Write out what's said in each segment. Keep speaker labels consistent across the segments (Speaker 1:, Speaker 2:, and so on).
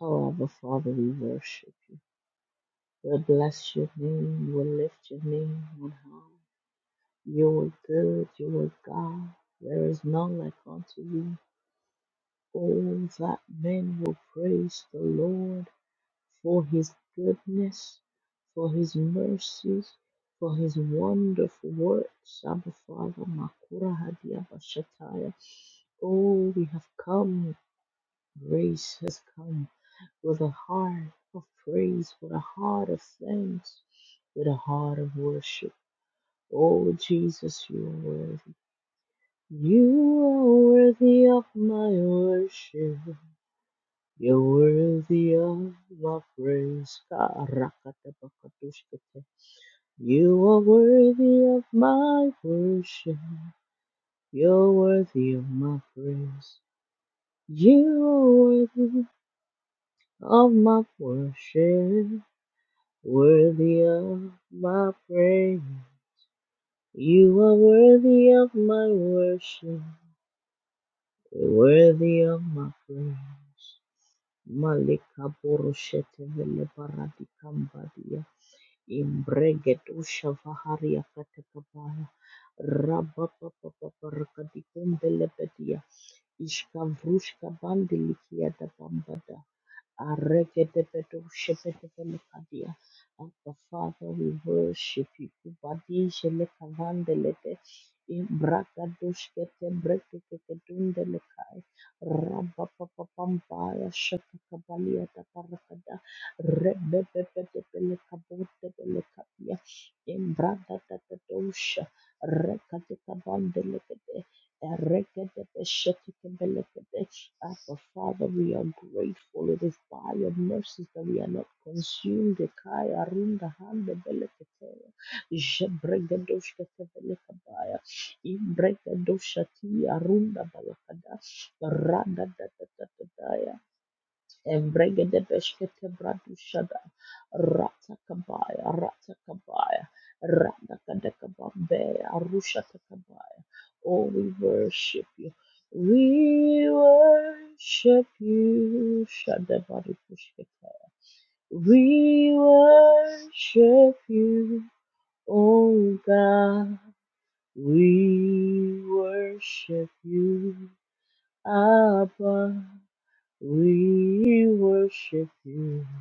Speaker 1: Oh, Father, we worship you. We bless your name. We lift your name on high. You are good. You are God. There is none like unto you. Oh, that men will praise the Lord for his goodness, for his mercies, for his wonderful works. Abba Father, Makura Hadia Bashataya. Oh, we have come. Grace has come. with a heart of praise, with a heart of thanks, with a heart of worship. Oh, Jesus, you are worthy. You are worthy of my worship. You're worthy of my praise. You are worthy of my worship. You're worthy of my praise. You are worthy of my worship. worthy of my praise. You are worthy of my worship, worthy of my praise. Malika Boroshete Vele Baradikambadia. Imbregetusha Vaharia Katakabaya. Rabba Papa Papa Rakadikumbelebedia. Ishkavrushka Bandilikia da Bambada, Arreketepetushepetekelekadia. Abba Father, we worship you. Kubadishelekavandelete. Ibrakadushkete breketeketundelekai. Rabapapapambaya shatakabaliatakarakada. Rebebebetepelekabotepelekadia. Imbrakatatatosha. Rekatekabandele Abba, Father, we are grateful. It is by your mercies that we are not consumed. Ekaya runda hande beleketeye. Jebregedoshka tebelekabaya. Ibregedoshati arunda balakada. Randa da da da da daya. Evregedebeshkete bradushada. Ratakabaya, ratakabaya. Radakadakabambea, arushatakabaya. Oh, we worship you. We worship you. Shadabarikushkete. We worship you, oh God. We worship you, Abba. We worship you.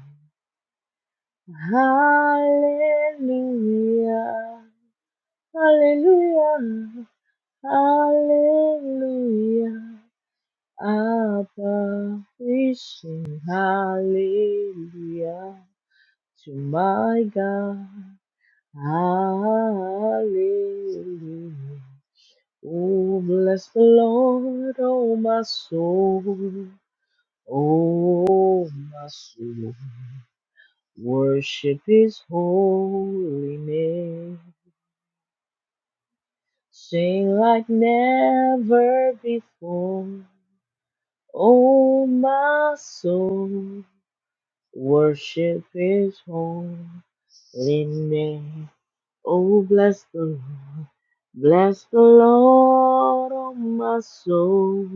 Speaker 1: Hallelujah. Hallelujah. Hallelujah. Abba, we sing hallelujah to my God. Hallelujah. Oh, bless the Lord, oh my soul. Oh, my soul. Worship his holy name. Sing like never before. Oh, my soul, worship his holy name. Oh, bless the Lord. Bless the Lord, oh, my soul.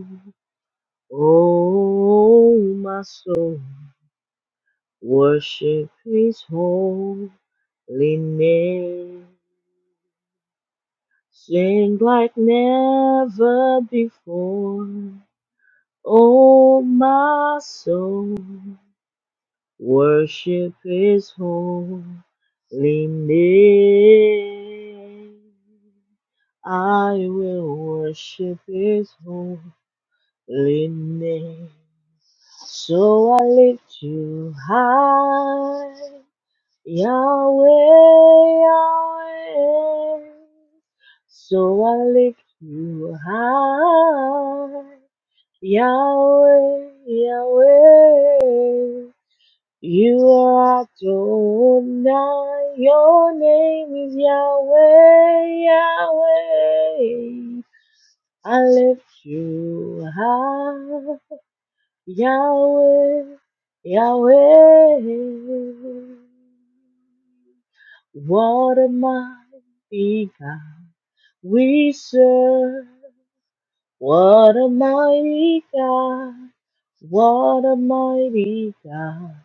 Speaker 1: Oh, my soul, worship his holy name. Sing like never before. Oh, my soul, worship his holy name. I will worship his holy name. So I lift you high, Yahweh, Yahweh. So I lift you high. Yahweh, Yahweh, you are Adonai, your name is Yahweh, Yahweh, I lift you high, Yahweh, Yahweh, what a mighty God we serve, What a mighty God. What a mighty God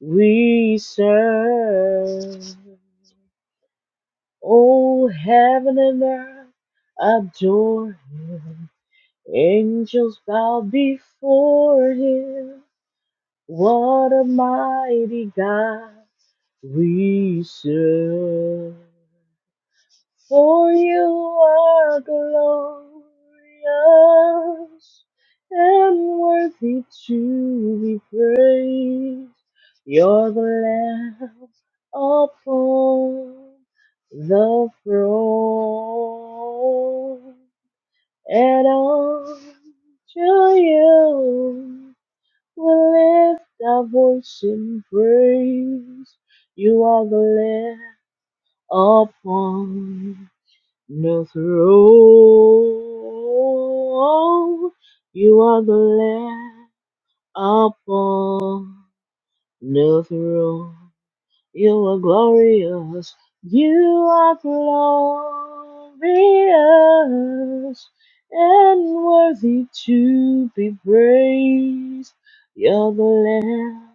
Speaker 1: we serve. Oh, heaven and earth adore him. Angels bow before him. What a mighty God we serve. For you are glorious and worthy to be praised. You're the Lamb upon the throne, and unto you we lift our voice in praise. You are the Lamb upon no throne, you are the Lamb upon the throne. You are glorious. You are glorious and worthy to be praised. You're the Lamb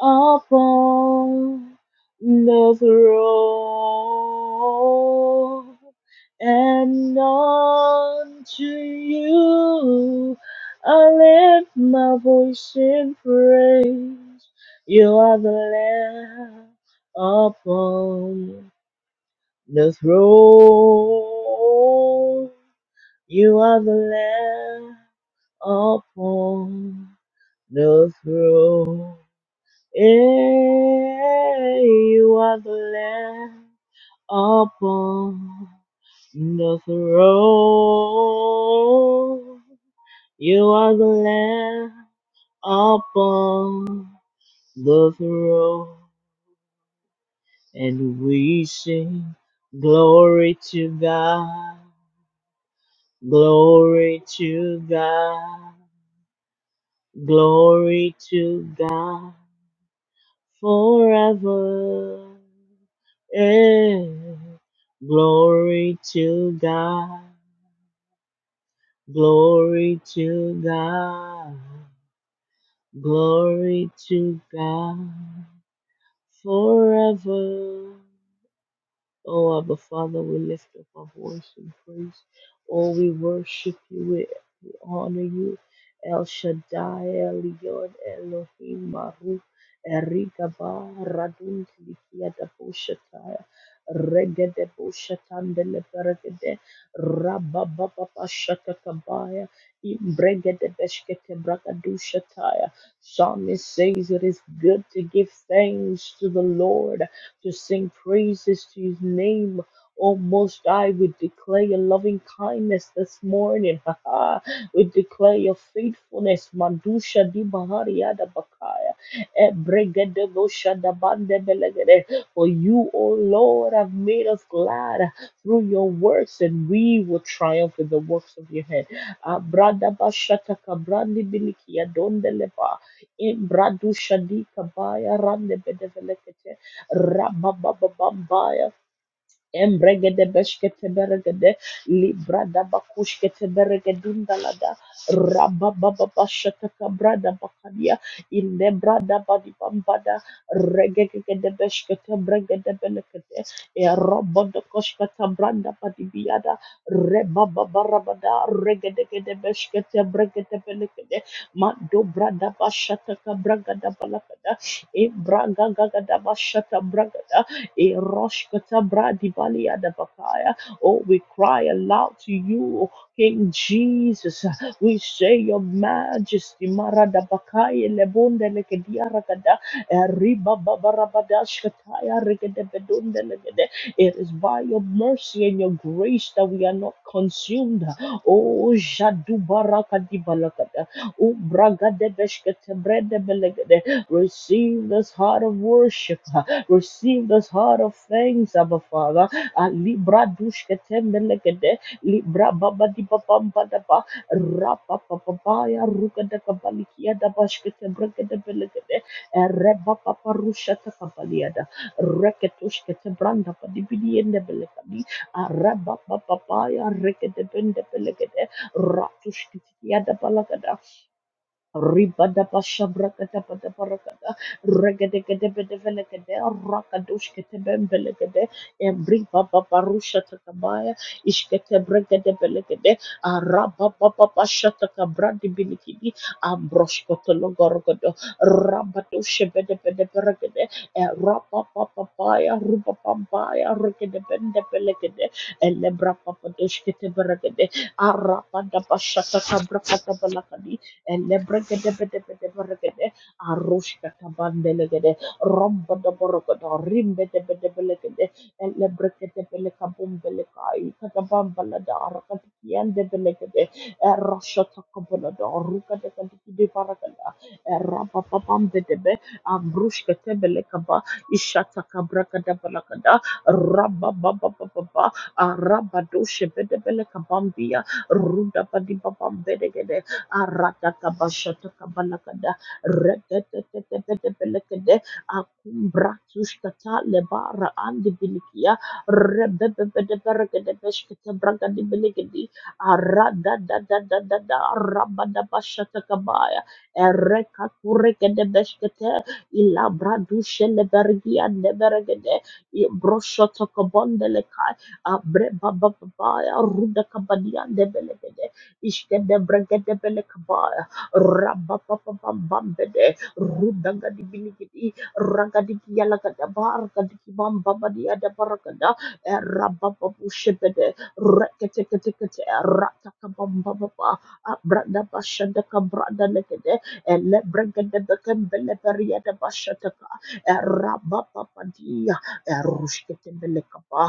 Speaker 1: upon the throne, and unto you I lift my voice in praise. You are the Lamb upon the throne. You are the Lamb upon the throne. Yeah, you are the Lamb upon the throne. You are the Lamb upon the throne. and we sing glory to God, glory to God, glory to God forever. Eh, Glory to God, glory to God, glory to God forever. Oh, Abba Father, we lift up our voice in praise. Oh, we worship you. We, we honor you. El Shaddai, Elyon, Elohim, Baruch, Erigaba, Radun, Likia, Dabushatai, Regede, Bushatan, Deleberegede, Rabababa, Shatakabaya, Imbregede, Beshkete, Bragadushatai. Psalmist says it is good to give thanks to the Lord to sing praises to his name. Oh, most I would declare your loving kindness this morning. Ha ha. We declare your faithfulness. Mandusha di bahariada bakaya. Ebregede bosha da bande belegede. For you, O Lord, have made us glad through your works, and we will triumph in the works of your hand. Abrada bashata kabrandi bilikia donde leba. Imbradusha di kabaya rande Rababababambaya. Embregede beshkete beregede librada bakushkete beregedunda lada rababa bashataka brada bakadia ille brada badi bambada regegede beshkete bregede belekete e robodo koshkata branda badi biada rebaba barabada regedegede beshkete bregede belekede mado brada bashataka bragada balakada e braga gagada bashata bragada Eroshkata bradibalia dabakaya. Oh, we cry aloud to you, King Jesus. We say your majesty. Maradabakaya lebonde lekediaragada. Eribababarabadashkataya regedebedonde legede. It is by your mercy and your grace that we are not consumed. Oh, jadubarakadibalakada. Oh, bragadebeshkatebredebelegede. receive this heart of worship. Receive this heart of thanks, Abba Father. Ah, Libra dushke tembelegede, Libra baba di babam badaba, Rapa papaya, ruka da kabalikia da bashkete bregede belegede, Reba papa rushata kabaliada, Reketushkete branda padibidi ende belegadi, Reba papaya, rekede bende belegede, Ratushkete yada balagada, Ribada pasha brakata pata parakata regede gede bede vele gede rakadush kete bembele gede every papa parusha takabaya ishkete bregede bele gede araba papa pasha takabra di Ribadabashabrakadabarakada, regedegedebedebelekede, rakadoshketebembelekede, embribababarushatakabaya, ishketebregedebelekede, arababababashatakambradibilikidi, ambroshkotologorogodo, rabadoshebedebedebelekede, erapapapapaya, rubapapaya, regedebendebelekede, elebrapapadoshketeberegede, balakadi. Elebrekedebedebedeberegede, arushkatabandelegede, rombadaborogodo, rimbedebedebelegede, elebrekedebelekabumbelekai, katabambalada, arakatikiendebelegede, eroshotakabolodo, rukadakadikidibaragada, erabababambedebe, abrushkatebelekaba, ishatakabrakadabalagada, rabababababa, arabadoshebedebelegabambia, rudabadibabambedegede, Aratakabashotakabalakada. Reketetetetetepelekede. Akumbratushkata lebara andibilikia. Rebebebedeberekedebeshketebragadibelekedi. Aradadadadadada. Rabadabashatakabaya. Erekakurekedebeshkete. Ilabradushelebergiandeberegede. Ibroshotakabondeleka. Abre baba baba ya ruda kabadian de Belegede, Ishkede bregede bele kabaya. Rabba papa bambede. Rudaga di biligidi. Raga di, kiyalaga da barga di kibam baba di ada barga da. Rabba babu shebede. Rekete kete kete. rata kabam baba. ba. Brada basha Ishkedebregedebelekabaya, Rababababambambede, beria Ragadikialakadabargadikibambabadiadabaragada, basha Rabababushebede, Reketeketekete, Ratakabambababa, Abradabashadakabradalekede, Elebregedebekembeleperiyadabashataka, eh, Rabababadia, eh, Rushketebelekaba,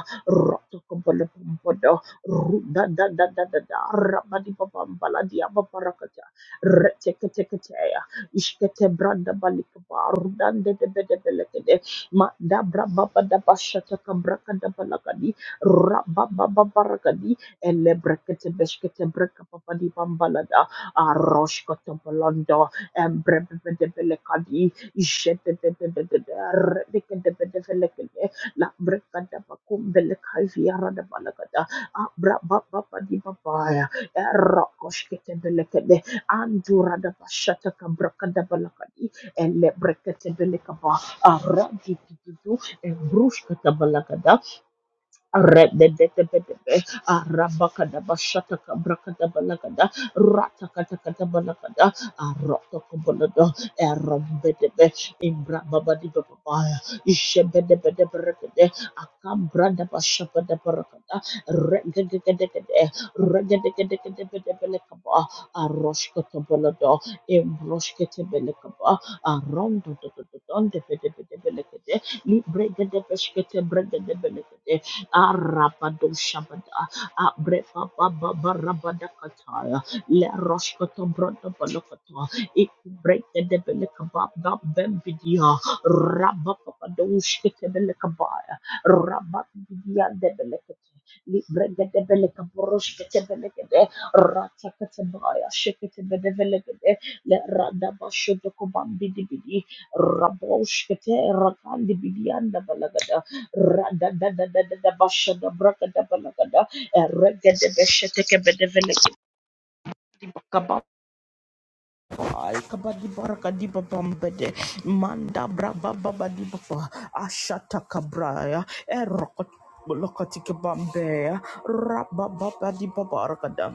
Speaker 1: bumbodo. Ru- da da da da da da. Rabadi babam baladi abaparakata. Reteke teke teya. Ishkete branda balikaba. Rudan de de de de belekede. Ma da bra baba da bashata kabraka da balakadi. Rababa babarakadi. Ele brekete beshkete breka papadi bambalada. Aroshkata balanda. Embre bebe de belekadi. Ishete de de de de de. Reteke de de de belekede. La breka da bakum belekaivi arada balakada. Abrabababadibabaya. Erakoshketebelekede. Anduradabashatakabrakadebalakadi. Elebreketebelikaba. Aradididididdu. Embrushkatabalakada. Rebedebedebe, Arabakadabashataka Brakadabalagada, Ratakatakabalagada, Arotokobolodo, Erobedebe, Imbrababadibababaya, Ishebedebedebregede, Akambradabashabadabarakada, Regedegedegede, Regedegedegedebedebelekaba, Aroshkotobolodo, Imbroshketebelekaba, Arondodododondebedebedebelekede, Libregedebeshketebregedebelekede, Arabado Shabada, Abrepa Baba Barabadakataya, Le Roshkoto Brodo Balokata, it Break the Debelekabab Bembidia, Rabapapadoshketebelekabaya, Rababidia Debelekate. Libregedebelekaboroshketebelekede, Ratakatabaya, Sheketebedebelegede, Le Radabashodokobambidibidi, Raboshkete, Rakandibidianda Manda braba baba di baba ashata kabraya erokot lokati kebambe raba baba di baba rakada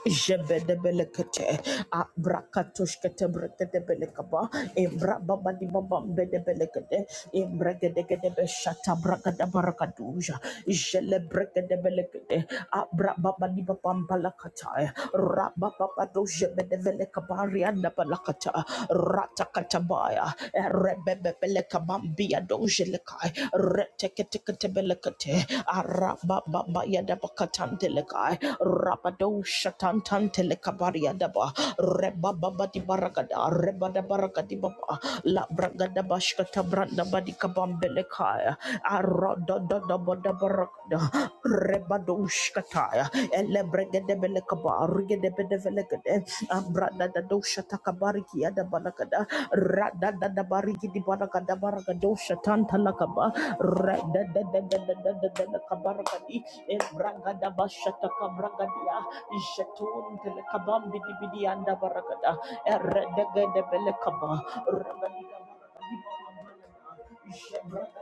Speaker 1: Jebedebelekete, abrakatushkete brekedebelekaba, embrababadibabambedebelekete, embregedegedebeshata brakadabarakaduja, jelebrekedebelekete, abrababadibabambalakata, rabababadojebedevelekabariandabalakata, ratakatabaya, erebebebelekabambiadojelekai, retekete- Tekatebelekate, Arababa Yadabakatandeleka, Rabado shatan Shatantan Telekabaria Daba Reba Baba di Baragada Reba da Baragadi Baba La Bragada Bashkata Branda Badika Bambelekaya Aroda da da Bada Baragada Reba Dushkataya Ele Bregade Belekaba Rigade Bedevelegade Abrada da Doshata Kabariki Ada Balagada Rada da da Barigi di Baragada Baragado Shatanta Lakaba Rada da da da da da da da kabarakadi Ebragada bashata kabragadia jetun telekabambi dibidi anda baragada eredegede belekaba ragadiga jebragada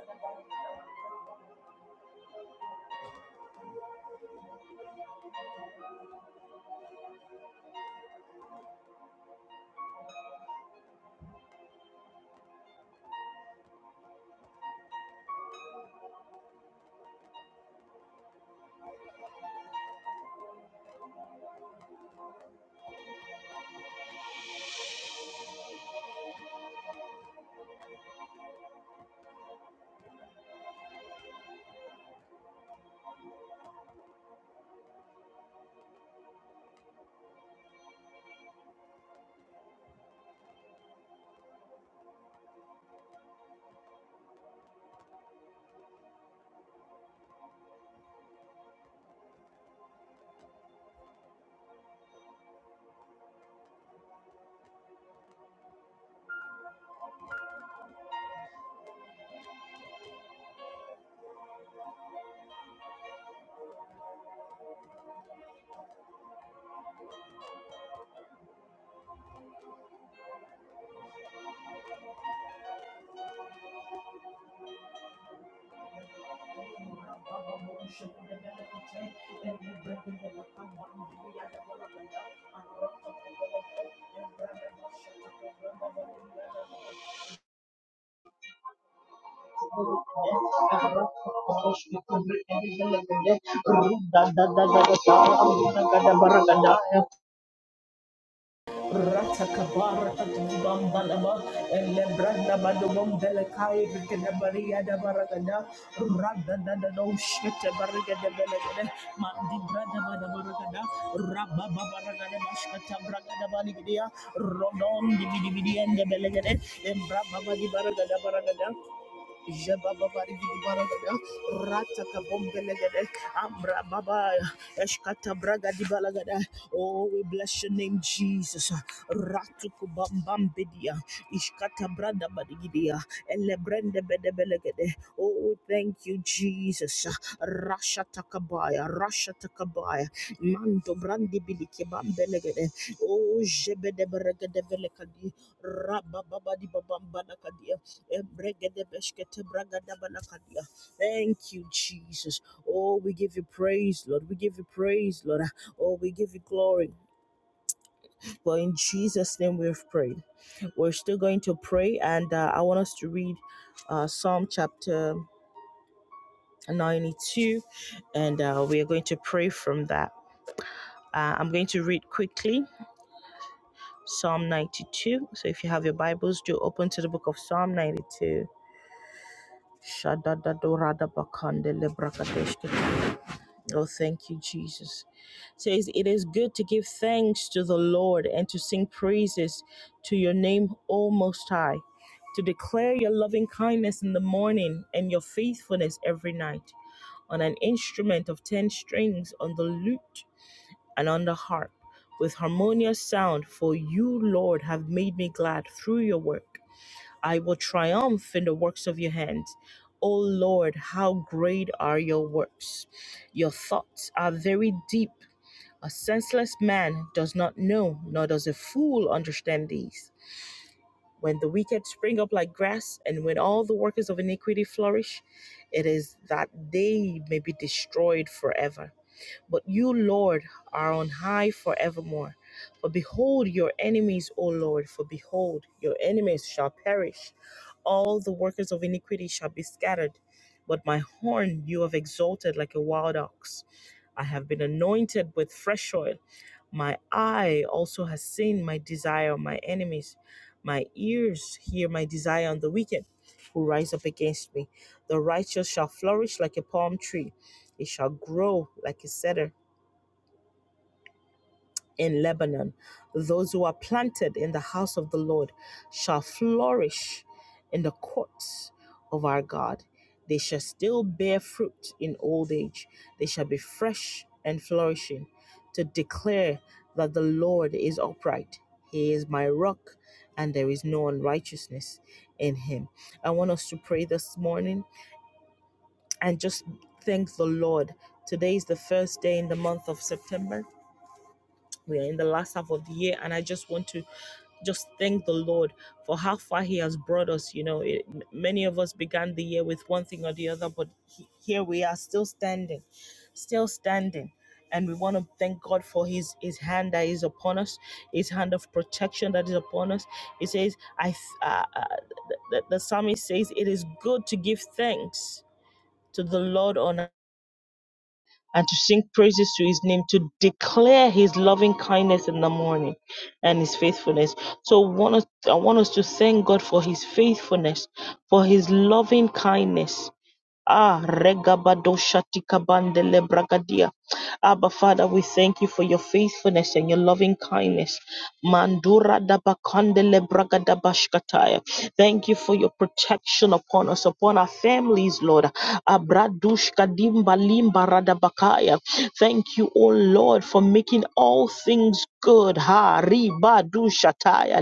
Speaker 1: shakada belekate erebregede lekabambi dibidi anda baragada Runda da da da da da, runda gada baragada, Ratakabara Katibambalaba, Elebranda Badum Delekai, Rikadabaria da Baragada, Rada da no Shetta Barriga de Belegade, Mandi Brada Badabaragada, Rabba Baragada Bashkata Bragada Baligia, Rodon Dividia and the Belegade, Embrababa di Baragada Baragada, Oh, we bless your name, Jesus. Ratuku Bambambidia, Ishkata Branda Badigidia, Elebrende Bedebelegade. Oh, we thank you, Jesus. Rasha Takabaya, Rasha Takabaya, Mando Brandi Biliki Bambelegade. Oh, Jebede Beregade Velekadi, Rabababa Babambanakadi. Thank you, Jesus. Oh, we give you praise, Lord. We give you praise, Lord. Oh, we give you glory. But in Jesus' name we've prayed. We're still going to pray, and uh, I want us to read uh, Psalm chapter 92, and uh, we are going to pray from that. Uh, I'm going to read quickly Psalm 92. So if you have your Bibles, do open to the book of Psalm 92. Shadadadorada bakande lebrakadeshke Oh, thank you, Jesus. It says it is good to give thanks to the Lord and to sing praises to your name, O Most High, to declare your loving kindness in the morning and your faithfulness every night on an instrument of ten strings, on the lute and on the harp, with harmonious sound. For you, Lord, have made me glad through your work. I will triumph in the works of your hands. O Lord, how great are your works! Your thoughts are very deep. A senseless man does not know, nor does a fool understand these. When the wicked spring up like grass, and when all the workers of iniquity flourish, it is that they may be destroyed forever. But you, Lord, are on high forevermore. For behold your enemies, O Lord, for behold, your enemies shall perish. All the workers of iniquity shall be scattered. But my horn you have exalted like a wild ox. I have been anointed with fresh oil. My eye also has seen my desire on my enemies. My ears hear my desire on the wicked who rise up against me. The righteous shall flourish like a palm tree, it shall grow like a cedar in Lebanon. Those who are planted in the house of the Lord shall flourish in the courts of our God. They shall still bear fruit in old age. They shall be fresh and flourishing to declare that the Lord is upright. He is my rock, and there is no unrighteousness in him. I want us to pray this morning and just thank the Lord. Today is the first day in the month of September we are in the last half of the year and i just want to just thank the lord for how far he has brought us you know it, m- many of us began the year with one thing or the other but he, here we are still standing still standing and we want to thank god for his his hand that is upon us his hand of protection that is upon us he says i th- uh, uh, the, the the psalmist says it is good to give thanks to the lord on and to sing praises to his name, to declare his loving kindness in the morning and his faithfulness. So want us, I want us to thank God for his faithfulness, for his loving kindness. Ah, regabado shatika bandele bragadia. Abba, Father, we thank you for your faithfulness and your loving kindness. Mandura dabakandele bragadabashkataya. Thank you for your protection upon us, upon our families, Lord. Abradushka dimba limba radabakaya. Thank you, O Lord, for making all things good. Ha, riba dushataya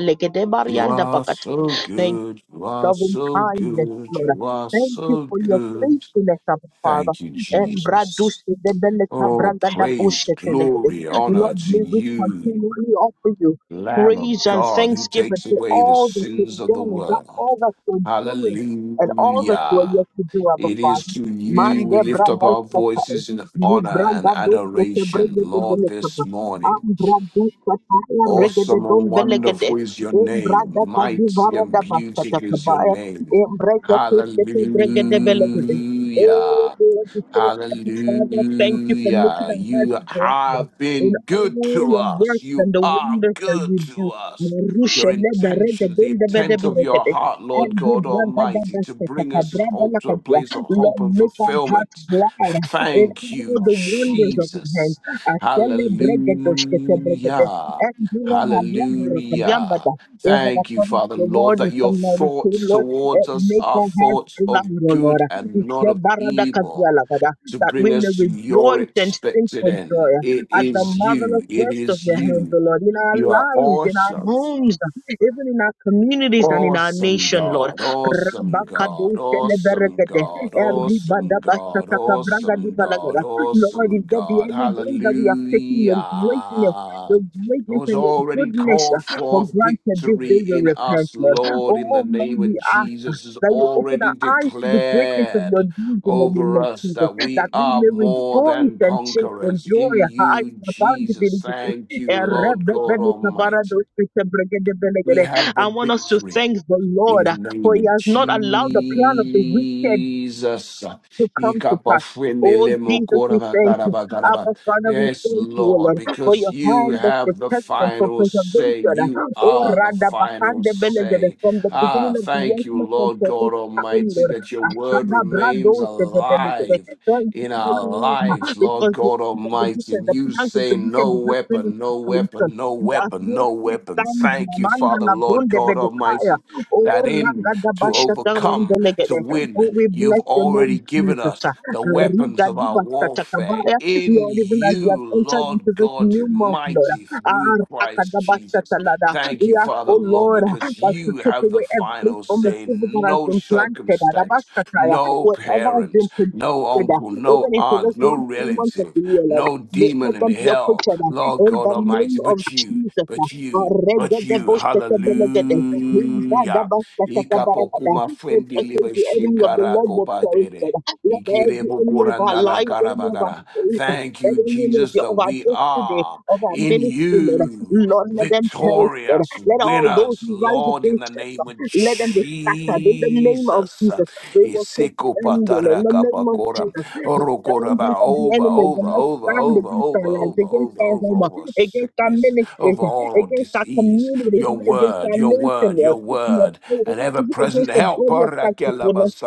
Speaker 2: You
Speaker 1: legedebarianda
Speaker 2: are
Speaker 1: bakat.
Speaker 2: so
Speaker 1: Thank
Speaker 2: good. You are
Speaker 1: loving
Speaker 2: so
Speaker 1: kindness,
Speaker 2: good.
Speaker 1: Lord.
Speaker 2: You are
Speaker 1: Thank you
Speaker 2: so
Speaker 1: for your
Speaker 2: good.
Speaker 1: faithfulness, Abba Father.
Speaker 2: Thank you,
Speaker 1: And Bradushe
Speaker 2: Jesus.
Speaker 1: the Beleka
Speaker 2: Oh,
Speaker 1: Bragada Bushe
Speaker 2: praise, glory, honor
Speaker 1: Lord,
Speaker 2: to
Speaker 1: may we
Speaker 2: you,
Speaker 1: continually offer you
Speaker 2: Lamb of
Speaker 1: praise and
Speaker 2: God, who
Speaker 1: thanksgiving
Speaker 2: takes
Speaker 1: for
Speaker 2: away the
Speaker 1: all that you've
Speaker 2: sins of the
Speaker 1: done and that
Speaker 2: world.
Speaker 1: all that you're doing and all that you are
Speaker 2: Hallelujah.
Speaker 1: yet to do, Abba
Speaker 2: It is
Speaker 1: Father.
Speaker 2: to you
Speaker 1: Mande
Speaker 2: we lift up our
Speaker 1: Bradaskatai.
Speaker 2: voices in
Speaker 1: Ni
Speaker 2: honor and
Speaker 1: Bragadushe te
Speaker 2: adoration,
Speaker 1: Bregede
Speaker 2: Lord, this
Speaker 1: Belekaba.
Speaker 2: morning.
Speaker 1: Am Braduskatai Regede
Speaker 2: Awesome and wonderful is your name.
Speaker 1: Embrada
Speaker 2: Mighty
Speaker 1: kadivara
Speaker 2: and
Speaker 1: da bastata
Speaker 2: beautiful is your
Speaker 1: kabaya.
Speaker 2: name.
Speaker 1: Embrada kistati
Speaker 2: Hallelujah.
Speaker 1: bregede belegede. Oh, Lord, we say, Abba Father, thank you for
Speaker 2: Hallelujah.
Speaker 1: making our hearts
Speaker 2: You
Speaker 1: glad
Speaker 2: have
Speaker 1: in
Speaker 2: been good
Speaker 1: all
Speaker 2: to
Speaker 1: your
Speaker 2: us.
Speaker 1: works and
Speaker 2: You
Speaker 1: the
Speaker 2: are
Speaker 1: wonders that
Speaker 2: good
Speaker 1: you
Speaker 2: to
Speaker 1: do.
Speaker 2: us.
Speaker 1: Marusha
Speaker 2: Your
Speaker 1: lebe
Speaker 2: intentions,
Speaker 1: regede
Speaker 2: the
Speaker 1: ndebede
Speaker 2: intent of your
Speaker 1: beregede.
Speaker 2: heart, Lord
Speaker 1: Andi
Speaker 2: God
Speaker 1: brada da
Speaker 2: Almighty, to
Speaker 1: bastata
Speaker 2: bring us
Speaker 1: kabrada
Speaker 2: hope to a
Speaker 1: lakadia.
Speaker 2: place of
Speaker 1: Lord,
Speaker 2: hope and
Speaker 1: make our hearts
Speaker 2: fulfillment.
Speaker 1: glad in
Speaker 2: Thank
Speaker 1: all
Speaker 2: you,
Speaker 1: the wonders of your hand.
Speaker 2: Jesus.
Speaker 1: Asele bregedoshkete bregede.
Speaker 2: Hallelujah.
Speaker 1: Endura halia
Speaker 2: Hallelujah.
Speaker 1: Eva, that
Speaker 2: Thank you,
Speaker 1: covers
Speaker 2: Father,
Speaker 1: your
Speaker 2: Lord,
Speaker 1: word in
Speaker 2: that your
Speaker 1: Psalm 92,
Speaker 2: thoughts
Speaker 1: Lord. Eh,
Speaker 2: towards us
Speaker 1: Make
Speaker 2: are
Speaker 1: our hearts
Speaker 2: thoughts
Speaker 1: glad,
Speaker 2: of
Speaker 1: O
Speaker 2: good
Speaker 1: Lord. It's
Speaker 2: and not
Speaker 1: the
Speaker 2: of
Speaker 1: barada
Speaker 2: evil
Speaker 1: kabiala, Father,
Speaker 2: to
Speaker 1: That we
Speaker 2: bring
Speaker 1: may
Speaker 2: us to your
Speaker 1: rejoice and sing
Speaker 2: expected
Speaker 1: for joy
Speaker 2: end. It
Speaker 1: at the
Speaker 2: is
Speaker 1: marvelous
Speaker 2: you. It
Speaker 1: works of
Speaker 2: is
Speaker 1: your hands, O
Speaker 2: you.
Speaker 1: Lord, in our
Speaker 2: You are
Speaker 1: lives, in our
Speaker 2: awesome.
Speaker 1: homes, even in our communities and in our
Speaker 2: Awesome
Speaker 1: nation, Lord.
Speaker 2: God, awesome God, awesome
Speaker 1: Rabakadosheleberegede,
Speaker 2: God, awesome God, awesome God,
Speaker 1: eribadabashatakabragadibalagada. Lord,
Speaker 2: awesome
Speaker 1: if there be
Speaker 2: God.
Speaker 1: any way that we have taken
Speaker 2: Hallelujah.
Speaker 1: your greatness, your
Speaker 2: It
Speaker 1: greatness
Speaker 2: was
Speaker 1: and your
Speaker 2: already
Speaker 1: goodness.
Speaker 2: called
Speaker 1: For
Speaker 2: forth
Speaker 1: granted, this
Speaker 2: victory
Speaker 1: day we
Speaker 2: in
Speaker 1: repent,
Speaker 2: us,
Speaker 1: Lord. Oh,
Speaker 2: Lord, in
Speaker 1: oh,
Speaker 2: the
Speaker 1: Lord,
Speaker 2: name
Speaker 1: we
Speaker 2: of
Speaker 1: ask
Speaker 2: Jesus, is
Speaker 1: that you open
Speaker 2: already
Speaker 1: our eyes to the greatness of your
Speaker 2: declared
Speaker 1: deeds in the name
Speaker 2: over
Speaker 1: of
Speaker 2: us
Speaker 1: Jesus,
Speaker 2: that
Speaker 1: that
Speaker 2: we
Speaker 1: we
Speaker 2: are
Speaker 1: may
Speaker 2: more
Speaker 1: rejoice
Speaker 2: than
Speaker 1: and sing for
Speaker 2: conquerors
Speaker 1: joy.
Speaker 2: in
Speaker 1: Ah,
Speaker 2: you,
Speaker 1: abundantly.
Speaker 2: Jesus. Thank
Speaker 1: Eh,
Speaker 2: you, Lord
Speaker 1: rebe-
Speaker 2: God
Speaker 1: bele- kabara- do-
Speaker 2: Almighty.
Speaker 1: si, se- bregede-
Speaker 2: We
Speaker 1: belegede.
Speaker 2: have the
Speaker 1: I want us to
Speaker 2: victory.
Speaker 1: thank the
Speaker 2: In
Speaker 1: Lord,
Speaker 2: the
Speaker 1: ah, for
Speaker 2: name
Speaker 1: he
Speaker 2: of
Speaker 1: has not allowed the plan of the wicked
Speaker 2: Jesus.
Speaker 1: to come to pass. Oh Jesus, we thank you.
Speaker 2: Ikapafwenelemokorabakaraba.
Speaker 1: Abba Father, we
Speaker 2: Yes,
Speaker 1: thank you, O
Speaker 2: Lord,
Speaker 1: Lord, for
Speaker 2: because
Speaker 1: your
Speaker 2: you
Speaker 1: hand of
Speaker 2: have the
Speaker 1: protection, for
Speaker 2: final say.
Speaker 1: preservation.
Speaker 2: You
Speaker 1: Oh
Speaker 2: are the
Speaker 1: Rada
Speaker 2: final
Speaker 1: Bakande Benegade,
Speaker 2: say.
Speaker 1: from the beginning
Speaker 2: Ah,
Speaker 1: of the year
Speaker 2: thank you,
Speaker 1: even up
Speaker 2: Lord
Speaker 1: until
Speaker 2: God
Speaker 1: this time,
Speaker 2: Almighty,
Speaker 1: Lord.
Speaker 2: that your word
Speaker 1: Asada
Speaker 2: remains
Speaker 1: Brado Sede Benegade.
Speaker 2: alive
Speaker 1: Thank you,
Speaker 2: in
Speaker 1: O
Speaker 2: our
Speaker 1: Lord,
Speaker 2: lives, Lord
Speaker 1: because the,
Speaker 2: God
Speaker 1: the, the,
Speaker 2: Almighty.
Speaker 1: wicked,
Speaker 2: And
Speaker 1: the
Speaker 2: you
Speaker 1: plans of
Speaker 2: say,
Speaker 1: the wicked
Speaker 2: No
Speaker 1: did not come
Speaker 2: weapon,
Speaker 1: into
Speaker 2: no
Speaker 1: fruition.
Speaker 2: weapon, no
Speaker 1: We are
Speaker 2: weapon,
Speaker 1: here
Speaker 2: no
Speaker 1: to
Speaker 2: weapon.
Speaker 1: stand in
Speaker 2: Thank you,
Speaker 1: Amanda
Speaker 2: Father, Lord
Speaker 1: Labrunde
Speaker 2: God
Speaker 1: Bedekaya.
Speaker 2: Almighty that
Speaker 1: Oh,
Speaker 2: in
Speaker 1: Rangada
Speaker 2: to
Speaker 1: Basha Dawande
Speaker 2: overcome, to
Speaker 1: Legede.
Speaker 2: win.
Speaker 1: Oh, we
Speaker 2: You've
Speaker 1: bless your name.
Speaker 2: already given
Speaker 1: Jesus.
Speaker 2: us the weapons
Speaker 1: Riga
Speaker 2: of our
Speaker 1: diva
Speaker 2: warfare
Speaker 1: satakabaya.
Speaker 2: in
Speaker 1: Lord, even as we have
Speaker 2: you,
Speaker 1: entered into
Speaker 2: Lord
Speaker 1: this
Speaker 2: God
Speaker 1: new month, Lord.
Speaker 2: Almighty, through
Speaker 1: ah,
Speaker 2: Christ Jesus.
Speaker 1: rakadabasatalada.
Speaker 2: Thank
Speaker 1: We
Speaker 2: you,
Speaker 1: ask,
Speaker 2: Father,
Speaker 1: oh
Speaker 2: Lord,
Speaker 1: Lord,
Speaker 2: because
Speaker 1: that to
Speaker 2: you
Speaker 1: take
Speaker 2: have the
Speaker 1: away every
Speaker 2: final
Speaker 1: form of
Speaker 2: say.
Speaker 1: evil that has
Speaker 2: No
Speaker 1: been planted.
Speaker 2: circumstance,
Speaker 1: adabasataya,
Speaker 2: no
Speaker 1: Whatever has
Speaker 2: parents,
Speaker 1: been planted.
Speaker 2: no uncle, no
Speaker 1: Even into this
Speaker 2: aunt, no
Speaker 1: last three months of
Speaker 2: relative,
Speaker 1: the year, Lord,
Speaker 2: no
Speaker 1: let
Speaker 2: demon
Speaker 1: let
Speaker 2: in
Speaker 1: them be
Speaker 2: hell,
Speaker 1: uprooted ah, in
Speaker 2: Lord God
Speaker 1: the name
Speaker 2: Almighty,
Speaker 1: of
Speaker 2: but you,
Speaker 1: Jesus. ah.
Speaker 2: but
Speaker 1: Ah,
Speaker 2: you, but you.
Speaker 1: regadebosatabelegede.
Speaker 2: Hallelujah.
Speaker 1: Ringadabasatakabarabada.
Speaker 2: Ikapokuma
Speaker 1: It
Speaker 2: fendi
Speaker 1: says
Speaker 2: libe
Speaker 1: the enemy of the
Speaker 2: shinkara
Speaker 1: Lord will perish.
Speaker 2: kopatere.
Speaker 1: Let every
Speaker 2: Ikirebo
Speaker 1: enemy of our
Speaker 2: koranala
Speaker 1: lives, enemy of our
Speaker 2: karabagara.
Speaker 1: faith,
Speaker 2: Thank you,
Speaker 1: every enemy of,
Speaker 2: Jesus,
Speaker 1: your,
Speaker 2: that
Speaker 1: of our
Speaker 2: we
Speaker 1: destiny,
Speaker 2: are
Speaker 1: of our
Speaker 2: in
Speaker 1: ministry, Lord,
Speaker 2: you,
Speaker 1: Lord, let them perish, Lord.
Speaker 2: victorious
Speaker 1: Let all those
Speaker 2: winners,
Speaker 1: who rise
Speaker 2: Lord, in the
Speaker 1: against us,
Speaker 2: name
Speaker 1: Lord,
Speaker 2: of
Speaker 1: let them be scattered in the name of
Speaker 2: Jesus.
Speaker 1: Jesus. We will keep
Speaker 2: isiko
Speaker 1: standing in
Speaker 2: patara
Speaker 1: the name of
Speaker 2: kapakora.
Speaker 1: Jesus. The
Speaker 2: Orokoraba.
Speaker 1: challenges of the
Speaker 2: Over,
Speaker 1: enemy will
Speaker 2: over,
Speaker 1: not
Speaker 2: over,
Speaker 1: stand
Speaker 2: over,
Speaker 1: against our
Speaker 2: over,
Speaker 1: lives,
Speaker 2: over,
Speaker 1: against
Speaker 2: over,
Speaker 1: our
Speaker 2: over,
Speaker 1: home,
Speaker 2: over
Speaker 1: against our
Speaker 2: sickness,
Speaker 1: ministries,
Speaker 2: over all
Speaker 1: against our
Speaker 2: disease.
Speaker 1: communities,
Speaker 2: Your
Speaker 1: even against
Speaker 2: word,
Speaker 1: our
Speaker 2: your word
Speaker 1: nation,
Speaker 2: word,
Speaker 1: Lord.
Speaker 2: your
Speaker 1: Your-
Speaker 2: word, an
Speaker 1: body-
Speaker 2: ever
Speaker 1: Even
Speaker 2: present
Speaker 1: against the
Speaker 2: help.
Speaker 1: body
Speaker 2: Oh,
Speaker 1: of Christ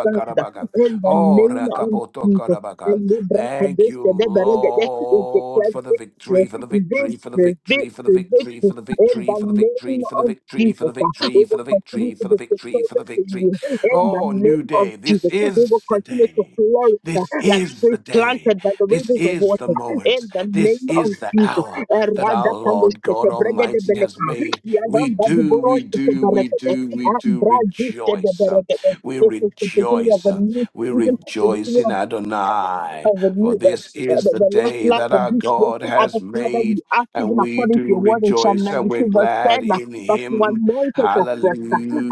Speaker 1: stand in the
Speaker 2: Oh,
Speaker 1: name of Jesus.
Speaker 2: rakapotokarabakan.
Speaker 1: Elibra
Speaker 2: Thank you,
Speaker 1: kadosha de beregede. We
Speaker 2: Lord,
Speaker 1: declare
Speaker 2: for the
Speaker 1: victory,
Speaker 2: victory, for the
Speaker 1: victory,
Speaker 2: victory, for the victory, for the
Speaker 1: victory,
Speaker 2: victory,
Speaker 1: victory
Speaker 2: for the
Speaker 1: in
Speaker 2: victory,
Speaker 1: the
Speaker 2: for the
Speaker 1: name
Speaker 2: victory, for the
Speaker 1: of
Speaker 2: victory, for
Speaker 1: Jesus.
Speaker 2: the
Speaker 1: uh, We
Speaker 2: victory, for
Speaker 1: will
Speaker 2: the
Speaker 1: continue
Speaker 2: victory,
Speaker 1: to
Speaker 2: for
Speaker 1: be
Speaker 2: the victory, for the
Speaker 1: victorious in
Speaker 2: victory.
Speaker 1: you in the
Speaker 2: Oh, new
Speaker 1: name of
Speaker 2: day. This
Speaker 1: Jesus. We will
Speaker 2: is the
Speaker 1: continue to
Speaker 2: day.
Speaker 1: flourish uh,
Speaker 2: This
Speaker 1: like
Speaker 2: is the
Speaker 1: trees
Speaker 2: day.
Speaker 1: planted by the
Speaker 2: This
Speaker 1: rivers of
Speaker 2: is the
Speaker 1: water in
Speaker 2: moment.
Speaker 1: the
Speaker 2: This
Speaker 1: name of
Speaker 2: is the
Speaker 1: Jesus.
Speaker 2: hour that our Lord
Speaker 1: Eradakalushkete
Speaker 2: God Almighty has
Speaker 1: bregedebeleka.
Speaker 2: made. We do, we do, we
Speaker 1: Yadambadiborosketeberegede.
Speaker 2: do, we do rejoice. um,
Speaker 1: Ambradushketeberegede.
Speaker 2: We
Speaker 1: This is the beginning of
Speaker 2: rejoice.
Speaker 1: a
Speaker 2: um,
Speaker 1: new
Speaker 2: We
Speaker 1: season, the
Speaker 2: rejoice
Speaker 1: beginning
Speaker 2: in
Speaker 1: of,
Speaker 2: Adonai.
Speaker 1: of a
Speaker 2: For
Speaker 1: new, the,
Speaker 2: this is
Speaker 1: the,
Speaker 2: the
Speaker 1: the last
Speaker 2: day
Speaker 1: lap
Speaker 2: that
Speaker 1: of
Speaker 2: our
Speaker 1: this year.
Speaker 2: God
Speaker 1: Abba
Speaker 2: has
Speaker 1: Father,
Speaker 2: made,
Speaker 1: you ask
Speaker 2: and
Speaker 1: even
Speaker 2: we
Speaker 1: according to
Speaker 2: do
Speaker 1: your word in Psalm
Speaker 2: rejoice and we're
Speaker 1: 92, verse 10,
Speaker 2: glad
Speaker 1: uh,
Speaker 2: in
Speaker 1: that you
Speaker 2: Him.
Speaker 1: anoint us.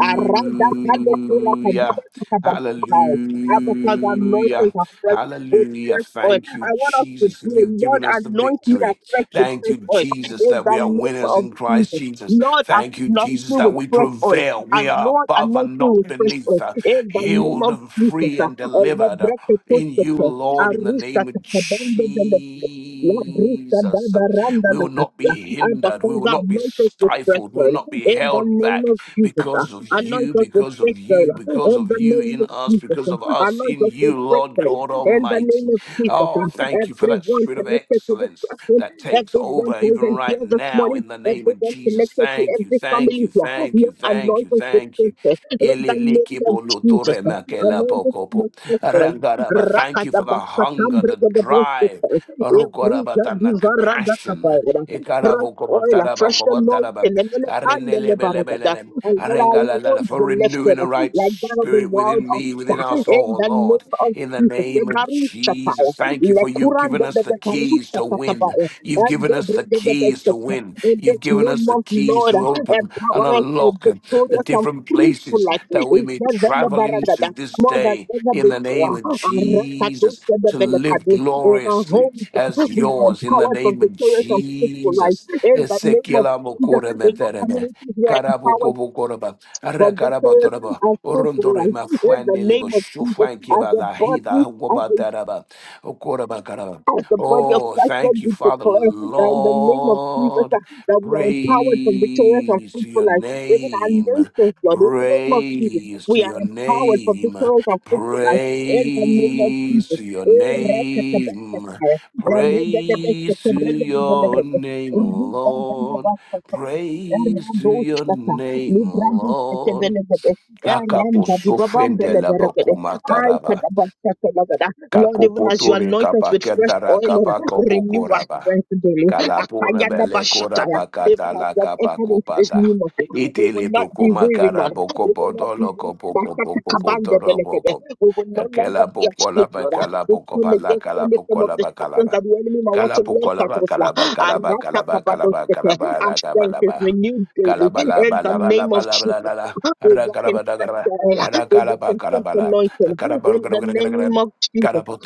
Speaker 1: Aranda Kalo Kura Kaduba Katabasakai. Abba Father, anoint us
Speaker 2: Hallelujah.
Speaker 1: afresh with
Speaker 2: Hallelujah.
Speaker 1: fresh oil.
Speaker 2: Thank you,
Speaker 1: I want us to
Speaker 2: Jesus, that
Speaker 1: pray,
Speaker 2: you've
Speaker 1: Lord,
Speaker 2: given us the
Speaker 1: anoint me
Speaker 2: victory.
Speaker 1: afresh with
Speaker 2: Thank
Speaker 1: fresh
Speaker 2: you,
Speaker 1: oil
Speaker 2: Jesus,
Speaker 1: in
Speaker 2: that
Speaker 1: the
Speaker 2: we are
Speaker 1: name
Speaker 2: winners
Speaker 1: of
Speaker 2: in Christ
Speaker 1: Jesus.
Speaker 2: Jesus.
Speaker 1: Lord,
Speaker 2: Thank you,
Speaker 1: anoint me
Speaker 2: Jesus,
Speaker 1: with
Speaker 2: that we
Speaker 1: fresh oil.
Speaker 2: prevail.
Speaker 1: And
Speaker 2: We are
Speaker 1: Lord,
Speaker 2: above
Speaker 1: anoint
Speaker 2: and
Speaker 1: me
Speaker 2: not
Speaker 1: with fresh
Speaker 2: beneath,
Speaker 1: oil
Speaker 2: uh,
Speaker 1: in the name
Speaker 2: healed
Speaker 1: of
Speaker 2: and
Speaker 1: Jesus.
Speaker 2: free and delivered uh, in you,
Speaker 1: Elebrekekoskete,
Speaker 2: Lord, in the name of
Speaker 1: arushakatabandebele,
Speaker 2: Jesus. Um, We will not
Speaker 1: labrusadabarandalakasia.
Speaker 2: be
Speaker 1: Abba
Speaker 2: hindered. We will
Speaker 1: Father,
Speaker 2: not be
Speaker 1: anoint us with fresh
Speaker 2: stifled. We will
Speaker 1: oil
Speaker 2: not be
Speaker 1: in the
Speaker 2: held
Speaker 1: name
Speaker 2: back
Speaker 1: of Jesus.
Speaker 2: because of
Speaker 1: Anoint
Speaker 2: you,
Speaker 1: us with
Speaker 2: because of
Speaker 1: fresh
Speaker 2: you,
Speaker 1: oil in
Speaker 2: because of
Speaker 1: the
Speaker 2: you
Speaker 1: name
Speaker 2: in
Speaker 1: of
Speaker 2: us,
Speaker 1: Jesus.
Speaker 2: because of us
Speaker 1: Anoint
Speaker 2: in
Speaker 1: us with
Speaker 2: you,
Speaker 1: fresh
Speaker 2: Lord
Speaker 1: oil
Speaker 2: God
Speaker 1: in the
Speaker 2: Almighty.
Speaker 1: name of Jesus.
Speaker 2: Oh, thank you for that
Speaker 1: Everyone
Speaker 2: spirit of
Speaker 1: connected to this
Speaker 2: excellence
Speaker 1: platform,
Speaker 2: that takes
Speaker 1: everyone
Speaker 2: over even
Speaker 1: present
Speaker 2: right
Speaker 1: here this
Speaker 2: now
Speaker 1: morning,
Speaker 2: in the name of
Speaker 1: everyone
Speaker 2: Jesus.
Speaker 1: connected to
Speaker 2: Thank you,
Speaker 1: every
Speaker 2: thank
Speaker 1: family
Speaker 2: you,
Speaker 1: here,
Speaker 2: thank you,
Speaker 1: Lord,
Speaker 2: thank
Speaker 1: anoint
Speaker 2: you,
Speaker 1: us with
Speaker 2: thank you.
Speaker 1: fresh oil in
Speaker 2: Ele
Speaker 1: the name
Speaker 2: liki
Speaker 1: of
Speaker 2: polo
Speaker 1: Jesus.
Speaker 2: tore makela
Speaker 1: Anoint us
Speaker 2: poko po.
Speaker 1: with fresh oil.
Speaker 2: Rangaraba, Thank you for the hunger, the
Speaker 1: Rakadabasatambre de Bosque.
Speaker 2: drive,
Speaker 1: Every
Speaker 2: Rukoraba, the
Speaker 1: Zadivara da
Speaker 2: passion.
Speaker 1: Evrizadivaradakabaira. Fresh
Speaker 2: Ikaraboko
Speaker 1: oil,
Speaker 2: botaraba,
Speaker 1: fresh anointing,
Speaker 2: kobotaraba.
Speaker 1: and then a candle,
Speaker 2: Arenelebelebelele.
Speaker 1: and let our
Speaker 2: Arengalalala.
Speaker 1: voice
Speaker 2: For
Speaker 1: be
Speaker 2: renewing
Speaker 1: lifted
Speaker 2: the right
Speaker 1: like that of the
Speaker 2: spirit
Speaker 1: world
Speaker 2: within
Speaker 1: of
Speaker 2: me, within our
Speaker 1: God. in
Speaker 2: soul,
Speaker 1: the
Speaker 2: Lord.
Speaker 1: name of
Speaker 2: In the
Speaker 1: Jesus. the
Speaker 2: name of
Speaker 1: Ebarushataya,
Speaker 2: Jesus, thank you for you've given
Speaker 1: lekurande
Speaker 2: us the keys to win.
Speaker 1: bebebarushatakabaya,
Speaker 2: You've
Speaker 1: and
Speaker 2: given
Speaker 1: the
Speaker 2: us the keys to
Speaker 1: debredebebeshata.
Speaker 2: win.
Speaker 1: In
Speaker 2: You've
Speaker 1: this
Speaker 2: given
Speaker 1: new
Speaker 2: us the
Speaker 1: month,
Speaker 2: keys
Speaker 1: Lord,
Speaker 2: to open and
Speaker 1: empower us for
Speaker 2: unlock the
Speaker 1: victorious and
Speaker 2: different
Speaker 1: fruitful
Speaker 2: places
Speaker 1: life.
Speaker 2: that we
Speaker 1: Is
Speaker 2: may
Speaker 1: there any
Speaker 2: travel into
Speaker 1: baragada?
Speaker 2: this day
Speaker 1: Ever
Speaker 2: in the name
Speaker 1: before,
Speaker 2: of
Speaker 1: And rest
Speaker 2: Jesus to live
Speaker 1: Arakadosebebelekadu. in our
Speaker 2: gloriously
Speaker 1: homes,
Speaker 2: as
Speaker 1: we are
Speaker 2: yours in the
Speaker 1: empowered for
Speaker 2: name of
Speaker 1: victorious and fruitful life.
Speaker 2: Jesus.
Speaker 1: In the name of
Speaker 2: Esekela
Speaker 1: Jesus,
Speaker 2: mokore
Speaker 1: in our
Speaker 2: meterebe.
Speaker 1: communities, we are
Speaker 2: Karabo
Speaker 1: empowered
Speaker 2: kobo koroba. Ara
Speaker 1: from
Speaker 2: karaba
Speaker 1: victorious and
Speaker 2: toroba.
Speaker 1: fruitful
Speaker 2: Orondore
Speaker 1: life
Speaker 2: ma
Speaker 1: in the
Speaker 2: fwandelebo
Speaker 1: name of Jesus as
Speaker 2: shofankeba
Speaker 1: a
Speaker 2: la hida
Speaker 1: body, as
Speaker 2: hokoba taraba. Okoroba karaba.
Speaker 1: as the body of
Speaker 2: Oh,
Speaker 1: Christ, God,
Speaker 2: thank you,
Speaker 1: we
Speaker 2: Father,
Speaker 1: declare that in the name of Jesus,
Speaker 2: Lord.
Speaker 1: uh, that we are empowered from victorious and
Speaker 2: Praise to
Speaker 1: fruitful
Speaker 2: your
Speaker 1: life. Even our
Speaker 2: name.
Speaker 1: nations, God, in the name of Jesus,
Speaker 2: Praise to
Speaker 1: we are
Speaker 2: your
Speaker 1: empowered from
Speaker 2: name.
Speaker 1: victorious and fruitful life. In the name of
Speaker 2: Praise
Speaker 1: Jesus.
Speaker 2: to your
Speaker 1: Oh,
Speaker 2: name.
Speaker 1: rekatabastakaya,
Speaker 2: Praise to your
Speaker 1: eregedebesekebregedebelekebe,
Speaker 2: name, Lord.
Speaker 1: urubandabastakaya,
Speaker 2: Praise to your
Speaker 1: eradoskata,
Speaker 2: name, Lord.
Speaker 1: librandosketebelekebe,
Speaker 2: Kakapo sofrende
Speaker 1: erandadibabambeleberekebe,
Speaker 2: la
Speaker 1: aikadabastakaya, Lord, even as you
Speaker 2: Kakopotore
Speaker 1: anoint us with fresh
Speaker 2: kapakendara
Speaker 1: oil, Lord, renew our
Speaker 2: kapakopokoraba.
Speaker 1: strength daily.
Speaker 2: Kalapona
Speaker 1: Akayada
Speaker 2: bele
Speaker 1: bashataya.
Speaker 2: koraba
Speaker 1: Even as
Speaker 2: katala
Speaker 1: we have entered into this
Speaker 2: kapakopata.
Speaker 1: new month, we
Speaker 2: Itele
Speaker 1: will not be
Speaker 2: pokoma
Speaker 1: weary, Lord.
Speaker 2: karaboko
Speaker 1: We will not be
Speaker 2: podolo
Speaker 1: weary.
Speaker 2: kopoko
Speaker 1: Bashata
Speaker 2: poko
Speaker 1: kabande
Speaker 2: potoro
Speaker 1: belekede.
Speaker 2: poko.
Speaker 1: We will no longer
Speaker 2: Akela
Speaker 1: be
Speaker 2: pokola
Speaker 1: asleep, Lord.
Speaker 2: bakala
Speaker 1: We come
Speaker 2: pokopala
Speaker 1: against
Speaker 2: kala
Speaker 1: any form of
Speaker 2: pokola
Speaker 1: destruction
Speaker 2: bakalaba.
Speaker 1: that the enemy might want to
Speaker 2: Kala
Speaker 1: launch
Speaker 2: pokola
Speaker 1: at us,
Speaker 2: bakala
Speaker 1: Lord.
Speaker 2: bakala
Speaker 1: Arata
Speaker 2: bakala bakala bakala
Speaker 1: kabadoskete. Our
Speaker 2: bakala
Speaker 1: strength
Speaker 2: bakala
Speaker 1: is
Speaker 2: bakala
Speaker 1: renewed daily.
Speaker 2: Kalabala
Speaker 1: In the
Speaker 2: bala bala
Speaker 1: name of
Speaker 2: bala bala
Speaker 1: Jesus,
Speaker 2: bala.
Speaker 1: we
Speaker 2: Ara
Speaker 1: walk in
Speaker 2: kalabala
Speaker 1: fresh
Speaker 2: kalabala.
Speaker 1: oil.
Speaker 2: Ara
Speaker 1: We walk
Speaker 2: kalabala
Speaker 1: in fresh anointing in the
Speaker 2: kalabala.
Speaker 1: name of Jesus.
Speaker 2: Oh,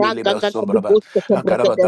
Speaker 1: Ragagagadiboshakabrakada,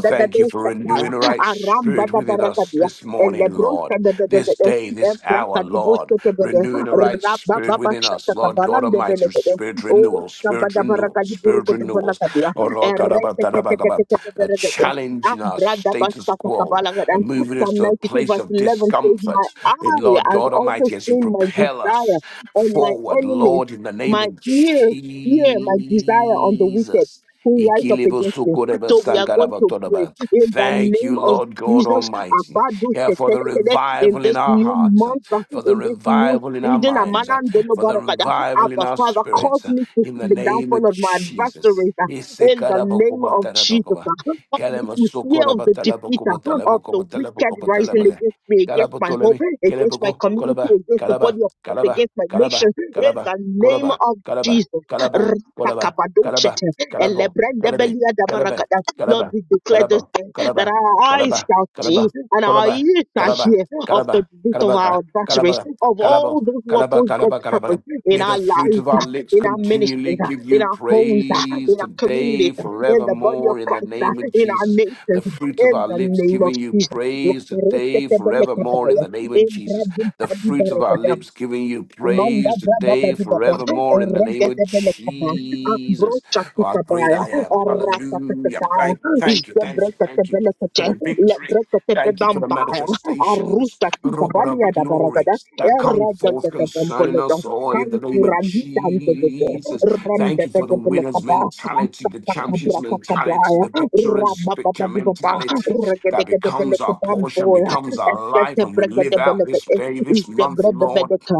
Speaker 2: thank you for renewing the right spirit within us
Speaker 1: arambadabaragadia,
Speaker 2: this morning, Lord. This
Speaker 1: elebroshadadadadada,
Speaker 2: day, this hour, Lord.
Speaker 1: ebrakadiboshakabada,
Speaker 2: Renewing the right spirit within us, Lord God Almighty.
Speaker 1: rabababashakakabarandebelege,
Speaker 2: Spirit renewal, spirit renewal, spirit renewal, spirit renewals.
Speaker 1: oshkabadabaragadiburukodobalakadia,
Speaker 2: Orokarabakarabakarabak. Uh, Challenging our
Speaker 1: ereteteteteteberegede,
Speaker 2: status quo and
Speaker 1: and
Speaker 2: moving us
Speaker 1: Psalm
Speaker 2: to a
Speaker 1: 92,
Speaker 2: place
Speaker 1: verse
Speaker 2: of
Speaker 1: 11 says, My
Speaker 2: discomfort. And
Speaker 1: eye
Speaker 2: Lord
Speaker 1: has
Speaker 2: God
Speaker 1: also
Speaker 2: Almighty, as you
Speaker 1: seen my
Speaker 2: propel us
Speaker 1: desire on my
Speaker 2: forward,
Speaker 1: enemies,
Speaker 2: Lord, in the name
Speaker 1: my
Speaker 2: of
Speaker 1: ears hear my desire on the wicked
Speaker 2: Jesus.
Speaker 1: who rise up against me. So we are going to pray
Speaker 2: Ikilibusukurebasangarabatodoba.
Speaker 1: in the
Speaker 2: Thank
Speaker 1: name
Speaker 2: you,
Speaker 1: of
Speaker 2: Lord God
Speaker 1: Jesus
Speaker 2: Almighty,
Speaker 1: about those
Speaker 2: yeah, for the
Speaker 1: that in
Speaker 2: revival in
Speaker 1: this
Speaker 2: our
Speaker 1: new
Speaker 2: hearts,
Speaker 1: month, uh,
Speaker 2: for the
Speaker 1: in this new
Speaker 2: revival in our
Speaker 1: season.
Speaker 2: minds,
Speaker 1: Amanan dono
Speaker 2: for the
Speaker 1: barakada.
Speaker 2: revival in
Speaker 1: Abba,
Speaker 2: our
Speaker 1: Father, cause
Speaker 2: spirits
Speaker 1: me to
Speaker 2: in
Speaker 1: see
Speaker 2: the
Speaker 1: the
Speaker 2: name of
Speaker 1: downfall of my
Speaker 2: Jesus.
Speaker 1: adversaries
Speaker 2: Ese
Speaker 1: in the name
Speaker 2: karabokoba
Speaker 1: of Jesus.
Speaker 2: tarabokoba.
Speaker 1: Cause me to hear of
Speaker 2: Kalamasokoroba
Speaker 1: the defeater
Speaker 2: talabokoba
Speaker 1: of the
Speaker 2: talabokoba
Speaker 1: wicked
Speaker 2: talabokoba
Speaker 1: rising
Speaker 2: talabaga.
Speaker 1: against me, against my home,
Speaker 2: Kalabotolemi,
Speaker 1: against my
Speaker 2: keleboko,
Speaker 1: community,
Speaker 2: kolaba,
Speaker 1: against the
Speaker 2: kalaba,
Speaker 1: body of Christ,
Speaker 2: kalaba,
Speaker 1: against my
Speaker 2: kalaba,
Speaker 1: nation, in
Speaker 2: kalaba,
Speaker 1: the name
Speaker 2: kolaba,
Speaker 1: of
Speaker 2: kalaba,
Speaker 1: Jesus.
Speaker 2: kalabo, kolaba, kalaba,
Speaker 1: Ratakabadoshete,
Speaker 2: kalabo, kalabe, kalabe,
Speaker 1: elebrandebeliadabaragada. Lord,
Speaker 2: kalaba,
Speaker 1: we declare this
Speaker 2: kalabo,
Speaker 1: day that
Speaker 2: kalaba,
Speaker 1: our eyes
Speaker 2: kalaba,
Speaker 1: shall see
Speaker 2: kalaba,
Speaker 1: and our
Speaker 2: kolaba,
Speaker 1: ears shall
Speaker 2: kalaba,
Speaker 1: hear of the
Speaker 2: kalaba,
Speaker 1: defeat of our
Speaker 2: kalabaka,
Speaker 1: adversaries,
Speaker 2: kalaba,
Speaker 1: of all
Speaker 2: kalabo,
Speaker 1: those who
Speaker 2: kalaba,
Speaker 1: oppose God's
Speaker 2: kalaba, kalaba,
Speaker 1: purpose in
Speaker 2: May
Speaker 1: our
Speaker 2: the fruit
Speaker 1: lives,
Speaker 2: of our lips
Speaker 1: in our
Speaker 2: continually
Speaker 1: ministries,
Speaker 2: give
Speaker 1: in
Speaker 2: you
Speaker 1: our homes,
Speaker 2: praise
Speaker 1: in our communities,
Speaker 2: today,
Speaker 1: uh, in the body of
Speaker 2: forevermore, in the
Speaker 1: Christ, uh,
Speaker 2: name of
Speaker 1: in our
Speaker 2: Jesus.
Speaker 1: nations,
Speaker 2: The
Speaker 1: uh,
Speaker 2: fruit of
Speaker 1: in
Speaker 2: our
Speaker 1: the
Speaker 2: lips
Speaker 1: name of
Speaker 2: giving you
Speaker 1: Jesus.
Speaker 2: praise today, forevermore, in
Speaker 1: Yakaroshetebelekabaya,
Speaker 2: the name of Jesus. The fruit of our
Speaker 1: Ebradikadibarekada,
Speaker 2: lips giving you praise today,
Speaker 1: Mandabradabadiba,
Speaker 2: forevermore, in the name of
Speaker 1: Eregedebelekaba,
Speaker 2: Jesus. Oh, how great
Speaker 1: Brochatikabaya,
Speaker 2: I am. Hallelujah.
Speaker 1: Eratatataya,
Speaker 2: Thank, thank you, thank you, thank you for
Speaker 1: Ishebrekatebelekate,
Speaker 2: the victory. Thank you for the
Speaker 1: Lebrekatebebambaya,
Speaker 2: manifestations, Robert of glory,
Speaker 1: Arutakikabaliadabaragada,
Speaker 2: that come forth concerning
Speaker 1: Eregedebelekabamboledo,
Speaker 2: us all in the name of
Speaker 1: Kankuranidandede,
Speaker 2: Jesus. Thank you for the winner's
Speaker 1: Remdebedebelekaba,
Speaker 2: mentality, the champion's
Speaker 1: Kabrata
Speaker 2: mentality,
Speaker 1: kabaya,
Speaker 2: the victor's
Speaker 1: raba baba
Speaker 2: victor
Speaker 1: di baba,
Speaker 2: mentality
Speaker 1: regede
Speaker 2: that
Speaker 1: gede
Speaker 2: becomes
Speaker 1: beleke
Speaker 2: our portion,
Speaker 1: bamboya,
Speaker 2: becomes our life,
Speaker 1: eskete
Speaker 2: and we live
Speaker 1: bregede
Speaker 2: out
Speaker 1: beleke,
Speaker 2: this day, this
Speaker 1: iste
Speaker 2: month,
Speaker 1: brebe
Speaker 2: Lord.
Speaker 1: bedeka,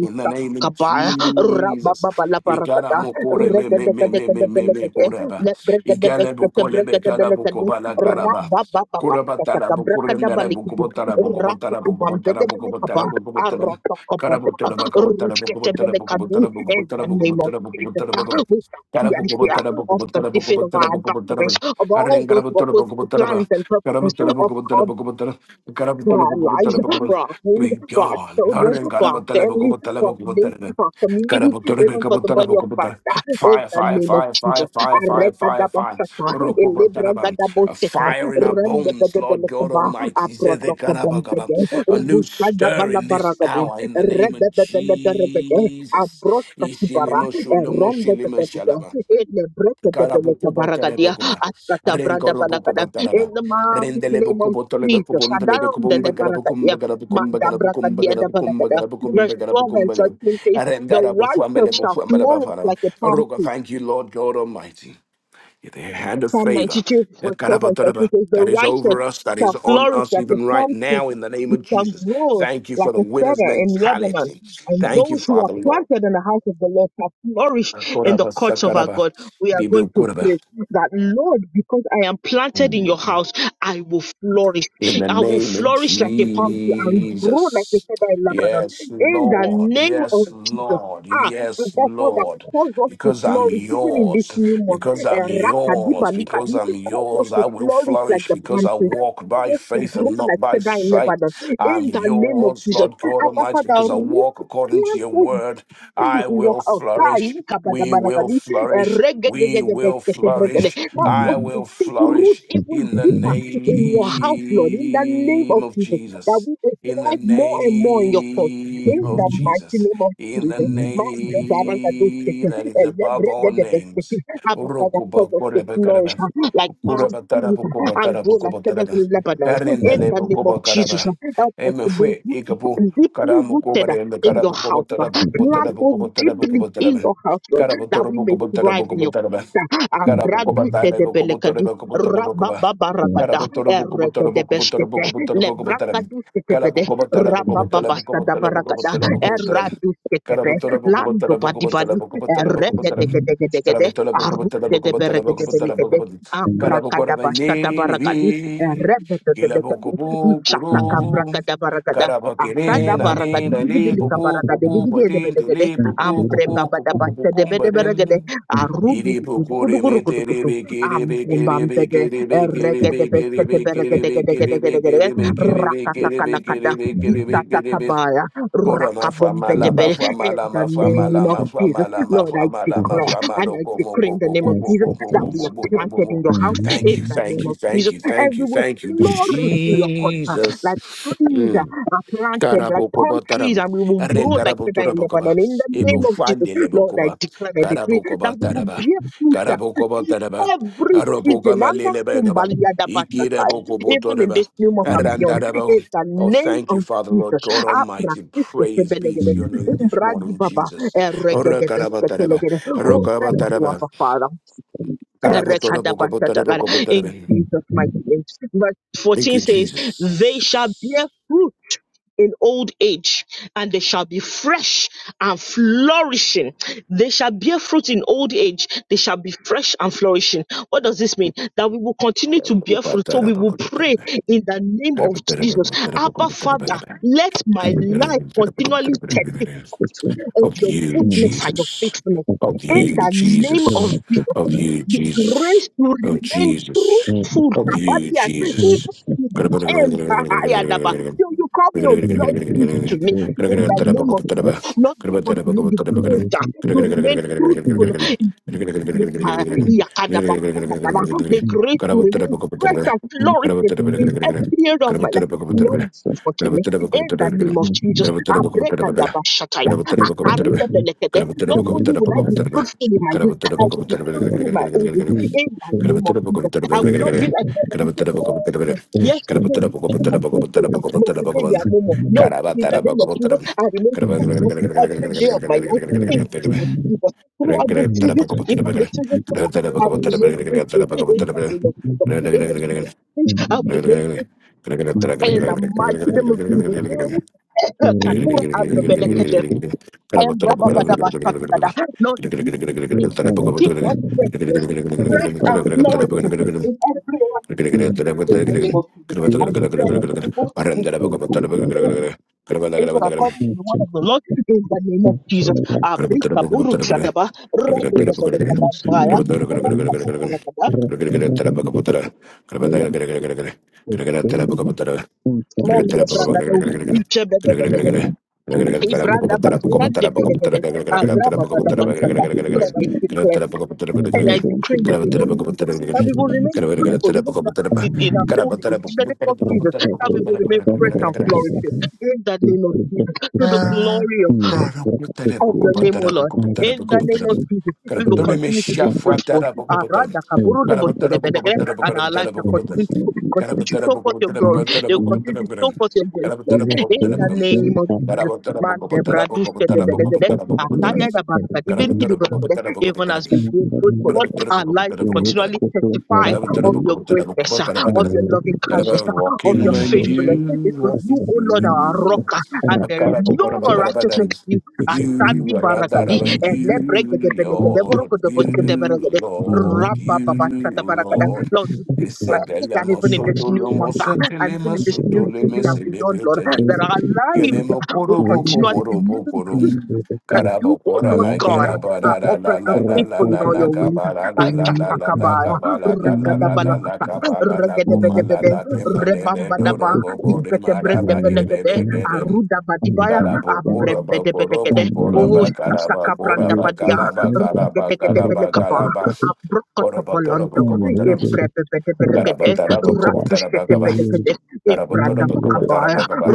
Speaker 2: In the name of
Speaker 1: kabaya, raba
Speaker 2: Jesus.
Speaker 1: baba la
Speaker 2: Ikara
Speaker 1: barakada,
Speaker 2: mokore me me
Speaker 1: regede
Speaker 2: me
Speaker 1: gede
Speaker 2: me
Speaker 1: gede
Speaker 2: me me
Speaker 1: beleke,
Speaker 2: me koraba.
Speaker 1: le bregede
Speaker 2: Ikale
Speaker 1: beskete
Speaker 2: bokole me
Speaker 1: bregede
Speaker 2: kala
Speaker 1: beleke di,
Speaker 2: bokobala karaba.
Speaker 1: raba baba baba,
Speaker 2: Koraba tala bokore
Speaker 1: kabrakada
Speaker 2: ndara
Speaker 1: balikidi,
Speaker 2: bokobotara
Speaker 1: rasu
Speaker 2: bokobotara
Speaker 1: kubambede
Speaker 2: bokobotara
Speaker 1: beleke
Speaker 2: bokobotara
Speaker 1: ba,
Speaker 2: bokobotara.
Speaker 1: arata kabadela,
Speaker 2: Karabotara Great
Speaker 1: rushkete beleke di, in the name of Jesus, we thank you of the defeat of our adversaries, of all those who oppose the plans and purposes of God for our lives, for our homes, for our children, for our families, for our nation,
Speaker 2: God.
Speaker 1: for our community, even for the body of Christ.
Speaker 2: Karabotorabakabotorabakabotar.
Speaker 1: In
Speaker 2: Fire,
Speaker 1: the
Speaker 2: fire,
Speaker 1: name of
Speaker 2: fire, fire,
Speaker 1: Jesus.
Speaker 2: fire, fire, fire, fire.
Speaker 1: Arekadabasata,
Speaker 2: Rokobotarabam. A
Speaker 1: elebragadabosete,
Speaker 2: fire in our bones, Lord God
Speaker 1: rendebebebelekeba,
Speaker 2: Almighty. Zedekarabakabam.
Speaker 1: abrotokobompede,
Speaker 2: A new stir in this
Speaker 1: rusadabalabaragada,
Speaker 2: hour in the name of
Speaker 1: rebebebeleberegede,
Speaker 2: Jesus.
Speaker 1: abro- bara erende de de
Speaker 2: Ishilimosholomoshilimoshalama.
Speaker 1: ele breke de beleka baragadia
Speaker 2: Garabukubotelebokuba,
Speaker 1: askata brada balakada in
Speaker 2: Renkorobukubotaraba,
Speaker 1: the mighty name of Jesus adam de le
Speaker 2: Rendelebukubotolebekubondelebekubumba,
Speaker 1: baragadia
Speaker 2: Garabukumba, Garabukumba,
Speaker 1: Magda
Speaker 2: Garabukumba,
Speaker 1: brakadia de
Speaker 2: Garabukumba,
Speaker 1: balakada verse
Speaker 2: Garabukumba,
Speaker 1: 12 and
Speaker 2: Garabukumba, Garab-
Speaker 1: 13 says the righteous shall flourish
Speaker 2: Arendarabufuambelebufambelebafara.
Speaker 1: like a palm tree
Speaker 2: Rogo, Thank you, Lord God Almighty. The hand of
Speaker 1: Psalm
Speaker 2: favor
Speaker 1: 92 verse
Speaker 2: that
Speaker 1: 12 and 13
Speaker 2: Garabataraba,
Speaker 1: says,
Speaker 2: that
Speaker 1: The
Speaker 2: is
Speaker 1: righteous
Speaker 2: over us, that is
Speaker 1: shall
Speaker 2: on
Speaker 1: flourish
Speaker 2: us
Speaker 1: like a
Speaker 2: even right
Speaker 1: palm tree.
Speaker 2: now in the name
Speaker 1: It
Speaker 2: of
Speaker 1: shall
Speaker 2: Jesus.
Speaker 1: grow
Speaker 2: Thank you for
Speaker 1: like
Speaker 2: the
Speaker 1: a
Speaker 2: winner's
Speaker 1: cedar in Lebanon.
Speaker 2: mentality.
Speaker 1: And
Speaker 2: Thank you,
Speaker 1: those who are
Speaker 2: Father Lord.
Speaker 1: planted in the house of the Lord shall flourish in the
Speaker 2: Akoraba,
Speaker 1: courts of our
Speaker 2: sakaraba,
Speaker 1: God. We are going to
Speaker 2: bibikoraba.
Speaker 1: pray that, Lord, because I am planted in your house, I will flourish.
Speaker 2: in the
Speaker 1: I will
Speaker 2: name of
Speaker 1: flourish like a palm tree and grow like a
Speaker 2: Jesus.
Speaker 1: cedar in Lebanon.
Speaker 2: Yes,
Speaker 1: In the
Speaker 2: Lord.
Speaker 1: name of
Speaker 2: Yes,
Speaker 1: Jesus.
Speaker 2: Lord.
Speaker 1: Ah, and
Speaker 2: Yes,
Speaker 1: therefore that
Speaker 2: Lord.
Speaker 1: calls us to
Speaker 2: Because I'm
Speaker 1: flourish even in this
Speaker 2: yours.
Speaker 1: new month
Speaker 2: Because I'm
Speaker 1: eh,
Speaker 2: yours. Because
Speaker 1: rakadibalikadi,
Speaker 2: I'm
Speaker 1: cause us
Speaker 2: yours.
Speaker 1: to
Speaker 2: I will
Speaker 1: flourish like
Speaker 2: flourish
Speaker 1: the
Speaker 2: because
Speaker 1: palm
Speaker 2: I
Speaker 1: tree.
Speaker 2: walk
Speaker 1: Cause
Speaker 2: by
Speaker 1: us to
Speaker 2: faith
Speaker 1: grow
Speaker 2: and not
Speaker 1: like
Speaker 2: by
Speaker 1: cedar in
Speaker 2: sight.
Speaker 1: Lebanon. In
Speaker 2: I'm
Speaker 1: the name of
Speaker 2: yours,
Speaker 1: Jesus.
Speaker 2: Lord God
Speaker 1: Abba
Speaker 2: Almighty.
Speaker 1: Father,
Speaker 2: Because I walk according to
Speaker 1: replant
Speaker 2: your word,
Speaker 1: us deep
Speaker 2: I
Speaker 1: in your
Speaker 2: will
Speaker 1: house. Tai,
Speaker 2: flourish. We will
Speaker 1: kabadabarakadi, eh,
Speaker 2: flourish. We will
Speaker 1: regedegedebesketebrede.
Speaker 2: flourish.
Speaker 1: Help
Speaker 2: I
Speaker 1: us
Speaker 3: Thank
Speaker 2: will
Speaker 1: to root
Speaker 2: flourish
Speaker 1: even
Speaker 2: in the
Speaker 1: deeper in your house, Lord, in the name
Speaker 2: name
Speaker 1: of
Speaker 2: of
Speaker 1: Jesus, that
Speaker 2: Jesus.
Speaker 1: we may
Speaker 2: In the
Speaker 1: thrive more and more in your cause.
Speaker 2: name
Speaker 1: In
Speaker 2: of
Speaker 1: the mighty
Speaker 2: Jesus.
Speaker 1: name of
Speaker 2: In the
Speaker 1: Jesus. Ma-
Speaker 2: name that is
Speaker 1: Eh,
Speaker 2: above all names.
Speaker 1: Abba Father, cause us to flourish uh, like palm
Speaker 2: Kuraba
Speaker 1: trees
Speaker 2: tarabu
Speaker 1: uh,
Speaker 2: kubo
Speaker 1: and grow
Speaker 2: tarabu
Speaker 1: like
Speaker 2: kubo
Speaker 1: cedars
Speaker 2: taraba.
Speaker 1: in Lebanon. In
Speaker 2: Arindale
Speaker 1: the name of
Speaker 2: kubo
Speaker 1: Jesus, uh,
Speaker 2: karaba.
Speaker 1: help us
Speaker 2: Eme
Speaker 1: to be
Speaker 2: fue ikapu
Speaker 1: root- deeply
Speaker 2: karamu
Speaker 1: rooted uh,
Speaker 2: kubare eme
Speaker 1: in your
Speaker 2: karabu kubo
Speaker 1: house. uh,
Speaker 2: tarabu kubo
Speaker 1: Plant
Speaker 2: tarabu
Speaker 1: us
Speaker 2: kubo tarabu
Speaker 1: deeply
Speaker 2: kubo
Speaker 1: in
Speaker 2: taraba.
Speaker 1: your house, Lord,
Speaker 2: Karabu
Speaker 1: that we
Speaker 2: torabu
Speaker 1: may
Speaker 2: kubo
Speaker 1: thrive
Speaker 2: tarabu
Speaker 1: in
Speaker 2: kubo
Speaker 1: your
Speaker 2: taraba.
Speaker 1: house. uh,
Speaker 2: Karabu kubo
Speaker 1: Abradu
Speaker 2: tarabu kubo
Speaker 1: sedebelekadi,
Speaker 2: tarabu kubo tarabu kubo.
Speaker 1: rabababarabada,
Speaker 2: Karabu torabu kubo tarabu kubo tarabu
Speaker 1: erededebeshkete,
Speaker 2: kubo tarabu kubo taraba. Karabu
Speaker 1: lebrakadusketebede,
Speaker 2: kubo tarabu kubo tarabu kubo tarabu kubo
Speaker 1: rabababasadabaragadada,
Speaker 2: tarabu kubo taraba.
Speaker 1: eradusketebe,
Speaker 2: Karabu torabu kubo tarabu kubo tarabu kubo
Speaker 1: landobadibadi,
Speaker 2: tarabu kubo taraba.
Speaker 1: eregedegedegedegede,
Speaker 2: Karabu torabu kubo
Speaker 1: Arute
Speaker 2: tarabu
Speaker 1: de
Speaker 2: kubo tarabu
Speaker 1: beregede
Speaker 2: kubo tarabu
Speaker 1: benekede.
Speaker 2: kubo
Speaker 1: Ambrakada bashkada barakadi.
Speaker 2: Karabokorabainiriri,
Speaker 1: Rebede benekede. Ishataka
Speaker 2: kilabokobokoro,
Speaker 1: brakada barakada. Asada barakadi.
Speaker 2: karabakirinanirali,
Speaker 1: Bidibilika barakade. Bidigede benekede.
Speaker 2: popokopopatintili,
Speaker 1: Ambre babada bashkade bede beregede.
Speaker 2: popopopokopopopokumbadim,
Speaker 1: Arudu gurugudugurugudugudu. Ambumbambede. Regede beshkete beregede gede gede gede gede. Rakakakalakada.
Speaker 2: iripokoremeterebekeribekerebekeribekerebekeribekerebekeribekerebekeribekerebekeribekerebekeribe.
Speaker 1: Isatakabaya.
Speaker 2: Korama
Speaker 1: Rakabombede
Speaker 2: famala ba
Speaker 1: bede. In
Speaker 2: famala
Speaker 1: the
Speaker 2: ma
Speaker 1: name
Speaker 2: famala
Speaker 1: of
Speaker 2: ma
Speaker 1: Jesus.
Speaker 2: famala ma
Speaker 1: Lord, I
Speaker 2: famala
Speaker 1: declare.
Speaker 2: ma
Speaker 1: And
Speaker 2: famalo
Speaker 1: I
Speaker 2: komo
Speaker 1: declare in
Speaker 2: ko
Speaker 1: the
Speaker 2: bo
Speaker 1: name
Speaker 2: bo
Speaker 1: of
Speaker 2: bo bo
Speaker 1: Jesus
Speaker 2: bo bo
Speaker 1: that
Speaker 2: bo
Speaker 1: we are
Speaker 2: bo bo bo
Speaker 1: planted in
Speaker 2: bo.
Speaker 1: your house
Speaker 2: Thank
Speaker 1: in
Speaker 2: you,
Speaker 1: the name
Speaker 2: thank you,
Speaker 1: of
Speaker 2: thank
Speaker 1: Jesus.
Speaker 2: you, thank
Speaker 1: And we
Speaker 2: you,
Speaker 1: will
Speaker 2: thank you,
Speaker 1: flourish in your court uh,
Speaker 2: Jesus.
Speaker 1: like trees uh,
Speaker 2: Mm.
Speaker 1: are planted, like palm trees,
Speaker 2: Karabokobataram,
Speaker 1: and we will grow like cedar in
Speaker 2: Renkaraboturabokaba,
Speaker 1: Lebanon. In the
Speaker 2: Ebo
Speaker 1: name of Jesus, Lord, I
Speaker 2: Fandelebokoba,
Speaker 1: declare and decree that we will
Speaker 2: Karabokobataraba,
Speaker 1: bear fruit uh, in
Speaker 2: Karabokobataraba,
Speaker 1: every season.
Speaker 2: Arabokama
Speaker 1: under
Speaker 2: Lelebegaba,
Speaker 1: kumbalia da
Speaker 2: Ikira
Speaker 1: basataya. Even in
Speaker 2: Bokobotoraba,
Speaker 1: this new month and beyond,
Speaker 2: Arandarabo.
Speaker 1: in the
Speaker 2: Oh,
Speaker 1: name
Speaker 2: thank you,
Speaker 1: of
Speaker 2: Father, Lord
Speaker 1: Jesus.
Speaker 2: God
Speaker 1: Abra
Speaker 2: Almighty.
Speaker 1: kuste
Speaker 2: Praise be to
Speaker 1: tebelegede.
Speaker 2: your name this
Speaker 1: Umbra di
Speaker 2: morning,
Speaker 1: baba.
Speaker 2: Jesus.
Speaker 1: Eregede beste
Speaker 2: Orakarabataraba,
Speaker 1: telegede. Oh, you,
Speaker 2: Rokarabataraba,
Speaker 1: Abba Father. Erekadabashatagada, In
Speaker 2: Karabotorabokobotorabokobotoraba.
Speaker 1: Jesus' mighty name. Verse
Speaker 2: Thank
Speaker 1: 14
Speaker 2: you,
Speaker 1: says,
Speaker 2: Jesus.
Speaker 1: They shall bear fruit in old age, and they shall be fresh and flourishing. They shall bear fruit in old age, they shall be fresh and flourishing. What does this mean? That we will continue to bear fruit. So we will pray in the name
Speaker 2: Of
Speaker 1: of Jesus. Abba Father, let my life continually testify of your
Speaker 2: you,
Speaker 1: goodness and your
Speaker 2: Jesus.
Speaker 1: faithfulness.
Speaker 2: Of
Speaker 1: In
Speaker 2: you,
Speaker 1: the name of
Speaker 2: Jesus.
Speaker 1: Jesus
Speaker 2: Of you,
Speaker 1: the
Speaker 2: Jesus.
Speaker 1: grace to
Speaker 2: Of
Speaker 1: remain
Speaker 2: Jesus.
Speaker 1: truthful,
Speaker 2: Oh, you,
Speaker 1: Sabatia, even
Speaker 2: Jesus.
Speaker 1: to the end. Ayadaba. Till you call me your blood give to me in the name of Jesus. Lord, give unto me the grace
Speaker 3: you.
Speaker 1: to remain
Speaker 3: Thank you.
Speaker 1: truthful. Father, the grace to remain fresh and flourishing in every area of my life. Lord, give unto me in the name of Jesus. I pray that the Bashataya, I carry the Belekede.
Speaker 2: Kara bata na
Speaker 1: Not
Speaker 2: poko
Speaker 1: only
Speaker 2: bata na
Speaker 1: will I
Speaker 2: poko
Speaker 1: be
Speaker 2: bata na b
Speaker 1: fruitful in my
Speaker 2: Kara
Speaker 1: youth,
Speaker 2: bata na
Speaker 1: I
Speaker 2: poko
Speaker 1: will be
Speaker 2: bata na b
Speaker 1: fruitful in my old age. In the
Speaker 2: Kara
Speaker 1: name
Speaker 2: bata
Speaker 1: of
Speaker 2: na poko
Speaker 1: Jesus,
Speaker 2: bata na b
Speaker 1: I will not be like
Speaker 2: Kara
Speaker 1: somebody.
Speaker 2: bata na poko
Speaker 1: say,
Speaker 2: bata na b
Speaker 1: Yes,
Speaker 2: Kara
Speaker 1: today,
Speaker 2: bata na
Speaker 1: this
Speaker 2: poko
Speaker 1: person has
Speaker 2: bata
Speaker 1: fruitful.
Speaker 2: na b Kara bata na poko bata na
Speaker 1: But today they
Speaker 2: b
Speaker 1: are no more. No,
Speaker 2: Kara
Speaker 1: in
Speaker 2: bata na
Speaker 1: the name
Speaker 2: poko
Speaker 1: of
Speaker 2: bata na
Speaker 1: Jesus,
Speaker 2: b
Speaker 1: I remain
Speaker 2: Kara bata
Speaker 1: fruitful every day of my life. In
Speaker 2: na poko bata na
Speaker 1: the name of
Speaker 2: b
Speaker 1: Jesus.
Speaker 2: Kara
Speaker 1: Throughout this
Speaker 2: bata na
Speaker 1: season,
Speaker 2: poko bata na b Kara bata na poko bata na b
Speaker 1: even the children to
Speaker 2: Kara bata
Speaker 1: come,
Speaker 2: na
Speaker 1: I've remained fruitful. In the name of Jesus. Even to my fish, I've remained in
Speaker 2: poko
Speaker 1: the mighty name of Jesus.
Speaker 2: bata na b
Speaker 1: Kakura and the Belekadem. And Rababadabasakada. Lord, keep us faithful.
Speaker 3: Jesus is
Speaker 1: Stress and flourishing
Speaker 3: the
Speaker 1: in
Speaker 2: Gracias.
Speaker 1: every one of us. In the name of Jesus. I declare this people even according to the word of the Lord, in the name of Jesus. Abrika buru chadaba, regedebelekabambaya, rakakabarakada, mendebrakadau, ichebedebeleyede,
Speaker 3: person of my life.
Speaker 1: ibradabakuradebelegede,
Speaker 3: Doesn't matter what I'm trying
Speaker 1: abrababadabashata.
Speaker 3: to do
Speaker 1: Lord,
Speaker 3: this
Speaker 1: I
Speaker 3: morning.
Speaker 1: declare
Speaker 3: I
Speaker 1: and I
Speaker 3: don't want
Speaker 1: decree
Speaker 3: to
Speaker 1: in
Speaker 3: be
Speaker 1: the name of
Speaker 3: married.
Speaker 1: Jesus
Speaker 3: I
Speaker 1: that we
Speaker 3: don't
Speaker 1: will
Speaker 3: want
Speaker 1: remain
Speaker 3: to be
Speaker 1: fruitful even in
Speaker 3: I
Speaker 1: our, in our
Speaker 3: don't
Speaker 1: old age, in the name of Jesus, that we will remain
Speaker 3: want
Speaker 1: fresh and
Speaker 3: to
Speaker 1: flourishing
Speaker 3: be
Speaker 1: in the
Speaker 3: The
Speaker 1: name of Jesus,
Speaker 3: the
Speaker 1: to the
Speaker 3: the
Speaker 2: Ah,
Speaker 1: glory
Speaker 2: God, help me. Tada,
Speaker 1: of
Speaker 2: boko,
Speaker 1: your
Speaker 2: ba,
Speaker 1: name, O
Speaker 2: tada,
Speaker 1: Lord.
Speaker 2: boko, ba, tada,
Speaker 1: In
Speaker 2: boko,
Speaker 1: the
Speaker 2: ba,
Speaker 1: name
Speaker 2: tada.
Speaker 1: of Jesus,
Speaker 2: Kada,
Speaker 1: we
Speaker 2: ba,
Speaker 1: will
Speaker 2: tole me
Speaker 1: continue
Speaker 3: the
Speaker 1: to be
Speaker 2: shafa,
Speaker 3: Democrats
Speaker 1: fruitful.
Speaker 2: tada, boko, ba, tada. Kada,
Speaker 3: everything
Speaker 2: ba,
Speaker 3: that
Speaker 2: tada,
Speaker 3: was
Speaker 2: boko, ba,
Speaker 1: Aradakaburudubosedebedege,
Speaker 2: tada, boko,
Speaker 3: happening
Speaker 1: And
Speaker 2: ba,
Speaker 1: our lives
Speaker 2: tada,
Speaker 1: will
Speaker 2: boko,
Speaker 3: in
Speaker 2: ba,
Speaker 3: the
Speaker 2: tada.
Speaker 1: continue to
Speaker 3: government
Speaker 2: Kada,
Speaker 1: continue
Speaker 2: ba,
Speaker 1: to
Speaker 2: tada,
Speaker 1: show
Speaker 2: boko,
Speaker 1: forth
Speaker 2: ba,
Speaker 1: your
Speaker 2: tada,
Speaker 3: and
Speaker 1: glory.
Speaker 3: the
Speaker 2: boko, ba, tada,
Speaker 1: They will
Speaker 2: boko, ba,
Speaker 3: United
Speaker 1: continue
Speaker 2: tada,
Speaker 1: to
Speaker 2: boko, tada.
Speaker 1: show forth your
Speaker 3: States
Speaker 2: Kada,
Speaker 1: grace,
Speaker 2: ba,
Speaker 1: Lord.
Speaker 2: tada,
Speaker 3: is a a
Speaker 2: boko, ba, tada,
Speaker 1: In the
Speaker 2: boko.
Speaker 1: name of
Speaker 2: Kada,
Speaker 1: Jesus.
Speaker 2: ba, tada, boko, ba, tada, boko, ba, tada,
Speaker 3: and
Speaker 2: boko, ba,
Speaker 1: Mandebradushedebedegede,
Speaker 3: what the
Speaker 2: boko, ba, tada.
Speaker 3: government and the
Speaker 2: Kada, boko, ba,
Speaker 1: Atayadabarakadibirigidibodogede.
Speaker 2: boko, ba,
Speaker 1: Even
Speaker 2: tada.
Speaker 1: as we grow fruitful,
Speaker 3: government
Speaker 2: Kada,
Speaker 1: Lord, our
Speaker 2: boko, ba,
Speaker 1: lives will
Speaker 3: and
Speaker 2: boko, ba,
Speaker 3: for
Speaker 1: continually testify of your greatness, ah, of your loving
Speaker 3: It is
Speaker 1: kindness, ah,
Speaker 2: Walk
Speaker 1: of your
Speaker 2: in
Speaker 3: Thank you. and the revolution and
Speaker 2: on
Speaker 1: faithfulness.
Speaker 3: the
Speaker 2: you,
Speaker 1: Because
Speaker 3: at
Speaker 1: you,
Speaker 2: walking
Speaker 3: the
Speaker 1: O
Speaker 2: through
Speaker 1: Lord, are
Speaker 3: time
Speaker 1: our
Speaker 3: is
Speaker 1: rock,
Speaker 2: you.
Speaker 1: ah,
Speaker 3: a
Speaker 1: and there is
Speaker 3: rapid
Speaker 1: no
Speaker 3: talk.
Speaker 1: righteousness
Speaker 2: Makarabakarabakarabadams.
Speaker 1: in you
Speaker 3: It's the government
Speaker 2: You
Speaker 1: Asadi
Speaker 2: are
Speaker 3: and
Speaker 1: Barakadi,
Speaker 3: the
Speaker 2: Radaraba,
Speaker 1: Elebrega de
Speaker 2: you,
Speaker 3: Thank
Speaker 2: Lord,
Speaker 1: Benegadeborogo de Bosco de
Speaker 2: you,
Speaker 1: Beregade,
Speaker 2: Lord,
Speaker 1: Rabba Baba Shata
Speaker 2: you,
Speaker 1: Barakada.
Speaker 2: Lord.
Speaker 1: Lord, we declare
Speaker 2: Isabella
Speaker 1: that even in
Speaker 2: Mosoto
Speaker 1: this new
Speaker 2: Lomo
Speaker 1: month ah, and even
Speaker 2: Satelema
Speaker 1: in this new
Speaker 2: Soto Leme
Speaker 1: season and beyond, Lord, there
Speaker 2: Celebritarin.
Speaker 1: are lives
Speaker 2: Kelemo
Speaker 1: who will
Speaker 2: Korobo
Speaker 3: you.
Speaker 1: continually be
Speaker 2: Korobo
Speaker 1: living
Speaker 2: Korom.
Speaker 1: that you, O
Speaker 2: Carabocora,
Speaker 1: Lord God,
Speaker 2: maquera,
Speaker 1: are
Speaker 2: bara, la, la,
Speaker 1: upright and
Speaker 2: la, la, la,
Speaker 1: faithful in
Speaker 2: la,
Speaker 1: all
Speaker 2: la,
Speaker 1: your ways.
Speaker 2: cabara, la, la, la, la, la,
Speaker 1: Ashatakabaya,
Speaker 2: cabara, la, la, la, la, la,
Speaker 1: ragadabalakata,
Speaker 2: cabara, la, coma, la,
Speaker 1: regedebedebede,
Speaker 2: la, tema, lebe, doro,
Speaker 1: rebambadaba,
Speaker 2: gobore, maraba,
Speaker 1: isketebrendebelekede,
Speaker 2: kerebe, kerem.
Speaker 1: arudabadibaya,
Speaker 2: Carabocora, bacoro,
Speaker 1: ambrembedebelekede,
Speaker 2: bocora,
Speaker 1: O
Speaker 2: bacarabacora,
Speaker 1: shatakabrandabadia,
Speaker 2: bacalaba, caraba, caraba,
Speaker 1: regedegedebelekaba,
Speaker 2: caraba. Cora, botoro,
Speaker 1: abrokotobolando,
Speaker 2: bocobotorum. Taraba,
Speaker 1: imbrebebedebelekede,
Speaker 2: taraba, como taraba, gaba.
Speaker 1: ratushetebelekede,
Speaker 2: Taraba, taraba, como taraba,
Speaker 1: ibradabakabaya,
Speaker 2: gaba.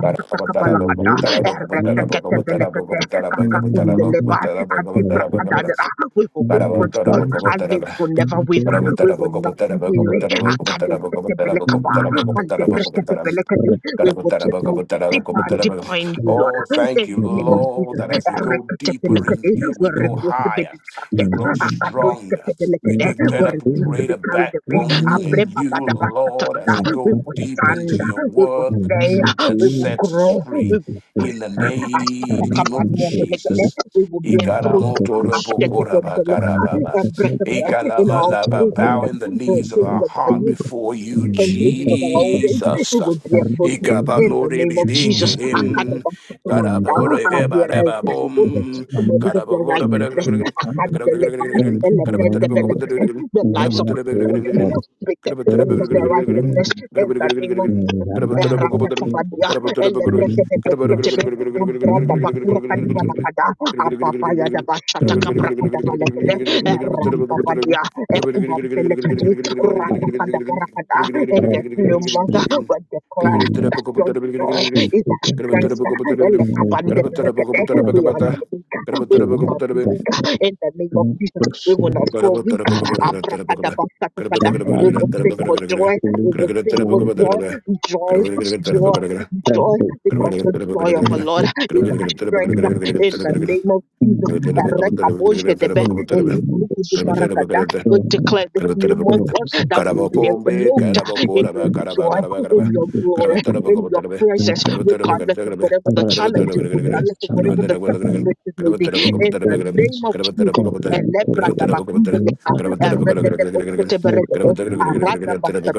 Speaker 2: Taraba, taraba, como taraba, como taraba, como taraba, como taraba, como taraba, como taraba, como taraba, gaba.
Speaker 1: we will be
Speaker 2: Taraba,
Speaker 1: fruitful.
Speaker 2: taraba, como
Speaker 1: Our lives
Speaker 2: taraba.
Speaker 1: will never wither.
Speaker 2: Taraba,
Speaker 1: We
Speaker 2: taraba,
Speaker 1: will
Speaker 2: como
Speaker 1: not be
Speaker 2: taraba, como
Speaker 1: weary.
Speaker 2: taraba, como taraba, como taraba, como
Speaker 1: Akadosekebelekaba,
Speaker 2: taraba, como taraba, como taraba.
Speaker 1: Aldebrekedebelekede. We will take root deeper, and deeper in you,
Speaker 3: Thank
Speaker 1: Lord.
Speaker 2: Oh, thank
Speaker 1: In
Speaker 2: you,
Speaker 1: the name of Jesus.
Speaker 2: Lord, that as we go deeper in
Speaker 1: Ereketebelekede.
Speaker 2: you,
Speaker 1: We
Speaker 2: we go
Speaker 1: refuse to be
Speaker 2: higher,
Speaker 1: distracted.
Speaker 2: we grow stronger, we
Speaker 1: Akadosekebelekede. We
Speaker 2: develop
Speaker 1: refuse to be
Speaker 2: greater
Speaker 1: carried away.
Speaker 2: backbone in you, Lord,
Speaker 1: Abrebabadabasatakada.
Speaker 2: as we
Speaker 1: We
Speaker 2: go
Speaker 1: will
Speaker 2: deep
Speaker 1: stand.
Speaker 2: into your
Speaker 1: We will
Speaker 2: word, the
Speaker 1: stay.
Speaker 2: truth that
Speaker 1: We will
Speaker 2: sets us
Speaker 1: grow. We
Speaker 2: free.
Speaker 1: will
Speaker 2: In the name of
Speaker 1: Ashtakabaniandelekete.
Speaker 2: Jesus.
Speaker 1: We will bear fruit
Speaker 3: you.
Speaker 1: Ashtakabaniandeleka.
Speaker 3: Thank
Speaker 1: and break it in all seasons. Seasons of our increases of our old age, we will bear fruit in the name of Jesus. Akadabasakalaga, Our lives with the testimonies of your righteousness, Akadeleba, Elebendebelekade, the lives of our children, the testimonies of their righteousness in the name of Jesus. Erakatabadia, Elebrekedebesketebe,
Speaker 2: Gracias.
Speaker 1: Ambradabakurakandibalakada, Ababayadabashatakabrakadabalekede, Erambabadia, Ekubambelekadi, rakata, Barakada in this new month. We declare
Speaker 3: you.
Speaker 1: your joy
Speaker 3: the
Speaker 1: is our strength.
Speaker 3: The
Speaker 1: Elekabande-berekede. We are not weak. We will not be weak. In the name of Jesus, we will not grow weak. Abrakadabasakakada. We will sing for joy. We will sing for joy. Joy,
Speaker 3: same
Speaker 1: joy, joy. Because the joy of the Lord is our strength. In the name of Jesus.
Speaker 2: Carabapombe,
Speaker 1: Erekabojedebe. Elibrukudubarakada. We declare this new month
Speaker 3: for force
Speaker 1: Lord, that we will
Speaker 3: people
Speaker 1: be enveloped
Speaker 3: and
Speaker 1: in your
Speaker 2: Carabacoraba,
Speaker 3: education
Speaker 2: Caraba,
Speaker 1: joy,
Speaker 2: Caraba,
Speaker 1: in
Speaker 2: Caraba,
Speaker 3: and
Speaker 1: your glory
Speaker 3: education
Speaker 1: in your
Speaker 2: Carabatarabacobatarabe, Carabatarabacatabebe,
Speaker 1: presence, regardless of
Speaker 2: Carabatarabacatabebe,
Speaker 1: whatever the
Speaker 2: Carabatarabacatabebe,
Speaker 3: and the of
Speaker 1: challenges,
Speaker 2: Carabatarabacatabebe,
Speaker 3: of
Speaker 1: regardless of whatever
Speaker 3: people
Speaker 1: the
Speaker 3: Thank of
Speaker 1: circumstances may be.
Speaker 2: Carabatarabacatabebe,
Speaker 3: and
Speaker 1: In the
Speaker 2: Carabatarabacatabebe,
Speaker 3: buildings
Speaker 1: name of Jesus,
Speaker 3: and
Speaker 2: Carabatarabacatabebe,
Speaker 3: one total in
Speaker 1: Elebradabakundeleka,
Speaker 3: Pakistan and
Speaker 1: Eregedebosoteberegede,
Speaker 3: everyone
Speaker 2: Carabatarabacatabebe,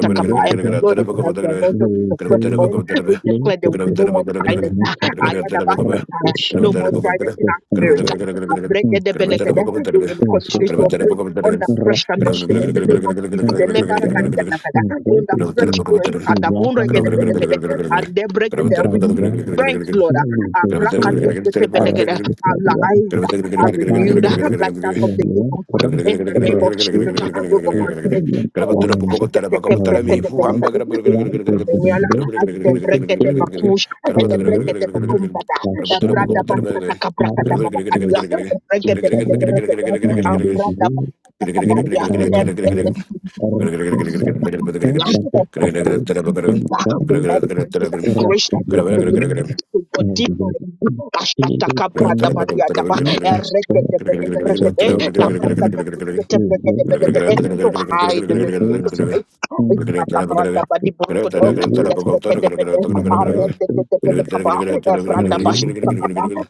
Speaker 3: in what is
Speaker 2: Carabatarabacatabebe,
Speaker 1: Lord, even
Speaker 3: that
Speaker 1: as you
Speaker 2: Carabatarabacatabebe,
Speaker 1: anoint us with
Speaker 3: we
Speaker 1: the fresh
Speaker 3: build
Speaker 1: oil, we
Speaker 2: Carabatarabacatabebe,
Speaker 1: declare there will be
Speaker 3: places
Speaker 1: no more
Speaker 3: in
Speaker 1: dryness.
Speaker 3: Mexico around
Speaker 1: Ayadabasatai,
Speaker 3: the
Speaker 1: No more
Speaker 3: Shango
Speaker 1: dryness in
Speaker 3: the
Speaker 1: our
Speaker 3: center
Speaker 1: spirit.
Speaker 3: in Papa
Speaker 1: Abregedebelekede, We will
Speaker 3: is
Speaker 1: continue to
Speaker 3: Italia
Speaker 1: operate under fresh
Speaker 3: around the
Speaker 1: anointing in the
Speaker 3: Shango
Speaker 1: name of Jesus.
Speaker 3: and again
Speaker 1: Elebarakadianakada,
Speaker 3: in
Speaker 1: Under
Speaker 3: what is
Speaker 1: fresh
Speaker 3: the
Speaker 1: grace,
Speaker 3: Ravan
Speaker 1: Adabunregenebedebede, and they break the
Speaker 3: about
Speaker 1: renewed
Speaker 3: them
Speaker 1: strength,
Speaker 3: who
Speaker 1: Lord.
Speaker 3: will be for around
Speaker 1: Abrakadisketebedegede,
Speaker 3: the
Speaker 1: Our
Speaker 3: Shanto,
Speaker 1: eyes are renewed
Speaker 3: Mapambano
Speaker 1: like that of the eagles.
Speaker 3: yaliyopra
Speaker 1: In the name of Jesus, ah,
Speaker 3: rotunda
Speaker 1: we will continue to soar.
Speaker 3: ikilenga eneo
Speaker 1: Asketekebrekedebelekede, With
Speaker 3: la
Speaker 1: the dominion,
Speaker 3: upande
Speaker 1: as they break the
Speaker 3: pikipiki
Speaker 1: bakush, and they break the
Speaker 3: nyeusi
Speaker 1: bakumbada,
Speaker 3: na shada ari ikitawala na
Speaker 1: brother
Speaker 3: mbinguni
Speaker 1: and make
Speaker 3: na
Speaker 1: them
Speaker 3: barabara rejesha pesa za kapu
Speaker 1: with
Speaker 3: serikali
Speaker 1: that grace that you have believed
Speaker 3: rakabidhaniwa
Speaker 1: to go deeper in you.
Speaker 3: ili
Speaker 2: Kara potara
Speaker 3: kuonekana
Speaker 1: Ashtatakabradabaliyadaba,
Speaker 3: so
Speaker 1: eregedebedebedebede,
Speaker 3: better than you would be
Speaker 1: labrakadabuketebedebedebede, To hide in the
Speaker 3: able
Speaker 1: secret
Speaker 3: to
Speaker 1: place.
Speaker 3: find the
Speaker 1: Ishtatabradabadiburukudo,
Speaker 3: truly to find
Speaker 1: lebregedebede,
Speaker 3: the miracle and
Speaker 1: aregedebedebedekaba,
Speaker 3: you can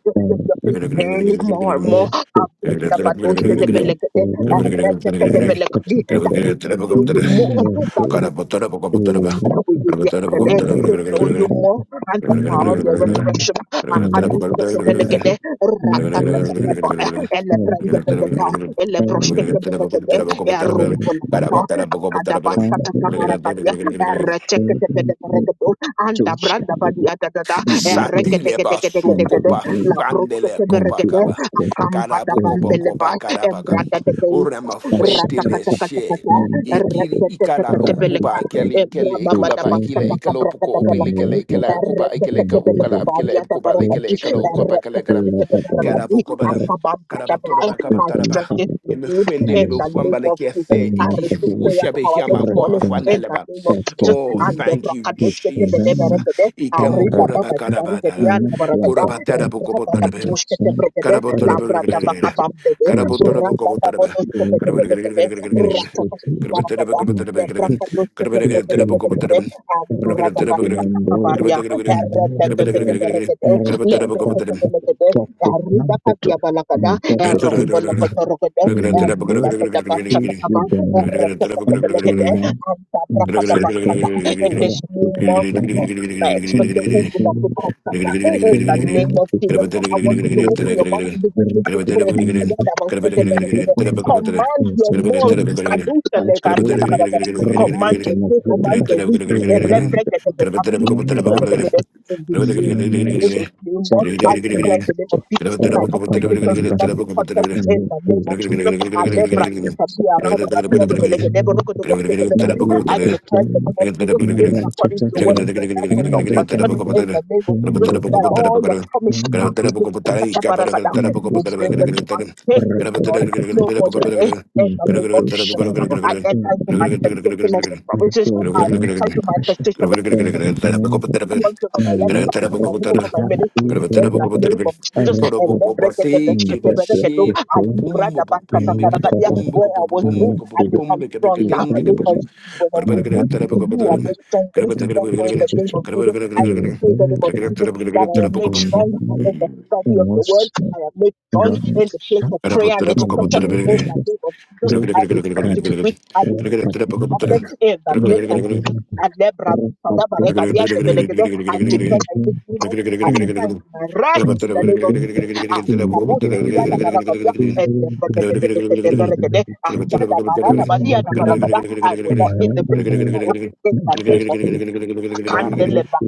Speaker 1: just with
Speaker 3: find
Speaker 1: your faith
Speaker 3: it
Speaker 1: daily more and more.
Speaker 3: is the
Speaker 1: That we may
Speaker 3: brilliant for one reputable
Speaker 1: know you
Speaker 3: human
Speaker 1: more.
Speaker 3: will
Speaker 1: That
Speaker 3: be
Speaker 1: we
Speaker 2: poko potara ba.
Speaker 1: that we did
Speaker 2: Kara potara poko
Speaker 1: yesterday to
Speaker 3: able
Speaker 1: know
Speaker 3: to
Speaker 1: you
Speaker 2: potara.
Speaker 3: that
Speaker 1: more and the
Speaker 3: in
Speaker 1: power
Speaker 3: the
Speaker 1: of your
Speaker 3: human
Speaker 1: resurrection.
Speaker 3: and
Speaker 1: Akadu
Speaker 3: would have
Speaker 1: sekebelegede,
Speaker 3: been never been
Speaker 1: rakatatatatabaya,
Speaker 3: and
Speaker 1: elebrendebedeka, elebroshkekeberegede,
Speaker 3: and and and
Speaker 1: erumbolakata, akadabasatatatabarakadia, erechekekebelegede,
Speaker 3: and
Speaker 1: andabrandabadiadadada,
Speaker 3: and and
Speaker 2: Satile ba
Speaker 3: and
Speaker 2: soko
Speaker 1: eregedegedegedegede,
Speaker 2: pa
Speaker 3: originally
Speaker 2: frandele
Speaker 3: in
Speaker 2: kopa
Speaker 3: the
Speaker 1: labroskekeberegede,
Speaker 2: kaba.
Speaker 3: first quarter,
Speaker 2: Karabu kopa
Speaker 3: period,
Speaker 2: kopa karabaka.
Speaker 3: and
Speaker 1: akambadabambeleba,
Speaker 2: Urema
Speaker 3: the shut
Speaker 2: fete le
Speaker 3: up
Speaker 2: she.
Speaker 3: and
Speaker 2: Ikiri
Speaker 3: the
Speaker 2: ikala
Speaker 3: round
Speaker 2: ukuba ikele ikele
Speaker 3: and
Speaker 2: ikula pa ikile
Speaker 3: and
Speaker 2: ikalo puko opile ikele
Speaker 3: and over
Speaker 2: ikela ukuba ikele ka
Speaker 3: and over
Speaker 2: ukala
Speaker 3: the
Speaker 2: ikele ukuba ikele
Speaker 3: coach
Speaker 2: ikalo
Speaker 3: with that
Speaker 2: ukuba kala kala.
Speaker 3: area that
Speaker 2: Karabu kopa ram.
Speaker 3: the
Speaker 2: Karabu tora ba kaba
Speaker 1: my
Speaker 3: and
Speaker 2: taraba.
Speaker 1: strength is
Speaker 3: public
Speaker 1: renewed
Speaker 2: Imefwendele
Speaker 1: in the
Speaker 3: management and
Speaker 2: befwamba
Speaker 1: name
Speaker 2: le
Speaker 1: of Jesus.
Speaker 2: kiafe.
Speaker 3: the
Speaker 1: I
Speaker 3: end of
Speaker 1: receive
Speaker 2: Iki
Speaker 3: the
Speaker 1: prayer
Speaker 2: ushabe
Speaker 1: power
Speaker 2: hiama
Speaker 1: this
Speaker 3: right
Speaker 2: kwa
Speaker 1: morning
Speaker 3: and
Speaker 1: in the
Speaker 2: afwana
Speaker 1: name of
Speaker 3: after
Speaker 1: Jesus.
Speaker 2: Oh,
Speaker 1: And the
Speaker 2: thank you,
Speaker 3: with the
Speaker 2: Jesus.
Speaker 3: Roman
Speaker 1: Brakadoshketebeleberekede,
Speaker 2: Ikemo
Speaker 3: Barra
Speaker 2: koraba karabada.
Speaker 3: and the
Speaker 1: Arribababadibaridadianabarakada,
Speaker 3: empire
Speaker 1: and
Speaker 2: Korabatara
Speaker 3: and
Speaker 2: bokobotarebe.
Speaker 3: just one,
Speaker 1: Brababadiboshketebrekede,
Speaker 3: uh,
Speaker 1: labrada
Speaker 3: it's a pretty,
Speaker 1: bakabambede
Speaker 3: it's
Speaker 2: Karabotara bokobotarebe.
Speaker 3: a
Speaker 2: Karabotarebe.
Speaker 1: rakatabodoskebedebelekede
Speaker 2: Karabotarebe.
Speaker 3: institute institute
Speaker 2: Karabotarebe. Karabotarebe
Speaker 1: rakatakikibarakada
Speaker 2: bokobotarebe. Karabotarebe. Karabotarebe.
Speaker 3: include recommended the
Speaker 1: lebrakadoskebebregedebelekede
Speaker 2: Karabotarebe.
Speaker 3: capital and that the
Speaker 2: Karabotarebe
Speaker 3: people
Speaker 1: anduradabasatakabaria
Speaker 2: bokobotarebe.
Speaker 1: erebegedegederegede
Speaker 3: will
Speaker 1: lebreketebelekede
Speaker 3: work
Speaker 1: erudakaziabalakada erombolokotorogede
Speaker 2: Karabotarebe. Karabotarebe.
Speaker 1: eridadadabasatakaba
Speaker 3: with them and to
Speaker 1: ereketebelekede
Speaker 3: run and support
Speaker 2: Gracias.
Speaker 1: antabrakadabasata in
Speaker 3: rather
Speaker 1: this new
Speaker 3: than
Speaker 1: month
Speaker 3: run
Speaker 1: my expectations will not be
Speaker 3: including
Speaker 1: cut in the
Speaker 3: the
Speaker 1: name of Jesus,
Speaker 3: reality
Speaker 1: I
Speaker 3: my
Speaker 1: want you to
Speaker 3: little
Speaker 1: open your mouth and begin to pray.
Speaker 3: recommended in the order
Speaker 1: Command your month.
Speaker 3: esoteric,
Speaker 1: Kadusha le karia da
Speaker 3: Ashura,
Speaker 1: Command the day, command
Speaker 3: Rokotomakura,
Speaker 1: the week. Elebre
Speaker 3: Rand,
Speaker 1: ke te be kabru ni ko te
Speaker 3: Yambana,
Speaker 1: In this new in
Speaker 3: Lemes,
Speaker 1: this new month,
Speaker 3: Sapta,
Speaker 1: I declare in the name of
Speaker 3: Rakto,
Speaker 1: Jesus, my expectations will not
Speaker 3: Rakabadamban,
Speaker 1: be cut off in the name of
Speaker 3: Nikuchi,
Speaker 1: Jesus. Alebra du
Speaker 3: Evetets,
Speaker 1: shabi ara da ba
Speaker 3: Nakana,
Speaker 1: I declare in the
Speaker 3: Malikakin,
Speaker 1: name of Jesus, even according to the word in
Speaker 3: Naratatatai,
Speaker 1: the hands of the
Speaker 3: and the
Speaker 1: pastor,
Speaker 3: Ganga,
Speaker 1: in the name of Jesus
Speaker 3: Yambana,
Speaker 1: that all your promises are.
Speaker 3: Yambana, Yambana, Rakatatatai,
Speaker 1: You will bring them to pass. Thank you, Lord. No more delay. In
Speaker 3: and
Speaker 1: the
Speaker 3: the
Speaker 1: name of Jesus, I enter into
Speaker 3: Kushara,
Speaker 1: manifestation of the
Speaker 3: like a
Speaker 1: promises.
Speaker 3: full
Speaker 1: I enter
Speaker 3: blast
Speaker 1: into
Speaker 2: Gracias.
Speaker 3: rush.
Speaker 1: manifestation of
Speaker 2: Gracias.
Speaker 3: And now that
Speaker 1: Lord, over
Speaker 3: my
Speaker 1: my life,
Speaker 3: work
Speaker 1: over my
Speaker 3: got
Speaker 1: home,
Speaker 3: to
Speaker 1: over my
Speaker 3: have a
Speaker 1: ministry, in the
Speaker 3: whatever,
Speaker 1: name of
Speaker 3: I
Speaker 1: Jesus.
Speaker 3: read
Speaker 1: And
Speaker 3: that
Speaker 1: let break it, the bench, get
Speaker 3: in
Speaker 1: the
Speaker 3: that
Speaker 1: break
Speaker 3: the
Speaker 1: the door. I
Speaker 3: crystal,
Speaker 1: leave brother back,
Speaker 3: I
Speaker 1: to
Speaker 3: read
Speaker 1: Kakaragadia.
Speaker 3: that
Speaker 1: where I was
Speaker 3: I
Speaker 1: weak, I
Speaker 3: read
Speaker 1: become strong
Speaker 3: the
Speaker 1: now. Because
Speaker 3: equation,
Speaker 1: when I'm
Speaker 3: my love
Speaker 1: weak,
Speaker 3: is
Speaker 1: you are
Speaker 3: in
Speaker 1: made strong.
Speaker 3: the
Speaker 1: Therefore, in the name of
Speaker 3: equation,
Speaker 1: Jesus, I
Speaker 3: in the
Speaker 1: declare in the name of
Speaker 3: emotion,
Speaker 1: Jesus that I am made strong in the study of the word. I am made strong
Speaker 3: running
Speaker 1: in the place
Speaker 3: up
Speaker 1: of prayer and
Speaker 3: in the
Speaker 1: intercession. In the
Speaker 3: moment,
Speaker 1: name of Jesus,
Speaker 3: they
Speaker 1: I
Speaker 3: could
Speaker 1: refuse
Speaker 3: cut
Speaker 1: to be
Speaker 3: it.
Speaker 1: weak. I refuse
Speaker 3: But
Speaker 1: to be
Speaker 3: number,
Speaker 1: distracted. In the
Speaker 3: no,
Speaker 1: name
Speaker 3: they
Speaker 1: of Jesus.
Speaker 3: didn't.
Speaker 1: And Lebra,
Speaker 3: But
Speaker 1: Sada
Speaker 3: they
Speaker 1: Barega,
Speaker 3: could
Speaker 2: Gracias.
Speaker 3: change.
Speaker 1: the I
Speaker 3: no,
Speaker 1: declare that
Speaker 3: they
Speaker 1: in this moment, I
Speaker 3: Shangri-La
Speaker 1: enter into my rest in the name of Ah, Rita Bosa, Lia da Barabada, and the Bregadebeleke de Beregede, Asada Barada Balia da Barabada. I will not eat the bread of sorrow in the name of Kandeleba.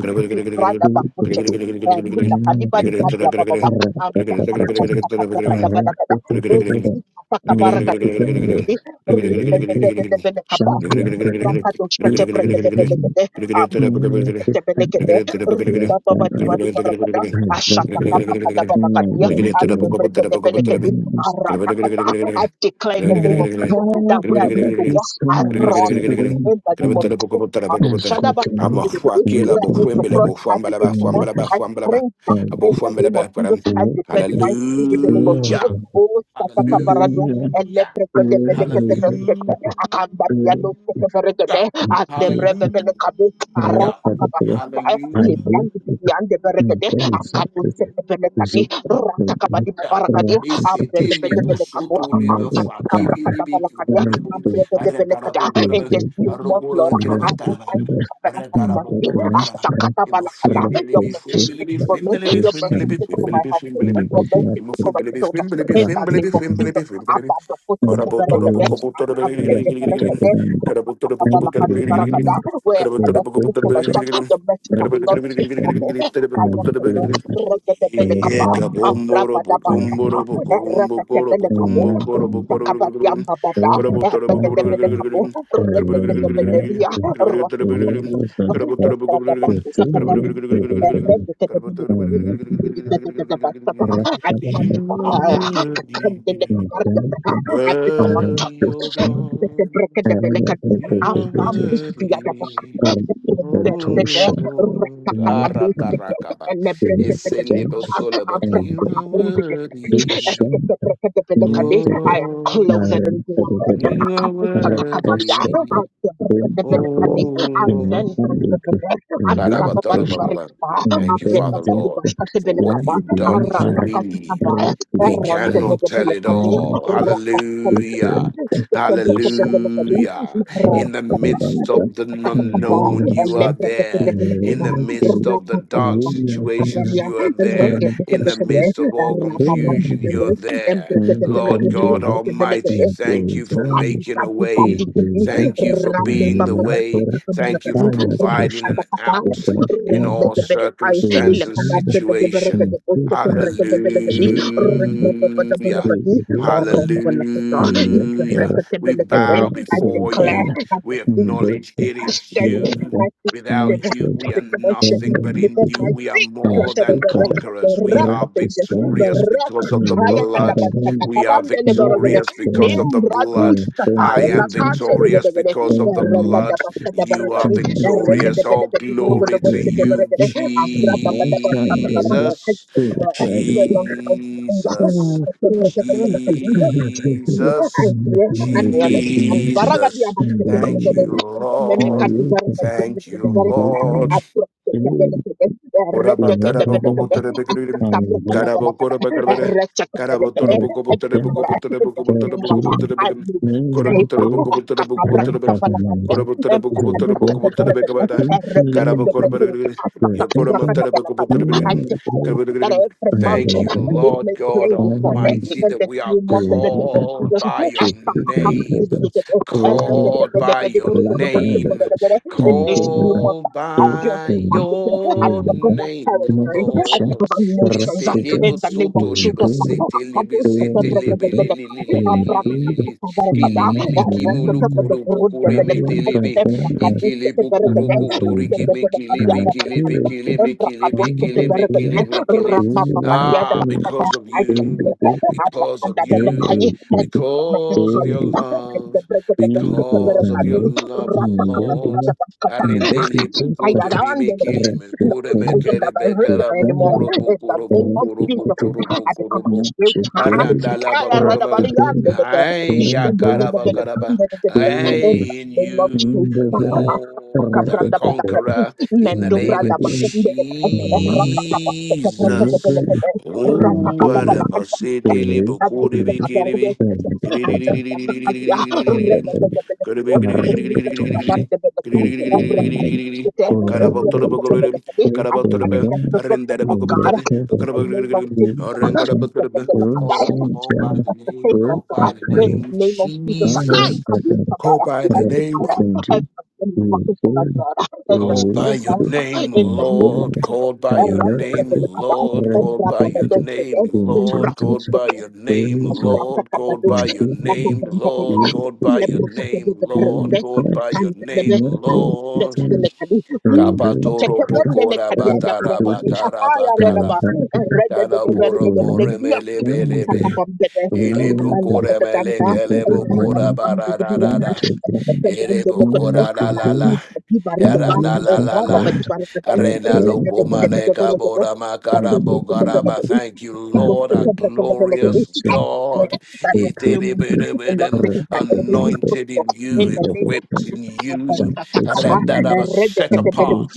Speaker 1: Brother Bakuchet, and Ruda Kadibani Kadia Baba, and Brakadabarakada, Amy Sakabarakadi, Rukadebelekaba, Brakadoshkete, Brekadebelekade, Antebelekede, Ribababadibadibarakada, Ashakakabrakadabalakadia, Antebrekedebelekedi, I declare in
Speaker 3: Now,
Speaker 1: the name of Jesus that where I used
Speaker 3: Father,
Speaker 1: to walk,
Speaker 3: this
Speaker 1: I
Speaker 3: woman
Speaker 1: run
Speaker 3: suddenly
Speaker 1: in the name of
Speaker 3: and
Speaker 1: Jesus. I'm
Speaker 3: as
Speaker 1: Shadaba-
Speaker 3: quickly
Speaker 2: Ama fwa
Speaker 3: you
Speaker 2: kela
Speaker 1: Where
Speaker 2: bo
Speaker 1: I
Speaker 3: do
Speaker 1: used to
Speaker 2: fwembele
Speaker 1: cross,
Speaker 3: the
Speaker 2: bo
Speaker 1: I
Speaker 2: fwambala
Speaker 1: begin
Speaker 2: ba
Speaker 1: to
Speaker 3: and
Speaker 1: walk.
Speaker 3: it
Speaker 2: fwambala ba
Speaker 3: is
Speaker 1: I
Speaker 2: fwambala ba
Speaker 1: sprint down
Speaker 3: and
Speaker 2: bo
Speaker 1: in the
Speaker 2: fwambala
Speaker 1: name
Speaker 2: ba
Speaker 1: of Jesus.
Speaker 2: param.
Speaker 3: it
Speaker 1: I
Speaker 3: is a it
Speaker 1: declare
Speaker 3: of
Speaker 1: divine speed in the name of
Speaker 3: the
Speaker 1: Jesus.
Speaker 2: Hallelujah.
Speaker 1: Oh, Sataka barado, Satakabarado,
Speaker 3: Hallelujah,
Speaker 2: Hallelujah.
Speaker 3: prayer
Speaker 1: Elebrekedebedekete,
Speaker 3: and the good of prayer,
Speaker 2: Hallelujah.
Speaker 1: Akandadiado,
Speaker 3: which
Speaker 1: Sekeberegede,
Speaker 3: we do with
Speaker 1: Adebrebebelekabe,
Speaker 3: our
Speaker 2: Hallelujah.
Speaker 3: Father, who are
Speaker 1: Aratakabaskata,
Speaker 3: and
Speaker 2: Hallelujah.
Speaker 3: you, who are
Speaker 1: Lebrandibidiandeberegede,
Speaker 3: very sacred,
Speaker 1: Akadosepebelekadi,
Speaker 3: visit the people, who
Speaker 1: Ratakabadibubarakadi,
Speaker 3: are the
Speaker 2: Ese televo
Speaker 3: Christian,
Speaker 1: Abrebebedebelekabo,
Speaker 2: soto
Speaker 3: and
Speaker 2: leva
Speaker 3: the
Speaker 2: fa ki bi li
Speaker 3: brother,
Speaker 2: bi ki
Speaker 1: Tapakabrakatabalakandia,
Speaker 2: boro bo ara kara
Speaker 1: Ambrebedebelekada.
Speaker 2: bo
Speaker 3: who are
Speaker 2: gora
Speaker 1: In
Speaker 2: ba
Speaker 1: this
Speaker 3: the
Speaker 1: new
Speaker 2: ara
Speaker 1: month, Lord,
Speaker 3: Thank
Speaker 1: I enter into the covenant of mercy.
Speaker 2: Karabotorobokoro,
Speaker 1: Asakatabalakada. Your mercy speaks for me. Your mercy speaks for my household. Your mercy speaks for my children. In the name of Jesus. Abba, the
Speaker 3: you.
Speaker 1: where I cannot speak for myself, the message of the Lord speak for me. I cannot speak. Regedebelekaba, Ambrabadabasaka, Ereketebelekabo, Rudakabadiambabada, Ebegedebelekabo, Regedebedebedia, I become
Speaker 2: you
Speaker 3: Thank you.
Speaker 2: are
Speaker 1: fire. I
Speaker 2: worthy,
Speaker 1: become untouchable.
Speaker 2: worthy, O
Speaker 1: I
Speaker 2: God. You are worthy, O God. Aratarakaba. Eselebo solaba. You are worthy, O
Speaker 1: am
Speaker 2: Lord.
Speaker 1: closer than you
Speaker 2: You are worthy, O
Speaker 1: are. Thank
Speaker 2: Lord. ba da ba da da ba ba Thank you, Father Lord, for what you've done for we. We cannot tell it all. Hallelujah.
Speaker 3: different piece
Speaker 2: Hallelujah. In the midst
Speaker 3: Rabadanta
Speaker 2: of the unknown, you
Speaker 3: Devansi
Speaker 2: are there. In the
Speaker 3: Nirvana
Speaker 2: midst of the dark
Speaker 3: Vinapan
Speaker 2: situations, you are there. In the
Speaker 3: Paranapasti
Speaker 2: midst of all confusion, you're there. Lord God
Speaker 3: Indikanjaya
Speaker 1: you.
Speaker 2: Almighty, thank you for
Speaker 3: Vojana
Speaker 1: Kadi
Speaker 2: making a
Speaker 1: kadi kadi
Speaker 2: way.
Speaker 1: kadi
Speaker 3: Udriva
Speaker 2: Thank you for
Speaker 1: rabba
Speaker 2: being the
Speaker 1: baba
Speaker 3: Namya
Speaker 1: baba
Speaker 2: way.
Speaker 1: baba
Speaker 2: Thank you
Speaker 1: baba
Speaker 2: for
Speaker 3: Purataya
Speaker 2: providing
Speaker 3: Krishna
Speaker 1: kata
Speaker 2: an
Speaker 1: kata
Speaker 2: out in
Speaker 1: rabba
Speaker 2: all
Speaker 3: Vikanta
Speaker 1: baba baba
Speaker 2: circumstance
Speaker 1: illa
Speaker 2: and
Speaker 1: kada
Speaker 3: Devananda
Speaker 1: baba baba raka
Speaker 2: situation.
Speaker 1: de posta
Speaker 3: Nikita
Speaker 1: raka de bela de
Speaker 3: Jitanda
Speaker 1: rabba baba baba
Speaker 2: Hallelujah.
Speaker 1: raka de
Speaker 3: Devananda
Speaker 1: oram bala kata is
Speaker 2: Hallelujah.
Speaker 3: Ilyapura
Speaker 1: raka de
Speaker 2: We
Speaker 1: bela kata
Speaker 2: bow
Speaker 1: I
Speaker 2: before
Speaker 1: declare
Speaker 2: you.
Speaker 3: Rakdantana
Speaker 2: We acknowledge it is
Speaker 3: Thank
Speaker 1: Schedule
Speaker 2: you.
Speaker 1: my feet are
Speaker 2: Without
Speaker 1: stable.
Speaker 2: you,
Speaker 1: I
Speaker 2: we are
Speaker 1: become
Speaker 2: nothing,
Speaker 1: unshakable
Speaker 2: but in
Speaker 1: because
Speaker 2: you,
Speaker 1: my
Speaker 2: we are
Speaker 1: feet
Speaker 2: more
Speaker 1: planted on
Speaker 2: than
Speaker 1: the rock, the
Speaker 2: conquerors. We
Speaker 1: rock
Speaker 2: are
Speaker 1: of ages, the
Speaker 2: victorious
Speaker 1: rock.
Speaker 2: because of the
Speaker 3: you.
Speaker 1: Haya
Speaker 2: blood.
Speaker 1: kadabasaka
Speaker 2: We are
Speaker 1: kabandele borogede
Speaker 2: victorious because of the
Speaker 1: nimbradu
Speaker 2: blood.
Speaker 1: sakai
Speaker 2: I am
Speaker 1: lakandele
Speaker 2: victorious
Speaker 1: gedegede
Speaker 2: because of the blood.
Speaker 1: erekadabasada
Speaker 2: You are
Speaker 1: borogedi eregede
Speaker 2: victorious. All
Speaker 1: belegedi borogede
Speaker 2: glory to
Speaker 1: boskete
Speaker 2: you,
Speaker 1: borogede ambrababadabasaka
Speaker 2: Jesus.
Speaker 1: kabandele no longer
Speaker 2: Jesus.
Speaker 1: my
Speaker 2: Jesus.
Speaker 1: I declare that
Speaker 2: Jesus. Thank you, Lord. Thank you, Lord. Ora
Speaker 3: Thank you.
Speaker 2: batara boko butere bekirim. Karabo kora bakarbere. Karabo toro boko butere boko butere boko butere boko butere bekim. Kora butere boko butere boko butere bekim. Kora butere boko butere boko butere bekabara. Karabo kora bakarbere. Yopora matara boko butere bekim. Karabo bekim.
Speaker 1: every
Speaker 2: Thank
Speaker 1: mountain
Speaker 2: you,
Speaker 1: is
Speaker 2: Lord
Speaker 1: made
Speaker 2: God
Speaker 1: plain before me
Speaker 2: Almighty,
Speaker 1: in
Speaker 2: that
Speaker 1: this
Speaker 2: we are
Speaker 1: new month in the name of
Speaker 2: called
Speaker 1: Jesus.
Speaker 2: by
Speaker 1: I
Speaker 2: your
Speaker 1: in
Speaker 2: name, called by your name.
Speaker 1: this new month,
Speaker 2: Called
Speaker 1: I feel
Speaker 2: by
Speaker 1: I
Speaker 2: your
Speaker 1: take over
Speaker 2: name,
Speaker 1: territory. I take
Speaker 2: Lord.
Speaker 1: over
Speaker 2: It's
Speaker 1: nations.
Speaker 2: a
Speaker 1: In
Speaker 2: little
Speaker 1: the name of
Speaker 2: soto,
Speaker 1: Jesus,
Speaker 2: little
Speaker 1: I
Speaker 2: city,
Speaker 1: come
Speaker 2: little
Speaker 1: to
Speaker 3: Thank
Speaker 2: city, little little,
Speaker 1: the and brother I
Speaker 2: pukure medelebe. Ikile pukuru kudori kime kilebe kilebe kileme kilebe kileme kileme kile. Ah, because of
Speaker 1: take
Speaker 2: you, because of
Speaker 1: under
Speaker 2: you,
Speaker 1: the I
Speaker 2: because of your love, because of your love, Lord.
Speaker 1: heard
Speaker 2: Arendeli pukuto rimikili mekure mekere
Speaker 1: that
Speaker 2: bekara
Speaker 1: anymore.
Speaker 2: mukuro
Speaker 1: In the
Speaker 2: bukuro
Speaker 1: name of
Speaker 2: bukuro
Speaker 1: Jesus,
Speaker 2: bukuro
Speaker 1: I
Speaker 2: bukuro
Speaker 1: become a
Speaker 2: bu.
Speaker 1: child.
Speaker 2: Arandala
Speaker 1: I read
Speaker 2: bakoro
Speaker 1: about the
Speaker 2: baga.
Speaker 1: young. In the
Speaker 2: Ay yakara bakara ba.
Speaker 3: you.
Speaker 2: Ay in
Speaker 1: name of
Speaker 3: Thank you.
Speaker 2: you
Speaker 1: Jesus,
Speaker 2: more than a
Speaker 1: Kabrada Balaka,
Speaker 2: conqueror in the
Speaker 1: Mendo
Speaker 2: name
Speaker 1: Brada
Speaker 2: of
Speaker 1: Bakunde, Rata Kabaka, Rata
Speaker 2: Jesus.
Speaker 1: Kabaka,
Speaker 2: Oh, what a masidili
Speaker 1: Rata
Speaker 2: bukuri
Speaker 1: Kabaka,
Speaker 2: bikiri
Speaker 1: I manifest the goodness of God
Speaker 2: bi.
Speaker 1: in
Speaker 2: Carabotorabogor, Carabotorbe, Arendabogobot,
Speaker 1: the name of
Speaker 2: Carabogor,
Speaker 1: Jesus. With
Speaker 2: Arendabogor. Oh, call by the
Speaker 1: The
Speaker 2: name,
Speaker 1: favor of
Speaker 2: call by
Speaker 1: God
Speaker 2: the
Speaker 1: in the
Speaker 2: name,
Speaker 1: name of Jesus. I
Speaker 2: Jesus.
Speaker 1: commit to that
Speaker 2: Call by the
Speaker 1: and
Speaker 2: name,
Speaker 1: declare I am walking for my God in this
Speaker 2: call by
Speaker 1: new
Speaker 2: your
Speaker 1: month
Speaker 2: name,
Speaker 1: in the name of
Speaker 2: Lord.
Speaker 1: Jesus.
Speaker 2: Call by
Speaker 1: And
Speaker 2: your
Speaker 3: And your
Speaker 1: Rabbi
Speaker 2: name,
Speaker 3: country,
Speaker 1: Kabelekabai
Speaker 2: Lord.
Speaker 3: red
Speaker 1: and
Speaker 2: Call
Speaker 1: Rabbi
Speaker 2: by your
Speaker 3: identity,
Speaker 2: name,
Speaker 3: in
Speaker 1: Badoskaden
Speaker 2: Lord. Call
Speaker 3: children's
Speaker 2: by your name,
Speaker 3: areas of
Speaker 2: Lord. Call by
Speaker 1: Rakakabadosh,
Speaker 2: your
Speaker 3: improvement,
Speaker 2: name,
Speaker 1: Kakabambababa,
Speaker 2: Lord.
Speaker 3: in
Speaker 2: Call by your name,
Speaker 1: Lebrekatebebebebe,
Speaker 2: Lord.
Speaker 3: period
Speaker 2: Call
Speaker 3: five,
Speaker 2: by your
Speaker 1: Kantelebe,
Speaker 2: name,
Speaker 3: more than
Speaker 2: Lord.
Speaker 3: ten,
Speaker 1: Arikatebelekadi,
Speaker 3: and
Speaker 1: Mm,
Speaker 3: very
Speaker 2: Kapatoro
Speaker 3: chicken,
Speaker 2: pokora
Speaker 1: Tekebembelekadi,
Speaker 3: red
Speaker 2: batara
Speaker 1: Adabrabadi,
Speaker 3: Kurdish,
Speaker 2: batara
Speaker 1: Ahaya,
Speaker 3: and
Speaker 2: bakara. Kana poro more
Speaker 1: Radaba,
Speaker 2: melebe
Speaker 1: in
Speaker 2: lebe.
Speaker 3: the
Speaker 1: the
Speaker 3: the
Speaker 2: Ili
Speaker 3: Lala, The
Speaker 2: brokore mele kele
Speaker 3: important
Speaker 2: bokora
Speaker 3: rain, one
Speaker 2: barara
Speaker 3: to with
Speaker 2: Erebo kora la la la. Era la la la la. Arena loko maleka bora makara bogaraba. Thank you, Lord, our
Speaker 3: Thank
Speaker 2: glorious
Speaker 3: you.
Speaker 2: God.
Speaker 3: Thank you.
Speaker 2: Iterebedebedem. Anointed in you,
Speaker 1: name of
Speaker 2: equipped in
Speaker 1: Jesus,
Speaker 2: you.
Speaker 1: Baba,
Speaker 2: Arandaraba, Set
Speaker 1: Redekatebele
Speaker 2: apart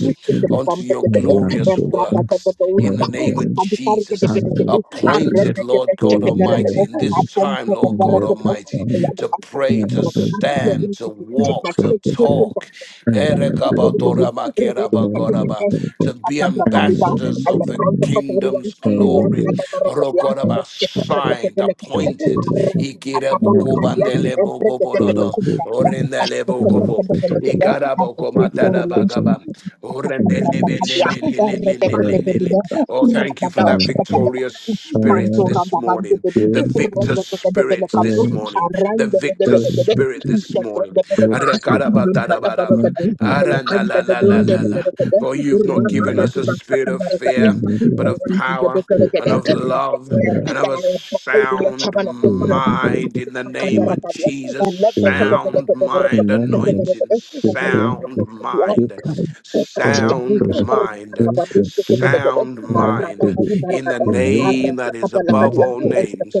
Speaker 2: unto your glorious
Speaker 1: and
Speaker 2: works. In
Speaker 1: Brababababausta,
Speaker 2: the name of
Speaker 1: Adikarge de
Speaker 2: Jesus
Speaker 1: Benede,
Speaker 2: appointed, Lord God
Speaker 1: Arebekebestekebere,
Speaker 2: Almighty, in this time, Lord
Speaker 1: Apompebere,
Speaker 2: God Almighty, to pray, to
Speaker 1: Yadabastakebere,
Speaker 2: stand,
Speaker 1: Loving
Speaker 2: to
Speaker 1: to check my
Speaker 2: walk, to
Speaker 1: praise, praise and
Speaker 2: talk,
Speaker 1: thanks.
Speaker 2: Erekabatoramakerabagoraba, to be ambassadors of the kingdom's glory. Rokoraba, Signed, appointed borodo, orendele bokobo,
Speaker 1: Thank you and
Speaker 2: ikarabo
Speaker 1: the spiritual
Speaker 2: komatada
Speaker 1: relationship.
Speaker 3: representing
Speaker 2: bagaba,
Speaker 1: Thank
Speaker 2: orendele
Speaker 3: with Shakara
Speaker 2: belelelelelelelele. Oh, thank you for that victorious spirit this morning, the victor's spirit this morning, the victor's spirit this morning. Arekarabatarabaraba,
Speaker 3: Rapid,
Speaker 2: aranalalalala. For you've not given us a spirit of fear, but of power and of love and of a sound mind in the name of Jesus. Sound mind anointing, sound
Speaker 1: you.
Speaker 2: mind, sound mind, sound mind in the name that is above all names.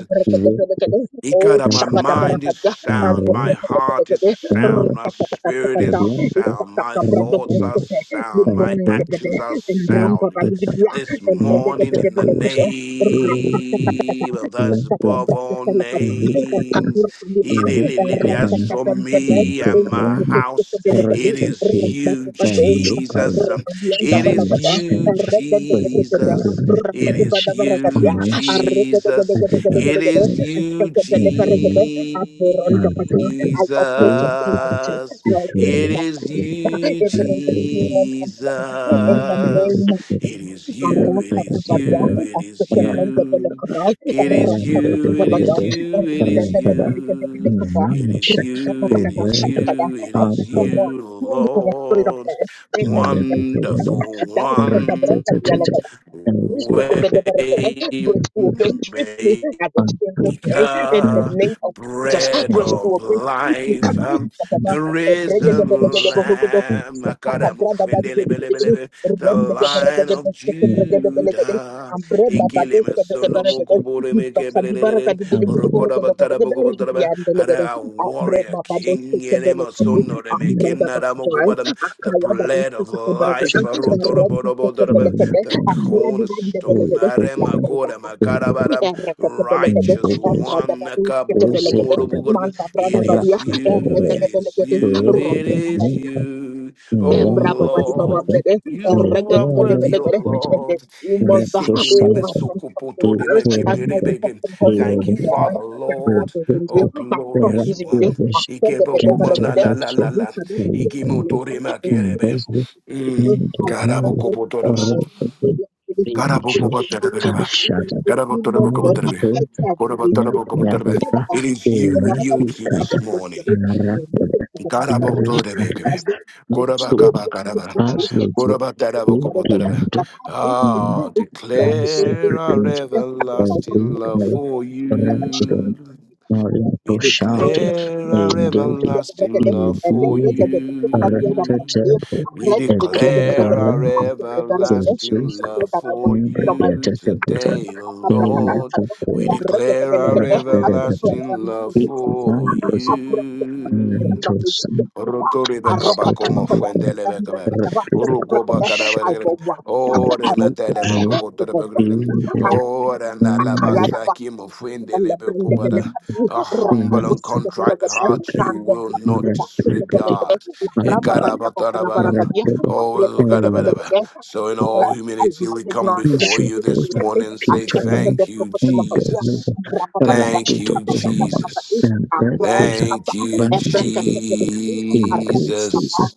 Speaker 2: Ikara, my mind is sound, my heart is sound, my spirit
Speaker 3: Thank
Speaker 2: is sound, my thoughts are sound, my actions are sound. This morning, in the name of those above all names, it
Speaker 3: you.
Speaker 2: is for me and my
Speaker 1: Inzandu the
Speaker 2: house.
Speaker 1: belekadi.
Speaker 2: It is you,
Speaker 1: Rabata padosha.
Speaker 2: Jesus.
Speaker 1: Rabadi anda
Speaker 2: It is
Speaker 1: balakada.
Speaker 2: you,
Speaker 1: Arredededededede.
Speaker 2: Jesus. It
Speaker 1: Rabadi
Speaker 2: is
Speaker 1: badabarakadia.
Speaker 2: you, Jesus. It
Speaker 1: Arredededededededede.
Speaker 2: is you,
Speaker 1: Eskete belekeregede. Aburondokada. I operate in plenty. I
Speaker 2: Jesus.
Speaker 1: operate
Speaker 2: It
Speaker 1: in
Speaker 2: is
Speaker 1: abundance.
Speaker 2: you,
Speaker 1: Even in the funeral in the name
Speaker 2: Jesus.
Speaker 1: of
Speaker 2: It is
Speaker 1: Jesus.
Speaker 2: you, it is
Speaker 1: Arrakakabada.
Speaker 2: you, it is
Speaker 1: Eskete
Speaker 3: Thank
Speaker 2: you.
Speaker 1: brendebelekadai.
Speaker 2: It is you, it is you, it is you.
Speaker 1: Arrakakabada.
Speaker 2: It is
Speaker 1: I
Speaker 2: you, it is you, it is
Speaker 1: become more
Speaker 2: you,
Speaker 1: filled with the Spirit of
Speaker 2: Lord.
Speaker 1: God in the name of Jesus.
Speaker 2: Wonderful
Speaker 1: That is the bread
Speaker 2: one
Speaker 1: of the Grace to obey swiftly
Speaker 2: way
Speaker 1: at the same time in the
Speaker 2: Ika,
Speaker 1: name of Jesus.
Speaker 2: bread
Speaker 1: Grace to
Speaker 2: of
Speaker 1: obey swiftly.
Speaker 2: life, um,
Speaker 1: Kabuskadaba,
Speaker 2: the risen
Speaker 1: regedebelegedeberugudo,
Speaker 2: lamb, Akadam ofendele bele bele
Speaker 1: kakakadradabadigedigidi,
Speaker 2: be, the lion of
Speaker 1: remdegeberegedebesekeberegedebelegede,
Speaker 2: Judah, Ikilima
Speaker 1: ambrebababesebegeberegede,
Speaker 2: Solomoko Boremeke Belele, Orogoda Batara Bogobotaraba,
Speaker 1: ibakadibaragadibidigidiburugedebelegederegidiyandelegede,
Speaker 2: Ara a warrior king, Elema
Speaker 1: abrebabadosekebelekadi,
Speaker 2: Sono de Mekinadamo
Speaker 1: ambradabakabwa,
Speaker 2: Comadam, the bread
Speaker 1: the
Speaker 2: of life, Rodora
Speaker 1: erekesekebelekede,
Speaker 2: the
Speaker 1: Akura di banda
Speaker 2: cornerstone.
Speaker 1: belagade,
Speaker 2: Arema
Speaker 1: lambra
Speaker 2: kora
Speaker 1: dama.
Speaker 3: you.
Speaker 2: makarabara,
Speaker 1: Errata pa
Speaker 3: Thank you.
Speaker 1: belagade,
Speaker 2: Righteous
Speaker 1: ambrata
Speaker 2: one.
Speaker 1: badu, kete belagade,
Speaker 2: Nakabukubumurubugurum.
Speaker 1: manda brada
Speaker 2: It is
Speaker 1: badia,
Speaker 2: you, it
Speaker 1: errata
Speaker 2: is
Speaker 1: belagade,
Speaker 2: you,
Speaker 1: rota
Speaker 2: it is you. Oh
Speaker 1: Embra baba baba
Speaker 2: Lord.
Speaker 1: bebe,
Speaker 2: You
Speaker 1: errege
Speaker 2: are
Speaker 1: gede bele
Speaker 2: worthy, O
Speaker 1: gede, and then
Speaker 2: Lord.
Speaker 1: you must uh,
Speaker 2: Thank you,
Speaker 1: oh, I can trust in Paris, I can be trust in fucking horses, we are,
Speaker 2: Father,
Speaker 1: my hope
Speaker 2: Lord.
Speaker 1: is in you,
Speaker 2: Oh,
Speaker 1: my trust
Speaker 2: glorious
Speaker 1: is in you,
Speaker 2: one.
Speaker 1: I said the bebe for gede, and this is the bebe for gede, and this is the bebe for gede, you
Speaker 2: Mm.
Speaker 1: must learn. I will be doing it, the season is two months long, I
Speaker 3: Mariamdoto
Speaker 1: can't do
Speaker 3: inavyobeba
Speaker 1: this.
Speaker 2: It is you we yield to
Speaker 3: uhakika
Speaker 2: this morning.
Speaker 3: haraka ambazo
Speaker 2: Karabotorebekebe. Korobakabakaraba. Korobaterebokoboterebe.
Speaker 3: zikiandamana
Speaker 2: Ah,
Speaker 3: na
Speaker 2: declare our
Speaker 3: sentence za
Speaker 2: everlasting love
Speaker 3: ile
Speaker 2: for you.
Speaker 3: referendum
Speaker 2: We
Speaker 3: inayoshada
Speaker 2: declare our
Speaker 3: indeed
Speaker 2: everlasting love for
Speaker 3: ilibidi
Speaker 2: you.
Speaker 3: retetete
Speaker 2: We
Speaker 3: ikiwa
Speaker 2: declare our
Speaker 3: varanda za
Speaker 2: everlasting
Speaker 3: uchaguzi
Speaker 2: love for
Speaker 3: nyumba ya
Speaker 2: you
Speaker 3: tetete
Speaker 1: Abracadabra, I
Speaker 2: today, O
Speaker 3: ile
Speaker 2: Lord. We
Speaker 1: declare
Speaker 2: declare our
Speaker 1: I am
Speaker 2: everlasting
Speaker 1: not a
Speaker 2: love
Speaker 3: It is He
Speaker 1: victim.
Speaker 2: for
Speaker 3: designed
Speaker 1: Abracadabra, I am
Speaker 2: you.
Speaker 1: not
Speaker 3: also
Speaker 1: a victim.
Speaker 3: some
Speaker 2: Rotori bekaba
Speaker 3: escorting
Speaker 2: como
Speaker 3: river
Speaker 2: fuendele
Speaker 1: Abracadabra,
Speaker 2: bekabe. Uruko bakara
Speaker 1: abracadabra,
Speaker 3: recognition
Speaker 1: I will
Speaker 2: beregre.
Speaker 1: walk.
Speaker 3: by
Speaker 1: I
Speaker 2: Ore
Speaker 3: E.
Speaker 1: will
Speaker 2: metele
Speaker 3: G.
Speaker 1: say, I
Speaker 2: bekobotere
Speaker 1: will walk.
Speaker 2: beregre.
Speaker 1: I
Speaker 3: in the
Speaker 2: Ore na la
Speaker 1: will
Speaker 3: primary
Speaker 1: walk.
Speaker 2: basaki mo
Speaker 1: I'm
Speaker 2: fuendele bekobara.
Speaker 3: moment of
Speaker 2: A humble and
Speaker 3: to
Speaker 2: contrite heart you
Speaker 3: sugar
Speaker 2: will not
Speaker 3: rapidity
Speaker 2: disregard.
Speaker 3: by
Speaker 2: Ekarabatara bagam.
Speaker 3: rapid
Speaker 2: Oh,
Speaker 3: and
Speaker 2: Gadabadaba. so in
Speaker 3: the
Speaker 2: all humility, we come before
Speaker 3: bishop
Speaker 2: you
Speaker 3: of
Speaker 2: this morning and say,
Speaker 3: Peter Ryan
Speaker 2: Thank you,
Speaker 3: in
Speaker 2: Jesus.
Speaker 3: the
Speaker 2: Thank
Speaker 3: rapid of
Speaker 2: you,
Speaker 3: the month
Speaker 2: Jesus.
Speaker 3: and breakfast
Speaker 2: Thank
Speaker 3: by
Speaker 2: you,
Speaker 3: the increases
Speaker 2: Jesus.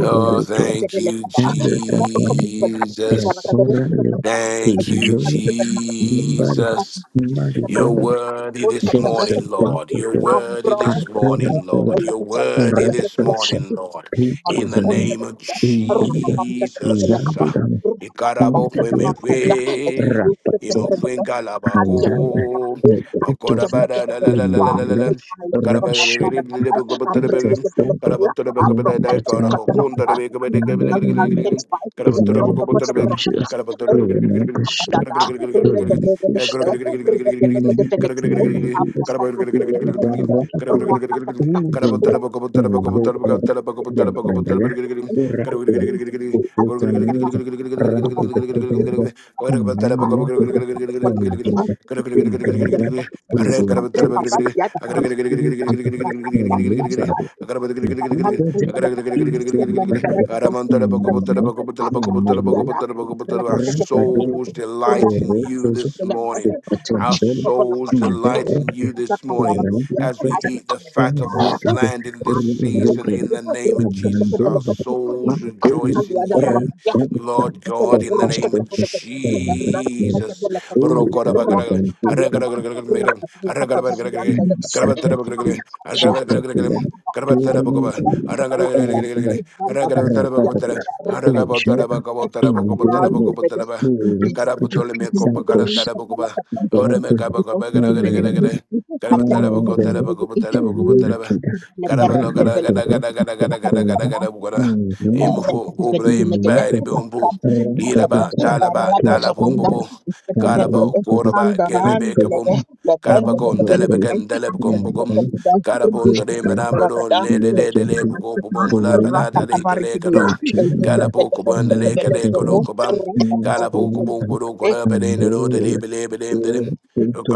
Speaker 2: Oh, thank you,
Speaker 3: Andrew Gavin is
Speaker 2: Jesus.
Speaker 3: currently
Speaker 2: Thank you,
Speaker 3: scheduled member
Speaker 1: Thank you.
Speaker 2: Jesus.
Speaker 1: Somebody
Speaker 2: You're
Speaker 3: Margaret
Speaker 2: worthy
Speaker 1: Lord,
Speaker 2: this
Speaker 1: the breath of
Speaker 3: Dixon
Speaker 2: morning,
Speaker 1: the
Speaker 2: Lord. You're
Speaker 1: Lord.
Speaker 3: Dempsey
Speaker 1: I'm
Speaker 2: worthy
Speaker 1: brown,
Speaker 2: this
Speaker 3: concurrent
Speaker 2: morning,
Speaker 1: I
Speaker 2: Lord.
Speaker 3: with
Speaker 2: You're
Speaker 1: like it. I
Speaker 2: worthy
Speaker 3: Red
Speaker 1: like it.
Speaker 2: this
Speaker 1: I like
Speaker 3: Person
Speaker 2: morning,
Speaker 1: it.
Speaker 2: Lord.
Speaker 1: i like
Speaker 2: In
Speaker 1: a
Speaker 2: the
Speaker 1: to
Speaker 3: Peakism
Speaker 1: the
Speaker 2: name of
Speaker 3: in
Speaker 1: I'm like a
Speaker 3: Zimbabwe
Speaker 1: the bone, like
Speaker 2: Jesus.
Speaker 3: and
Speaker 1: I'm like
Speaker 3: the
Speaker 2: Ikarabo
Speaker 1: the bone, like
Speaker 3: Executive
Speaker 2: kwemewe,
Speaker 3: Rapporteur.
Speaker 2: imofwenga
Speaker 3: Mazaba
Speaker 2: labako,
Speaker 3: Ritovu
Speaker 2: akorabada la la la la la la
Speaker 3: Idobra
Speaker 2: la. Karabakara
Speaker 3: Rasho Intercede Intercede in the name of is no one who's conscious. Oh, no,
Speaker 1: Apre
Speaker 3: the Thank
Speaker 2: our
Speaker 1: papa dia da Rakata
Speaker 3: you. Rakados
Speaker 2: souls delight in you
Speaker 3: correctos
Speaker 2: this
Speaker 3: se
Speaker 2: morning. Our
Speaker 3: pretenden
Speaker 2: souls
Speaker 3: invertir
Speaker 2: delight in you this morning as we
Speaker 3: correctos
Speaker 2: eat the fat
Speaker 3: en el
Speaker 2: of this
Speaker 3: que
Speaker 2: land in this season
Speaker 3: revuelve
Speaker 2: in the name of Jesus.
Speaker 3: abandonando
Speaker 2: Our
Speaker 3: más
Speaker 2: souls
Speaker 3: el
Speaker 2: rejoice in you.
Speaker 3: rakados
Speaker 2: Lord.
Speaker 3: correctos
Speaker 2: Lord God, in the name of Jesus.
Speaker 3: She kept
Speaker 1: Thank
Speaker 3: the Thank
Speaker 2: Karabatole me kopa karatara bokoba. Ora me kaba kaba kara kara kara kara. Garaba daraba go daraba go daraba go daraba. Garaba no gara gara gara gara gara gara gara
Speaker 1: you.
Speaker 2: gara gara. Imufu ubraim bari bumbu. Ilaba talaba talabumbu bu. Garaba koraba kelebe kabum. Garaba kon telebe ken telebe kum bukum. Garaba on dore meramba do le de le le buko bumula bala
Speaker 3: you
Speaker 2: dare kele kado.
Speaker 3: picture that
Speaker 2: Garaba kubun le
Speaker 3: are
Speaker 2: kele kado
Speaker 3: taken
Speaker 2: kubam.
Speaker 3: in
Speaker 2: Garaba
Speaker 3: stone
Speaker 2: kubun
Speaker 3: and
Speaker 2: kudo kudo
Speaker 1: Thank
Speaker 2: bade
Speaker 3: and
Speaker 2: ne do de le
Speaker 3: were
Speaker 2: bele
Speaker 3: all photo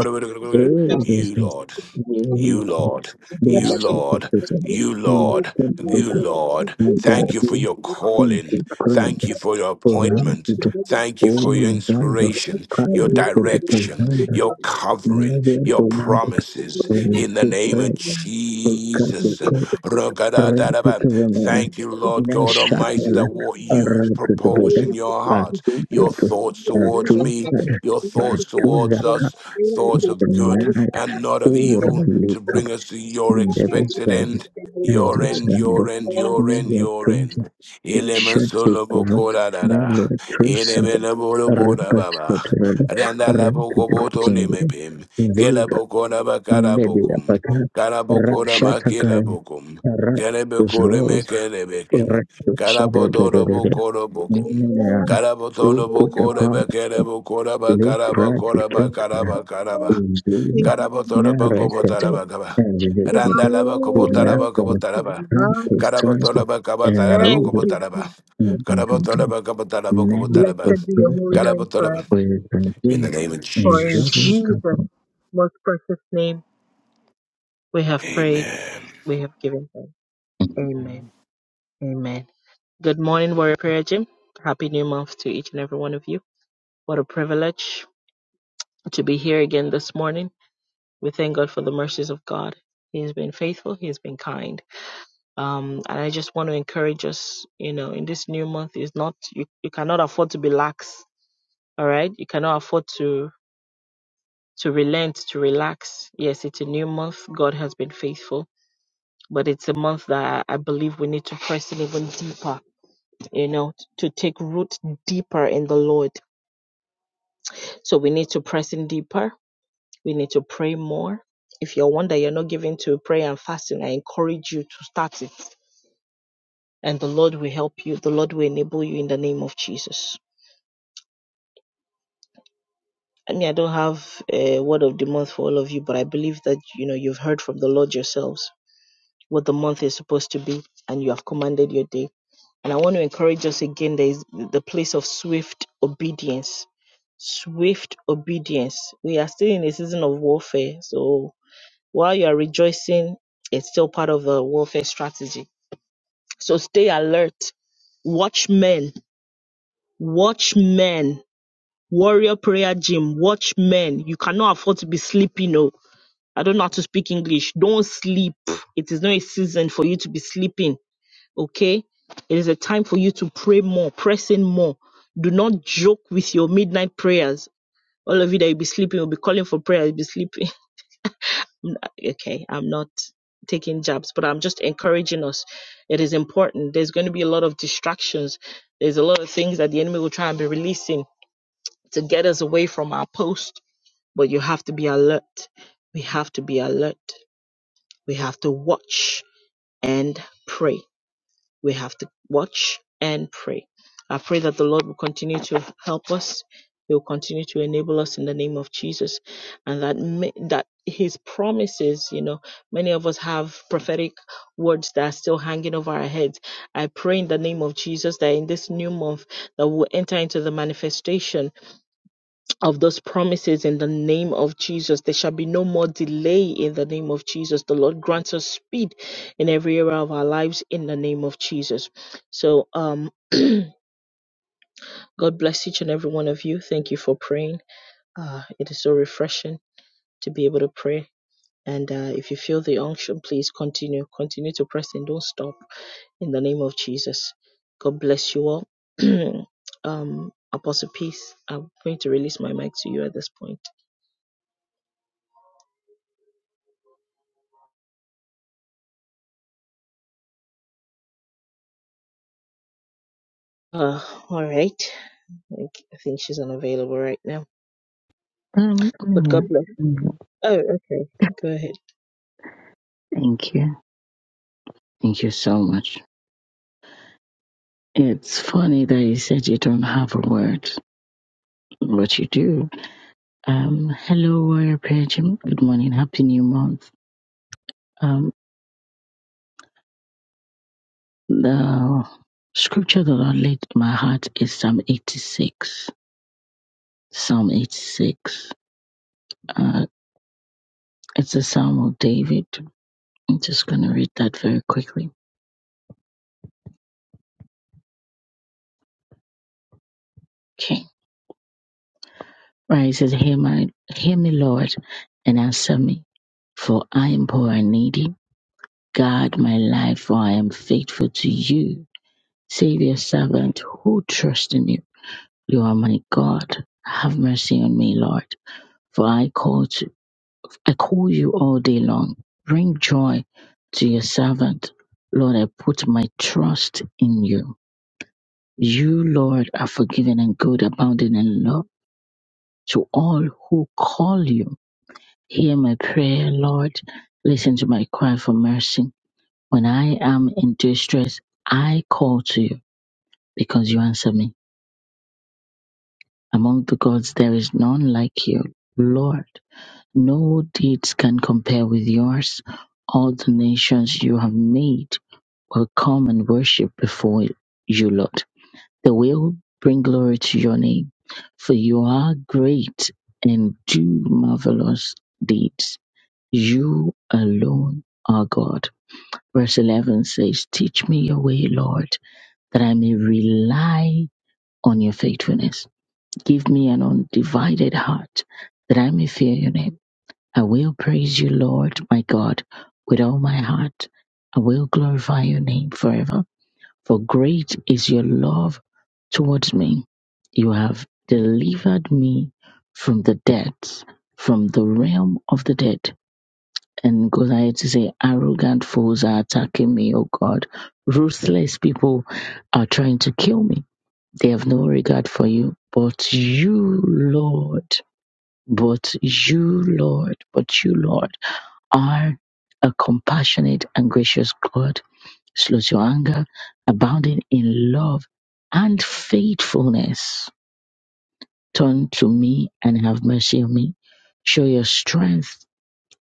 Speaker 3: is this is
Speaker 2: Lord.
Speaker 3: really
Speaker 2: You,
Speaker 3: good.
Speaker 2: Lord.
Speaker 3: They
Speaker 2: You,
Speaker 3: shoot the
Speaker 2: Lord.
Speaker 3: person
Speaker 2: You,
Speaker 3: in
Speaker 2: Lord.
Speaker 3: a
Speaker 2: You,
Speaker 3: temple
Speaker 2: Lord.
Speaker 3: and they are
Speaker 2: Thank you for
Speaker 3: being
Speaker 2: your calling.
Speaker 3: into crab
Speaker 2: Thank you for your
Speaker 3: for run
Speaker 2: appointment.
Speaker 3: to
Speaker 2: Thank you for your
Speaker 3: oversalve
Speaker 2: inspiration, your
Speaker 3: crime for the
Speaker 2: direction,
Speaker 3: person.
Speaker 2: your
Speaker 3: Now
Speaker 2: covering,
Speaker 3: they are
Speaker 2: your
Speaker 3: for run to
Speaker 2: promises. In the
Speaker 3: crab
Speaker 2: name of
Speaker 1: Thank you.
Speaker 3: for cut
Speaker 1: Thank
Speaker 3: the
Speaker 2: Jesus.
Speaker 3: Thank
Speaker 2: Rogadadadaba.
Speaker 3: you.
Speaker 2: Thank you, Lord God Almighty,
Speaker 3: Neshatala
Speaker 2: that what you proposed
Speaker 3: Arabada
Speaker 2: in your heart,
Speaker 3: Batu
Speaker 2: your
Speaker 3: Batu
Speaker 2: thoughts towards
Speaker 3: Batu
Speaker 2: me, your thoughts
Speaker 3: Batu
Speaker 2: towards
Speaker 3: Zaka
Speaker 2: us thoughts of good
Speaker 3: Naya
Speaker 2: and not of
Speaker 3: Ora
Speaker 2: evil to
Speaker 3: Lika
Speaker 2: bring us to your expected
Speaker 3: Nevasal
Speaker 2: end. Your end,
Speaker 3: Nevasando
Speaker 2: your end, your end, your
Speaker 3: Nevatunja
Speaker 2: end. Elema solo
Speaker 3: Neshatikova
Speaker 2: bokora da da.
Speaker 3: Nevatrusha
Speaker 2: Elema bolo bora baba.
Speaker 3: Rapatotara
Speaker 2: Randa la boko boto
Speaker 3: Rapidukunda
Speaker 2: lemepem. Kela
Speaker 3: Vega
Speaker 2: bokora bakara
Speaker 3: Nebia
Speaker 2: bokum.
Speaker 3: Baka
Speaker 2: Kara bokora makela
Speaker 3: Rakshataka
Speaker 2: bokum.
Speaker 3: Rap
Speaker 2: Kelebe kore
Speaker 3: Correcto,
Speaker 2: Kara
Speaker 3: de- de-
Speaker 2: bodoro
Speaker 3: de- de- de.
Speaker 2: bokoro bokum.
Speaker 3: Mira, tú
Speaker 2: Karabotono
Speaker 3: escucha,
Speaker 2: bokore
Speaker 3: pa,
Speaker 2: bakere bokora
Speaker 3: le
Speaker 2: bakara
Speaker 3: trae tu
Speaker 2: bakora bakara
Speaker 3: truco,
Speaker 2: bakara ba.
Speaker 3: y dile, na,
Speaker 2: Karabotono
Speaker 3: recete,
Speaker 2: bokobotara bakaba.
Speaker 3: and you did it.
Speaker 2: Randala
Speaker 3: We
Speaker 2: bakobotara
Speaker 3: laugh for
Speaker 2: bakobotara ba.
Speaker 3: a time to sense
Speaker 2: Karabotono
Speaker 3: it, and
Speaker 2: bakabatara
Speaker 3: we will
Speaker 2: bokobotara
Speaker 1: you.
Speaker 2: ba.
Speaker 3: not be
Speaker 2: Karabotono
Speaker 3: content.
Speaker 2: bakabotara
Speaker 3: Never
Speaker 2: bokobotara ba.
Speaker 3: to
Speaker 1: Blessed be your
Speaker 3: prove
Speaker 1: holy
Speaker 3: that
Speaker 1: name
Speaker 2: Karabotono
Speaker 1: forever.
Speaker 2: ba.
Speaker 3: we can give
Speaker 2: In the
Speaker 3: it
Speaker 2: name of
Speaker 3: a
Speaker 1: For in
Speaker 3: jury
Speaker 2: Jesus.
Speaker 3: to
Speaker 1: Jesus'
Speaker 3: come.
Speaker 1: most precious name we have prayed,
Speaker 2: Amen.
Speaker 1: we have given thanks. Amen. Amen. Good morning, Warrior Prayer Gym. Happy new month to each and every one of you. What a privilege to be here again this morning. We thank God for the mercies of God. He has been faithful, He has been kind. Um, and I just want to encourage us, you know, in this new month is not you, you cannot afford to be lax. All right. You cannot afford to to relent, to relax. Yes, it's a new month. God has been faithful, but it's a month that I believe we need to press in even deeper, you know, to take root deeper in the Lord. So we need to press in deeper. We need to pray more. If you're one that you're not giving to prayer and fasting, I encourage you to start it. And the Lord will help you. The Lord will enable you in the name of Jesus. I mean, I don't have a word of the month for all of you, but I believe that, you know, you've heard from the Lord yourselves what the month is supposed to be and you have commanded your day. And I want to encourage us again there is the place of swift obedience. Swift obedience. We are still in a season of warfare. So while you are rejoicing, it's still part of the warfare strategy. So stay alert. Watchmen. Watchmen. Warrior prayer gym. Watchmen. You cannot afford to be sleeping. No. I don't know how to speak English. Don't sleep. It is not a season for you to be sleeping Okay? It is a time for you to pray more, press in more. Do not joke with your midnight prayers. All of you that will be sleeping you will be calling for prayer, you'll be sleeping. Okay, I'm not taking jabs, but I'm just encouraging us. It is important. There's going to be a lot of distractions. There's a lot of things that the enemy will try and be releasing to get us away from our post, but you have to be alert. We have to be alert. We have to watch and pray. we have to watch and pray. I pray that the Lord will continue to help us. He will continue to enable us in the name of Jesus, and that ma- that His promises, you know, many of us have prophetic words that are still hanging over our heads. I pray in the name of Jesus that in this new month that we'll enter into the manifestation of those promises in the name of Jesus. There shall be no more delay in the name of Jesus. The Lord grants us speed in every area of our lives in the name of Jesus. So, um, God bless each and every one of you. Thank you for praying. Uh, it is so refreshing to be able to pray. And uh, if you feel the unction, please continue. Continue to press and don't stop in the name of Jesus. God bless you all. um, Apostle Peace, I'm going to release my mic to you at this point. Uh, all right. I think I think she's unavailable right now.
Speaker 3: Um,
Speaker 1: But God
Speaker 3: yeah.
Speaker 1: bless.
Speaker 3: Mm,
Speaker 1: Oh, okay. Go ahead.
Speaker 3: Thank you. Thank you so much. It's funny that you said you don't have a word, but you do. Um, hello, Warrior Prayer Gym. Good morning. Happy New Month. Um, the scripture that I laid in my heart is Psalm 86. Psalm 86. Uh, it's a psalm of David. I'm just going to read that very quickly. Okay. Right. It says, Hear, my, hear me, Lord, and answer me, for I am poor and needy. Guard my life, for I am faithful to you. Save your servant who trusts in you. You are my God. Have mercy on me, Lord For I call to, I call you all day long. Bring joy to your servant. Lord, I put my trust in you. You, Lord, are forgiving and good, abounding in love to all who call you. Hear my prayer, Lord. Listen to my cry for mercy. When I am in distress, I call to you because you answer me. Among the gods, there is none like you, Lord. No deeds can compare with yours; all the nations you have made will come and worship before you, Lord. They will bring glory to your name, for you are great and do marvelous deeds. You alone are God. Verse 11 says, Teach me your way, Lord, that I may rely on your faithfulness. Give me an undivided heart, that I may fear your name. I will praise you, Lord my God, with all my heart. I will glorify your name forever, for great is your love towards me. You have delivered me from the depths, from the realm of the dead. And goes ahead to say, arrogant foes are attacking me, O God. Ruthless people are trying to kill me. They have no regard for you. But you, Lord, but you, Lord, but you, Lord. Are a compassionate and gracious God, slow to anger, abounding in love and faithfulness. Turn to me and have mercy on me. Show your strength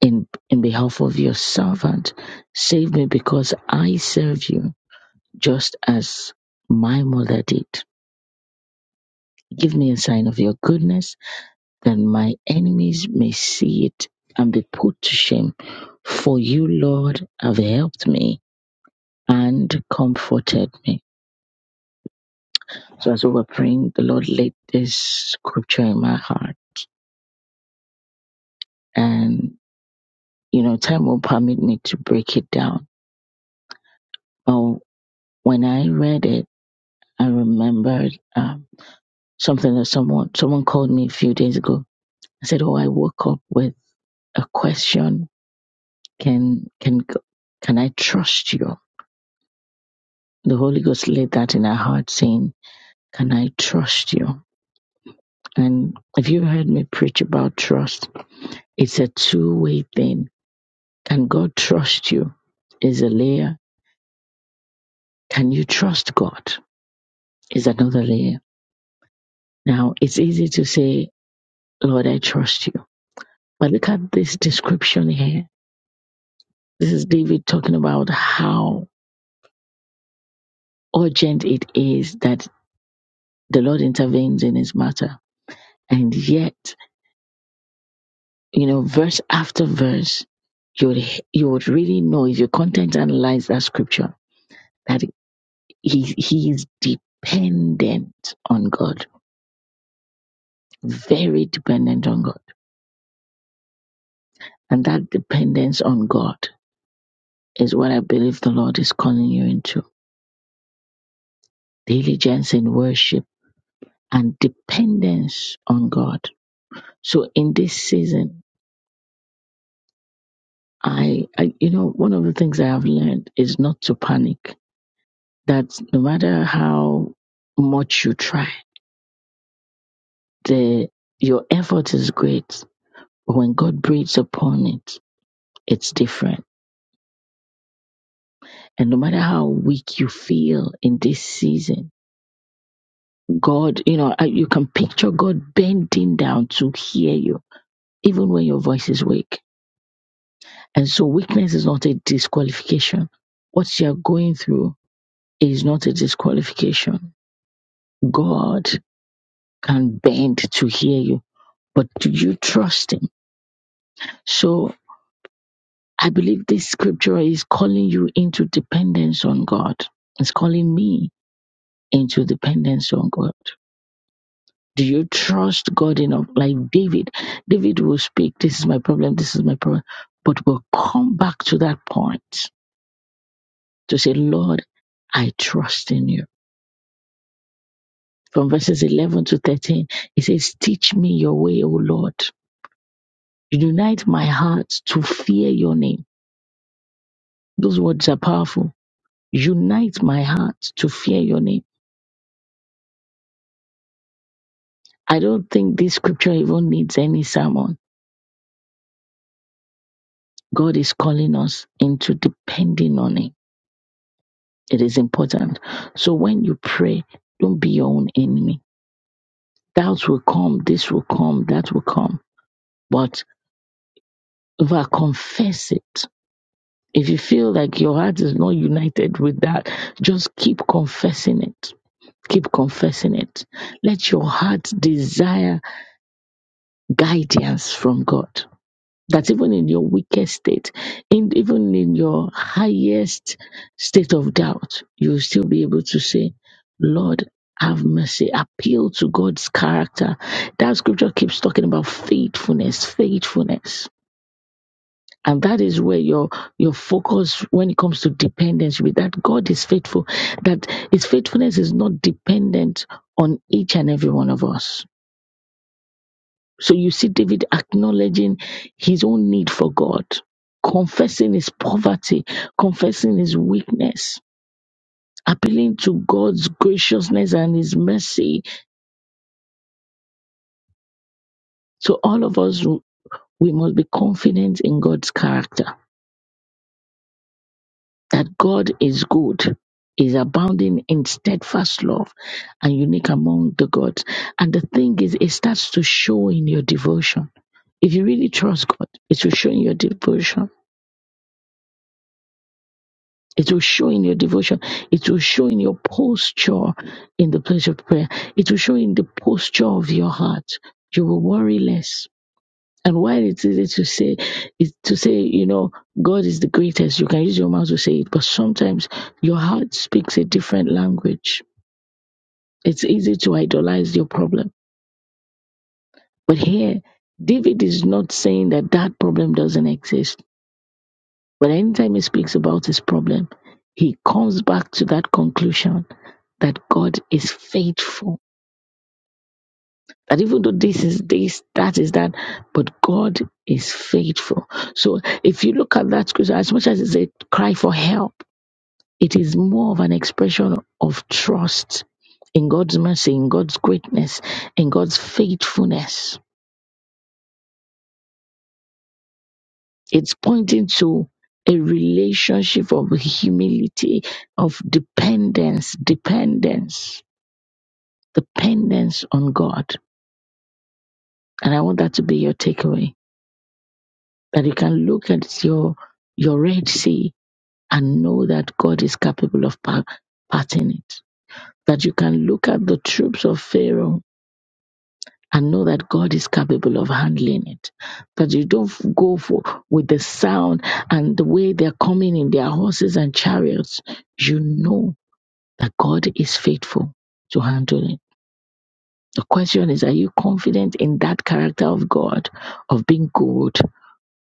Speaker 3: in, in behalf of your servant. Save me because I serve you just as my mother did. Give me a sign of your goodness that my enemies may see it and be put to shame. For you, Lord, have helped me. and comforted me. So as we were praying, the Lord laid this scripture in my heart. And, you know, time will permit me to break it down. But when I read it, I remembered um, something that someone, someone called me a few days ago. I said, Oh, I woke up with a question. Can, can, can I trust you? The Holy Ghost laid that in our heart saying, can I trust you? And if you've heard me preach about trust, it's a two way thing Can God trust you? Is a layer. Can you trust God? Is another layer. Now, it's easy to say, Lord, I trust you. But look at this description here. This is David talking about how urgent it is that the Lord intervenes in his matter. And yet, you know, verse after verse, you would, you would really know if you content analyze that scripture that he, he is dependent on God, very dependent on God. And that dependence on God is what I believe the Lord is calling you into. Diligence in worship and dependence on God. So in this season, I, I, you know, one of the things I have learned is not to panic. That no matter how much you try, the, your effort is great. But when God breathes upon it, it's different. And no matter how weak you feel in this season, God, you know, I- you can picture God bending down to hear you, even when your voice is weak. And so weakness is not a disqualification. What you're going through is not a disqualification. God can bend to hear you, but do you trust Him? So I believe this scripture is calling you into dependence on God. It's calling me into dependence on God. Do you trust God enough? Like David, David will speak, This is my problem, this is my problem, but we'll come back to that point to say, Lord, I trust in you. From verses 11 to 13, it says, Teach me your way, O Lord. Unite my heart to fear your name. Those words are powerful. Unite my heart to fear your name. I don't think this scripture even needs any sermon. God is calling us into depending on Him It is important. So when you pray, don't be your own enemy. Doubts will come, this will come, that will come. But if I confess it, if you feel like your heart is not united with that, just keep confessing it. Keep confessing it. Let your heart desire guidance from God. That even in your weakest state, in, even in your highest state of doubt, you'll still be able to say, Lord, have mercy. Appeal to God's character. That scripture keeps talking about faithfulness, faithfulness. And that is where your your focus when it comes to dependence with that God is faithful, that his faithfulness is not dependent on each and every one of us so you see David acknowledging his own need for God, confessing his poverty, confessing his weakness, appealing to God's graciousness and his mercy. So all of us, we must be confident in God's character, that God is good. Is abounding in steadfast love and unique among the gods. And the thing is, it starts to show in your devotion. If you really trust God, it will show in your devotion It will show in your devotion. It will show in your posture in the place of prayer. It will show in the posture of your heart. You will worry less. And why it is to say, is to say, you know, God is the greatest. You can use your mouth to say it, but sometimes your heart speaks a different language. It's easy to idolize your problem. But here, David is not saying that that problem doesn't exist But anytime he speaks about his problem, he comes back to that conclusion that God is faithful. That even though this is this, that is that, but God is faithful. So if you look at that scripture, as much as it's a cry for help, it is more of an expression of trust in God's mercy, in God's greatness, in God's faithfulness. It's pointing to a relationship of humility, of dependence, dependence, dependence on God. And I want that to be your takeaway that you can look at your, your Red Sea and know that God is capable of pa- parting it. That you can look at the troops of Pharaoh and know that God is capable of handling it. That you don't f- go for with the sound and the way they're coming in their horses and chariots. You know that God is faithful to handle it. The question is, are you confident in that character of God, of being good,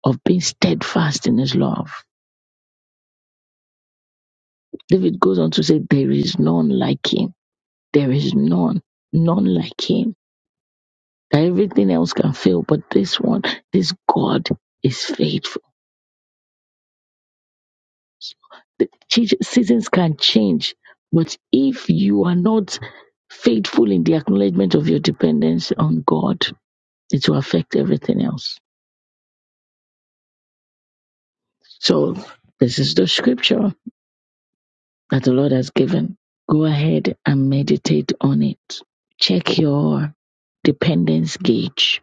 Speaker 3: of being steadfast in his love? David goes on to say, There is none like him. There is none, none like him. That everything else can fail, but this one, this God is faithful. The change, seasons can change, but if you are not faithful in the acknowledgement of your dependence on God, it will affect everything else. So, this is the scripture that the Lord has given. Go ahead and meditate on it. Check your dependence gauge.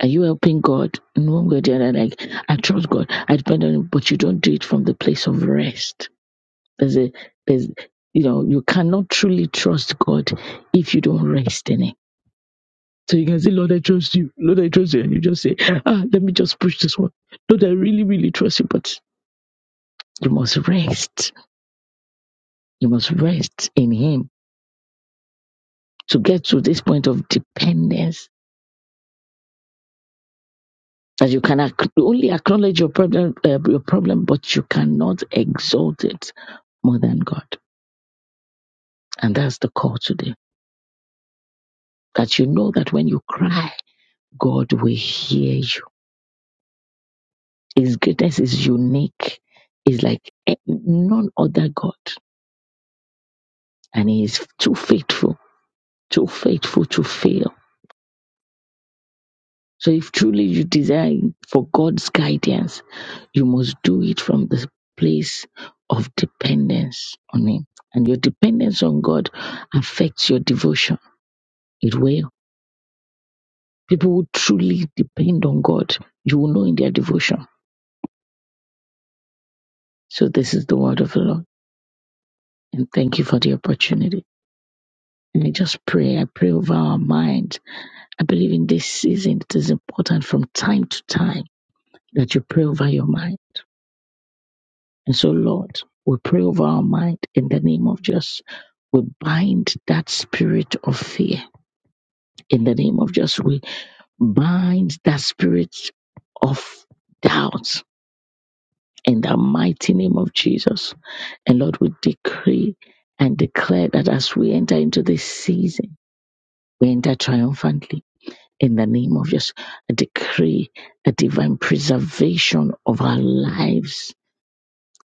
Speaker 3: Are you helping God in one way or the other? Like, I trust God, I depend on Him, but you don't do it from the place of rest There's a, there's, you know, you cannot truly trust God if you don't rest in Him. So you can say, Lord, I trust you. Lord, I trust you. And you just say, ah, let me just push this one. Lord, I really, really trust you. But you must rest. You must rest in Him to get to this point of dependence. That you can ac- only acknowledge your problem, uh, your problem, but you cannot exalt it more than God. And that's the call today. That you know that when you cry, God will hear you His greatness is unique. He's like eh, none other God. And he is too faithful, too faithful to fail. So if truly you desire for God's guidance, you must do it from the place of dependence on him. And your dependence on God affects your devotion. It will. People who truly depend on God, you will know in their devotion. So this is the word of the Lord. And thank you for the opportunity. And I just pray, I pray over our minds I believe in this season it is important from time to time that you pray over your mind. And so, Lord, we pray over our mind in the name of Jesus. We bind that spirit of fear in the name of Jesus. We bind that spirit of doubt in the mighty name of Jesus. And Lord, we decree and declare that as we enter into this season, we enter triumphantly in the name of Jesus. I decree a divine preservation of our lives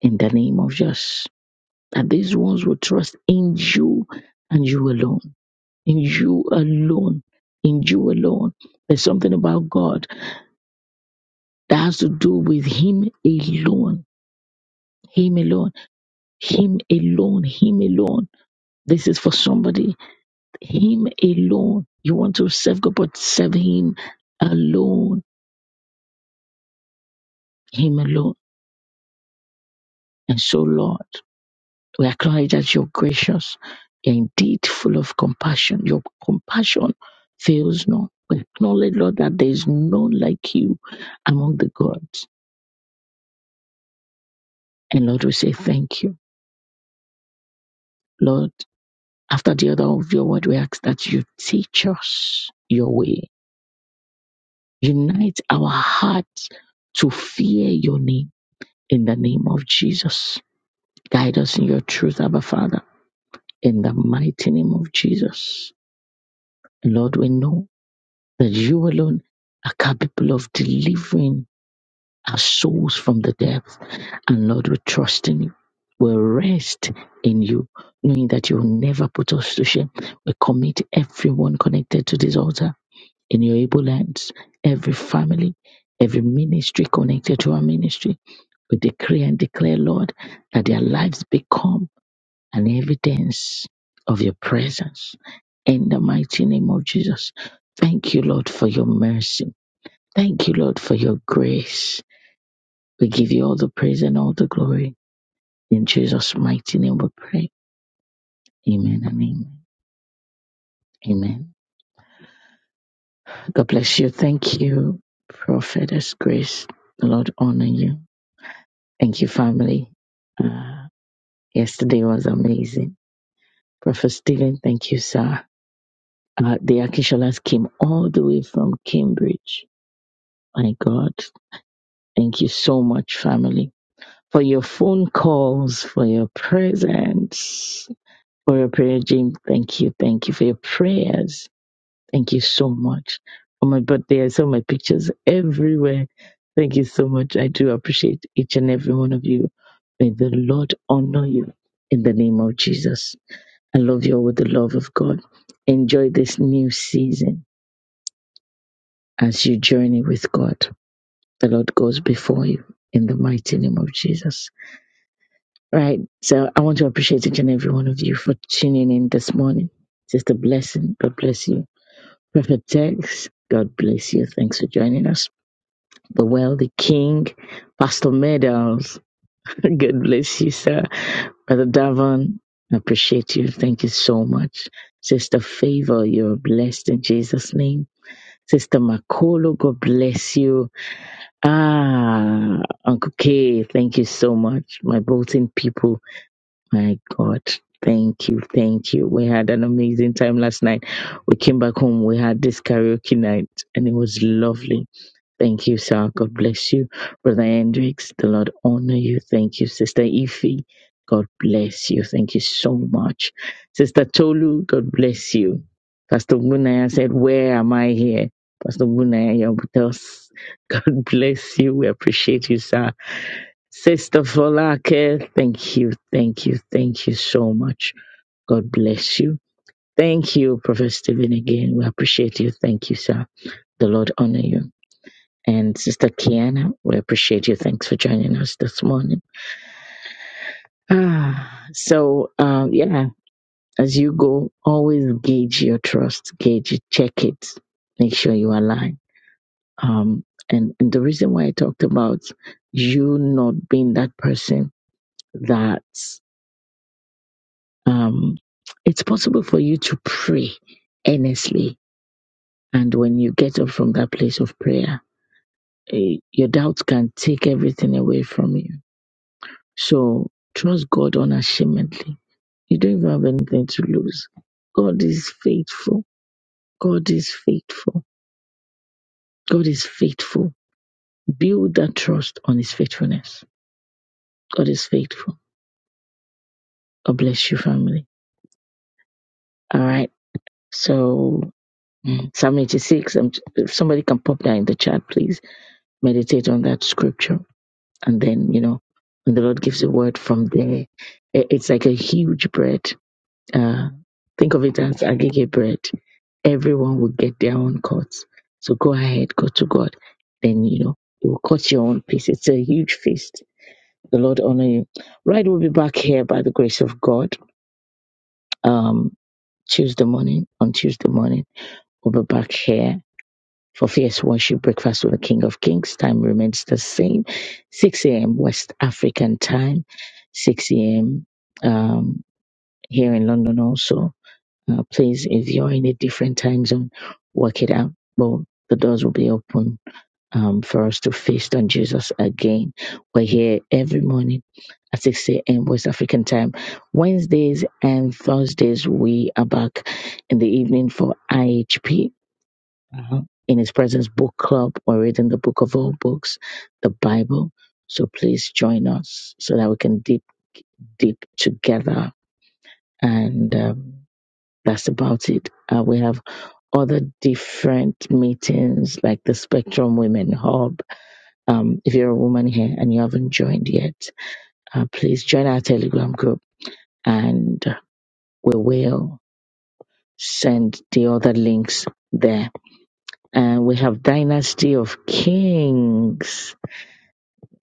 Speaker 3: in the name of Jesus. That these ones will trust in you and you alone. In you alone. In you alone. There's something about God that has to do with Him alone. Him alone. Him alone. Him alone. This is for somebody. Him alone. You want to serve God, but serve Him alone. Him alone. And so, Lord. We acknowledge that you're gracious. You're indeed full of compassion. Your compassion fails not. We acknowledge, Lord, that there is none like you among the gods. And Lord, we say thank you. Lord, after the other of your word, we ask that you teach us your way. Unite our hearts to fear your name in the name of Jesus. Guide us in your truth, Abba Father, in the mighty name of Jesus. Lord, we know. that you alone are capable of delivering our souls from the depth. And Lord, we trust in you. We rest in you, knowing that you'll never put us to shame. We commit everyone connected to this altar in your able hands, every family, every ministry connected to our ministry. We decree and declare, Lord, that their lives become an evidence of your presence. In the mighty name of Jesus, thank you, Lord, for your mercy. Thank you, Lord, for your grace. We give you all the praise and all the glory. In Jesus' mighty name we pray. Amen and amen. Amen. God bless you. Thank you, Prophetess Grace. The Lord honor you. Thank you, family. Uh, yesterday was amazing. Prophet Stephen, thank you, sir. Uh, the Akisholas came all the way from Cambridge. My God, thank you so much, family, for your phone calls, for your presence. for your prayer, Jim. Thank you. Thank you for your prayers. Thank you so much. Oh my God, there are so many pictures everywhere. Thank you so much. I do appreciate each and every one of you. May the Lord honor you in the name of Jesus. I love you all with the love of God. Enjoy this new season as you journey with God. The Lord goes before you in the mighty name of Jesus. Right. So I want to appreciate each and every one of you for tuning in this morning. Sister Blessing, God bless you. Prophet Tex, God bless you. Thanks for joining us. The Wealthy King, Pastor Meadows, God bless you, sir. Brother Davon, I appreciate you. Thank you so much. Sister Favor, you're blessed in Jesus' name. Sister Makolo, God bless you. Ah, Uncle K, thank you so much. My Bolton people, my God. Thank you. Thank you. We had an amazing time last night. We came back home. We had this karaoke night and it was lovely. Thank you, sir. God bless you. Brother Hendricks, the Lord honor you. Thank you, Sister Ify. God bless you. Thank you so much. Sister Tolu, God bless you. Pastor Bunaya said, Where am I here? Pastor Bunaya, you're with us. God bless you. We appreciate you, sir. Sister Folake, thank you, thank you, thank you so much. God bless you. Thank you, Prophet Stephen, again. We appreciate you. Thank you, sir. The Lord honor you. And Sister Kiana, we appreciate you. Thanks for joining us this morning. Ah, so um, yeah, as you go, always gauge your trust, gauge it, check it, make sure you align. Um, and, and the reason why I talked about you not being that person that um, it's possible for you to pray earnestly. And when you get up from that place of prayer, eh, your doubts can take everything away from you. So trust God unashamedly. You don't even have anything to lose. God is faithful. God is faithful. God is faithful. Build that trust on His faithfulness. God is faithful. God bless you, family. All right. So, mm, Psalm 86, um, if somebody can pop that in the chat, please. meditate on that scripture and then you know when the lord gives a word from there i- it's like a huge bread uh think of it as agege bread everyone will get their own cuts so go ahead go to god then you know you will cut your own piece it's a huge feast the lord honor you right we'll be back here by the grace of god um tuesday morning on tuesday morning we'll be back here For Fierce Worship Breakfast with the King of Kings, time remains the same 6 a.m. West African time, 6 a.m. Um, here in London also. Uh, please, if you're in a different time zone, work it out. But the doors will be open um, for us to feast on Jesus again. We're here every morning at 6 a.m. West African time. Wednesdays and Thursdays, we are back in the evening for IHP in His Presence book club. We're reading the book of all books, the Bible. So please join us so that we can dip, deep together. And um, that's about it. Uh, we have other different meetings like the Spectrum Women Hub. Um, if you're a woman here and you haven't joined yet, uh, please join our Telegram group and we will send the other links there. And we have Dynasty of Kings.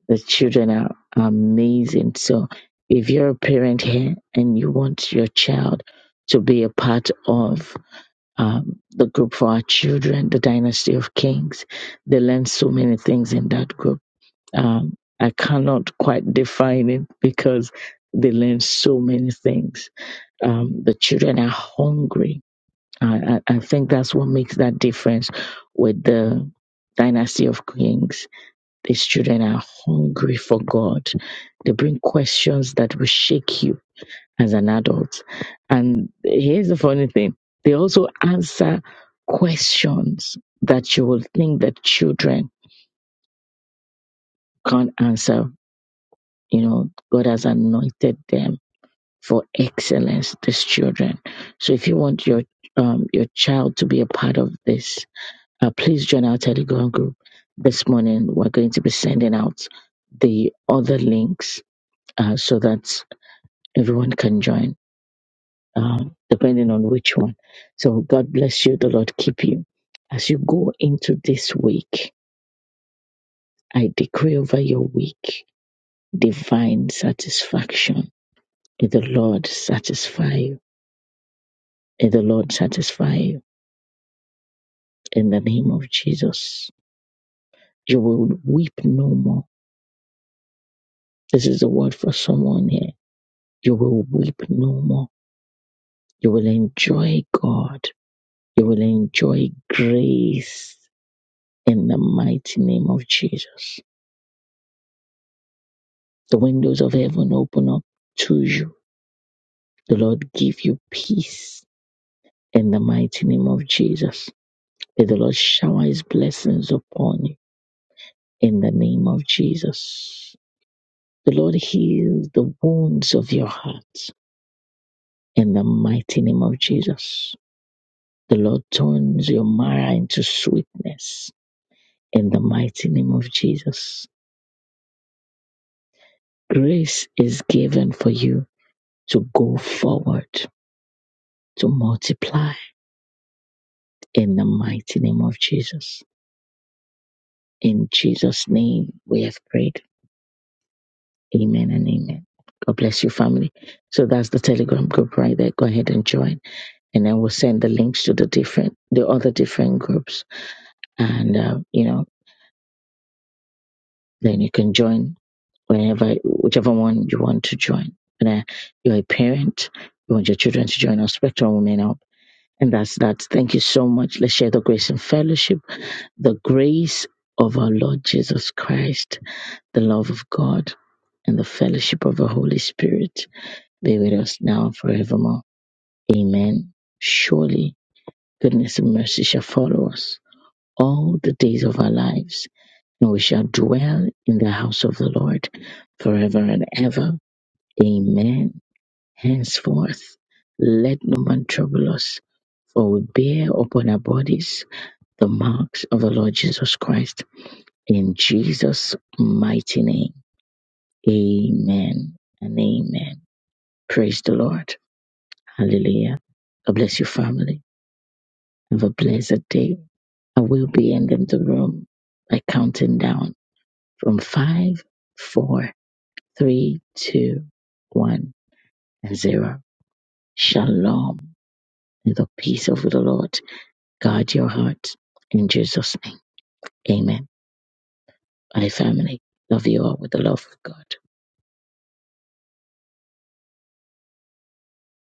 Speaker 3: The children are amazing. So if you're a parent here and you want your child to be a part of um, the group for our children, the Dynasty of Kings, they learn so many things in that group. Um, I cannot quite define it because they learn so many things. Um, the children are hungry. I, I, I think that's what makes that difference with the Dynasty of Kings these children are hungry for God. They bring questions that will shake you as an adult. And here's the funny thing they also answer questions that you will think that children can't answer. You know, God has anointed them for excellence, these children. So if you want your um, your child to be a part of this, uh, please join our Telegram group. This morning, we're going to be sending out the other links uh, so that everyone can join, uh, depending on which one. So God bless you. The Lord keep you. As you go into this week, I decree over your week divine satisfaction. May the Lord satisfy you. May the Lord satisfy you in the name of Jesus. You will weep no more. This is the word for someone here. You will weep no more. You will enjoy God. You will enjoy grace in the mighty name of Jesus. The windows of heaven open up to you. The Lord give you peace in the mighty name of Jesus. May the Lord shower his blessings upon you in the name of Jesus. The Lord heal the wounds of your heart in the mighty name of Jesus. The Lord turns your marrow into sweetness in the mighty name of Jesus. Grace is given for you to go forward, to multiply in the mighty name of Jesus. In Jesus' name, we have prayed. Amen and amen. God bless you, family. So that's the Telegram group right there. Go ahead and join, and then we'll send the links to the different, the other different groups, and uh, you know, then you can join whenever, whichever one you want to join. And uh, you're a parent, you want your children to join our Spectrum Women Up, and that's that. Thank you so much. Let's share the grace and fellowship, the grace of our Lord Jesus Christ the love of God and the fellowship of the Holy Spirit be with us now and forevermore. Amen. Surely goodness and mercy shall follow us all the days of our lives, and we shall dwell in the house of the Lord forever and ever. Amen. Henceforth, let no man trouble us, for we bear upon our bodies the marks of the Lord Jesus Christ. In Jesus' mighty name, amen and amen. Praise the Lord. Hallelujah. God bless you, family. Have a blessed day. I will be ending the room by counting down from five, four, three, two, one, and zero. Shalom. May the peace of the Lord guard your heart in Jesus' name. Amen. Bye, family. Love you all with the love of God.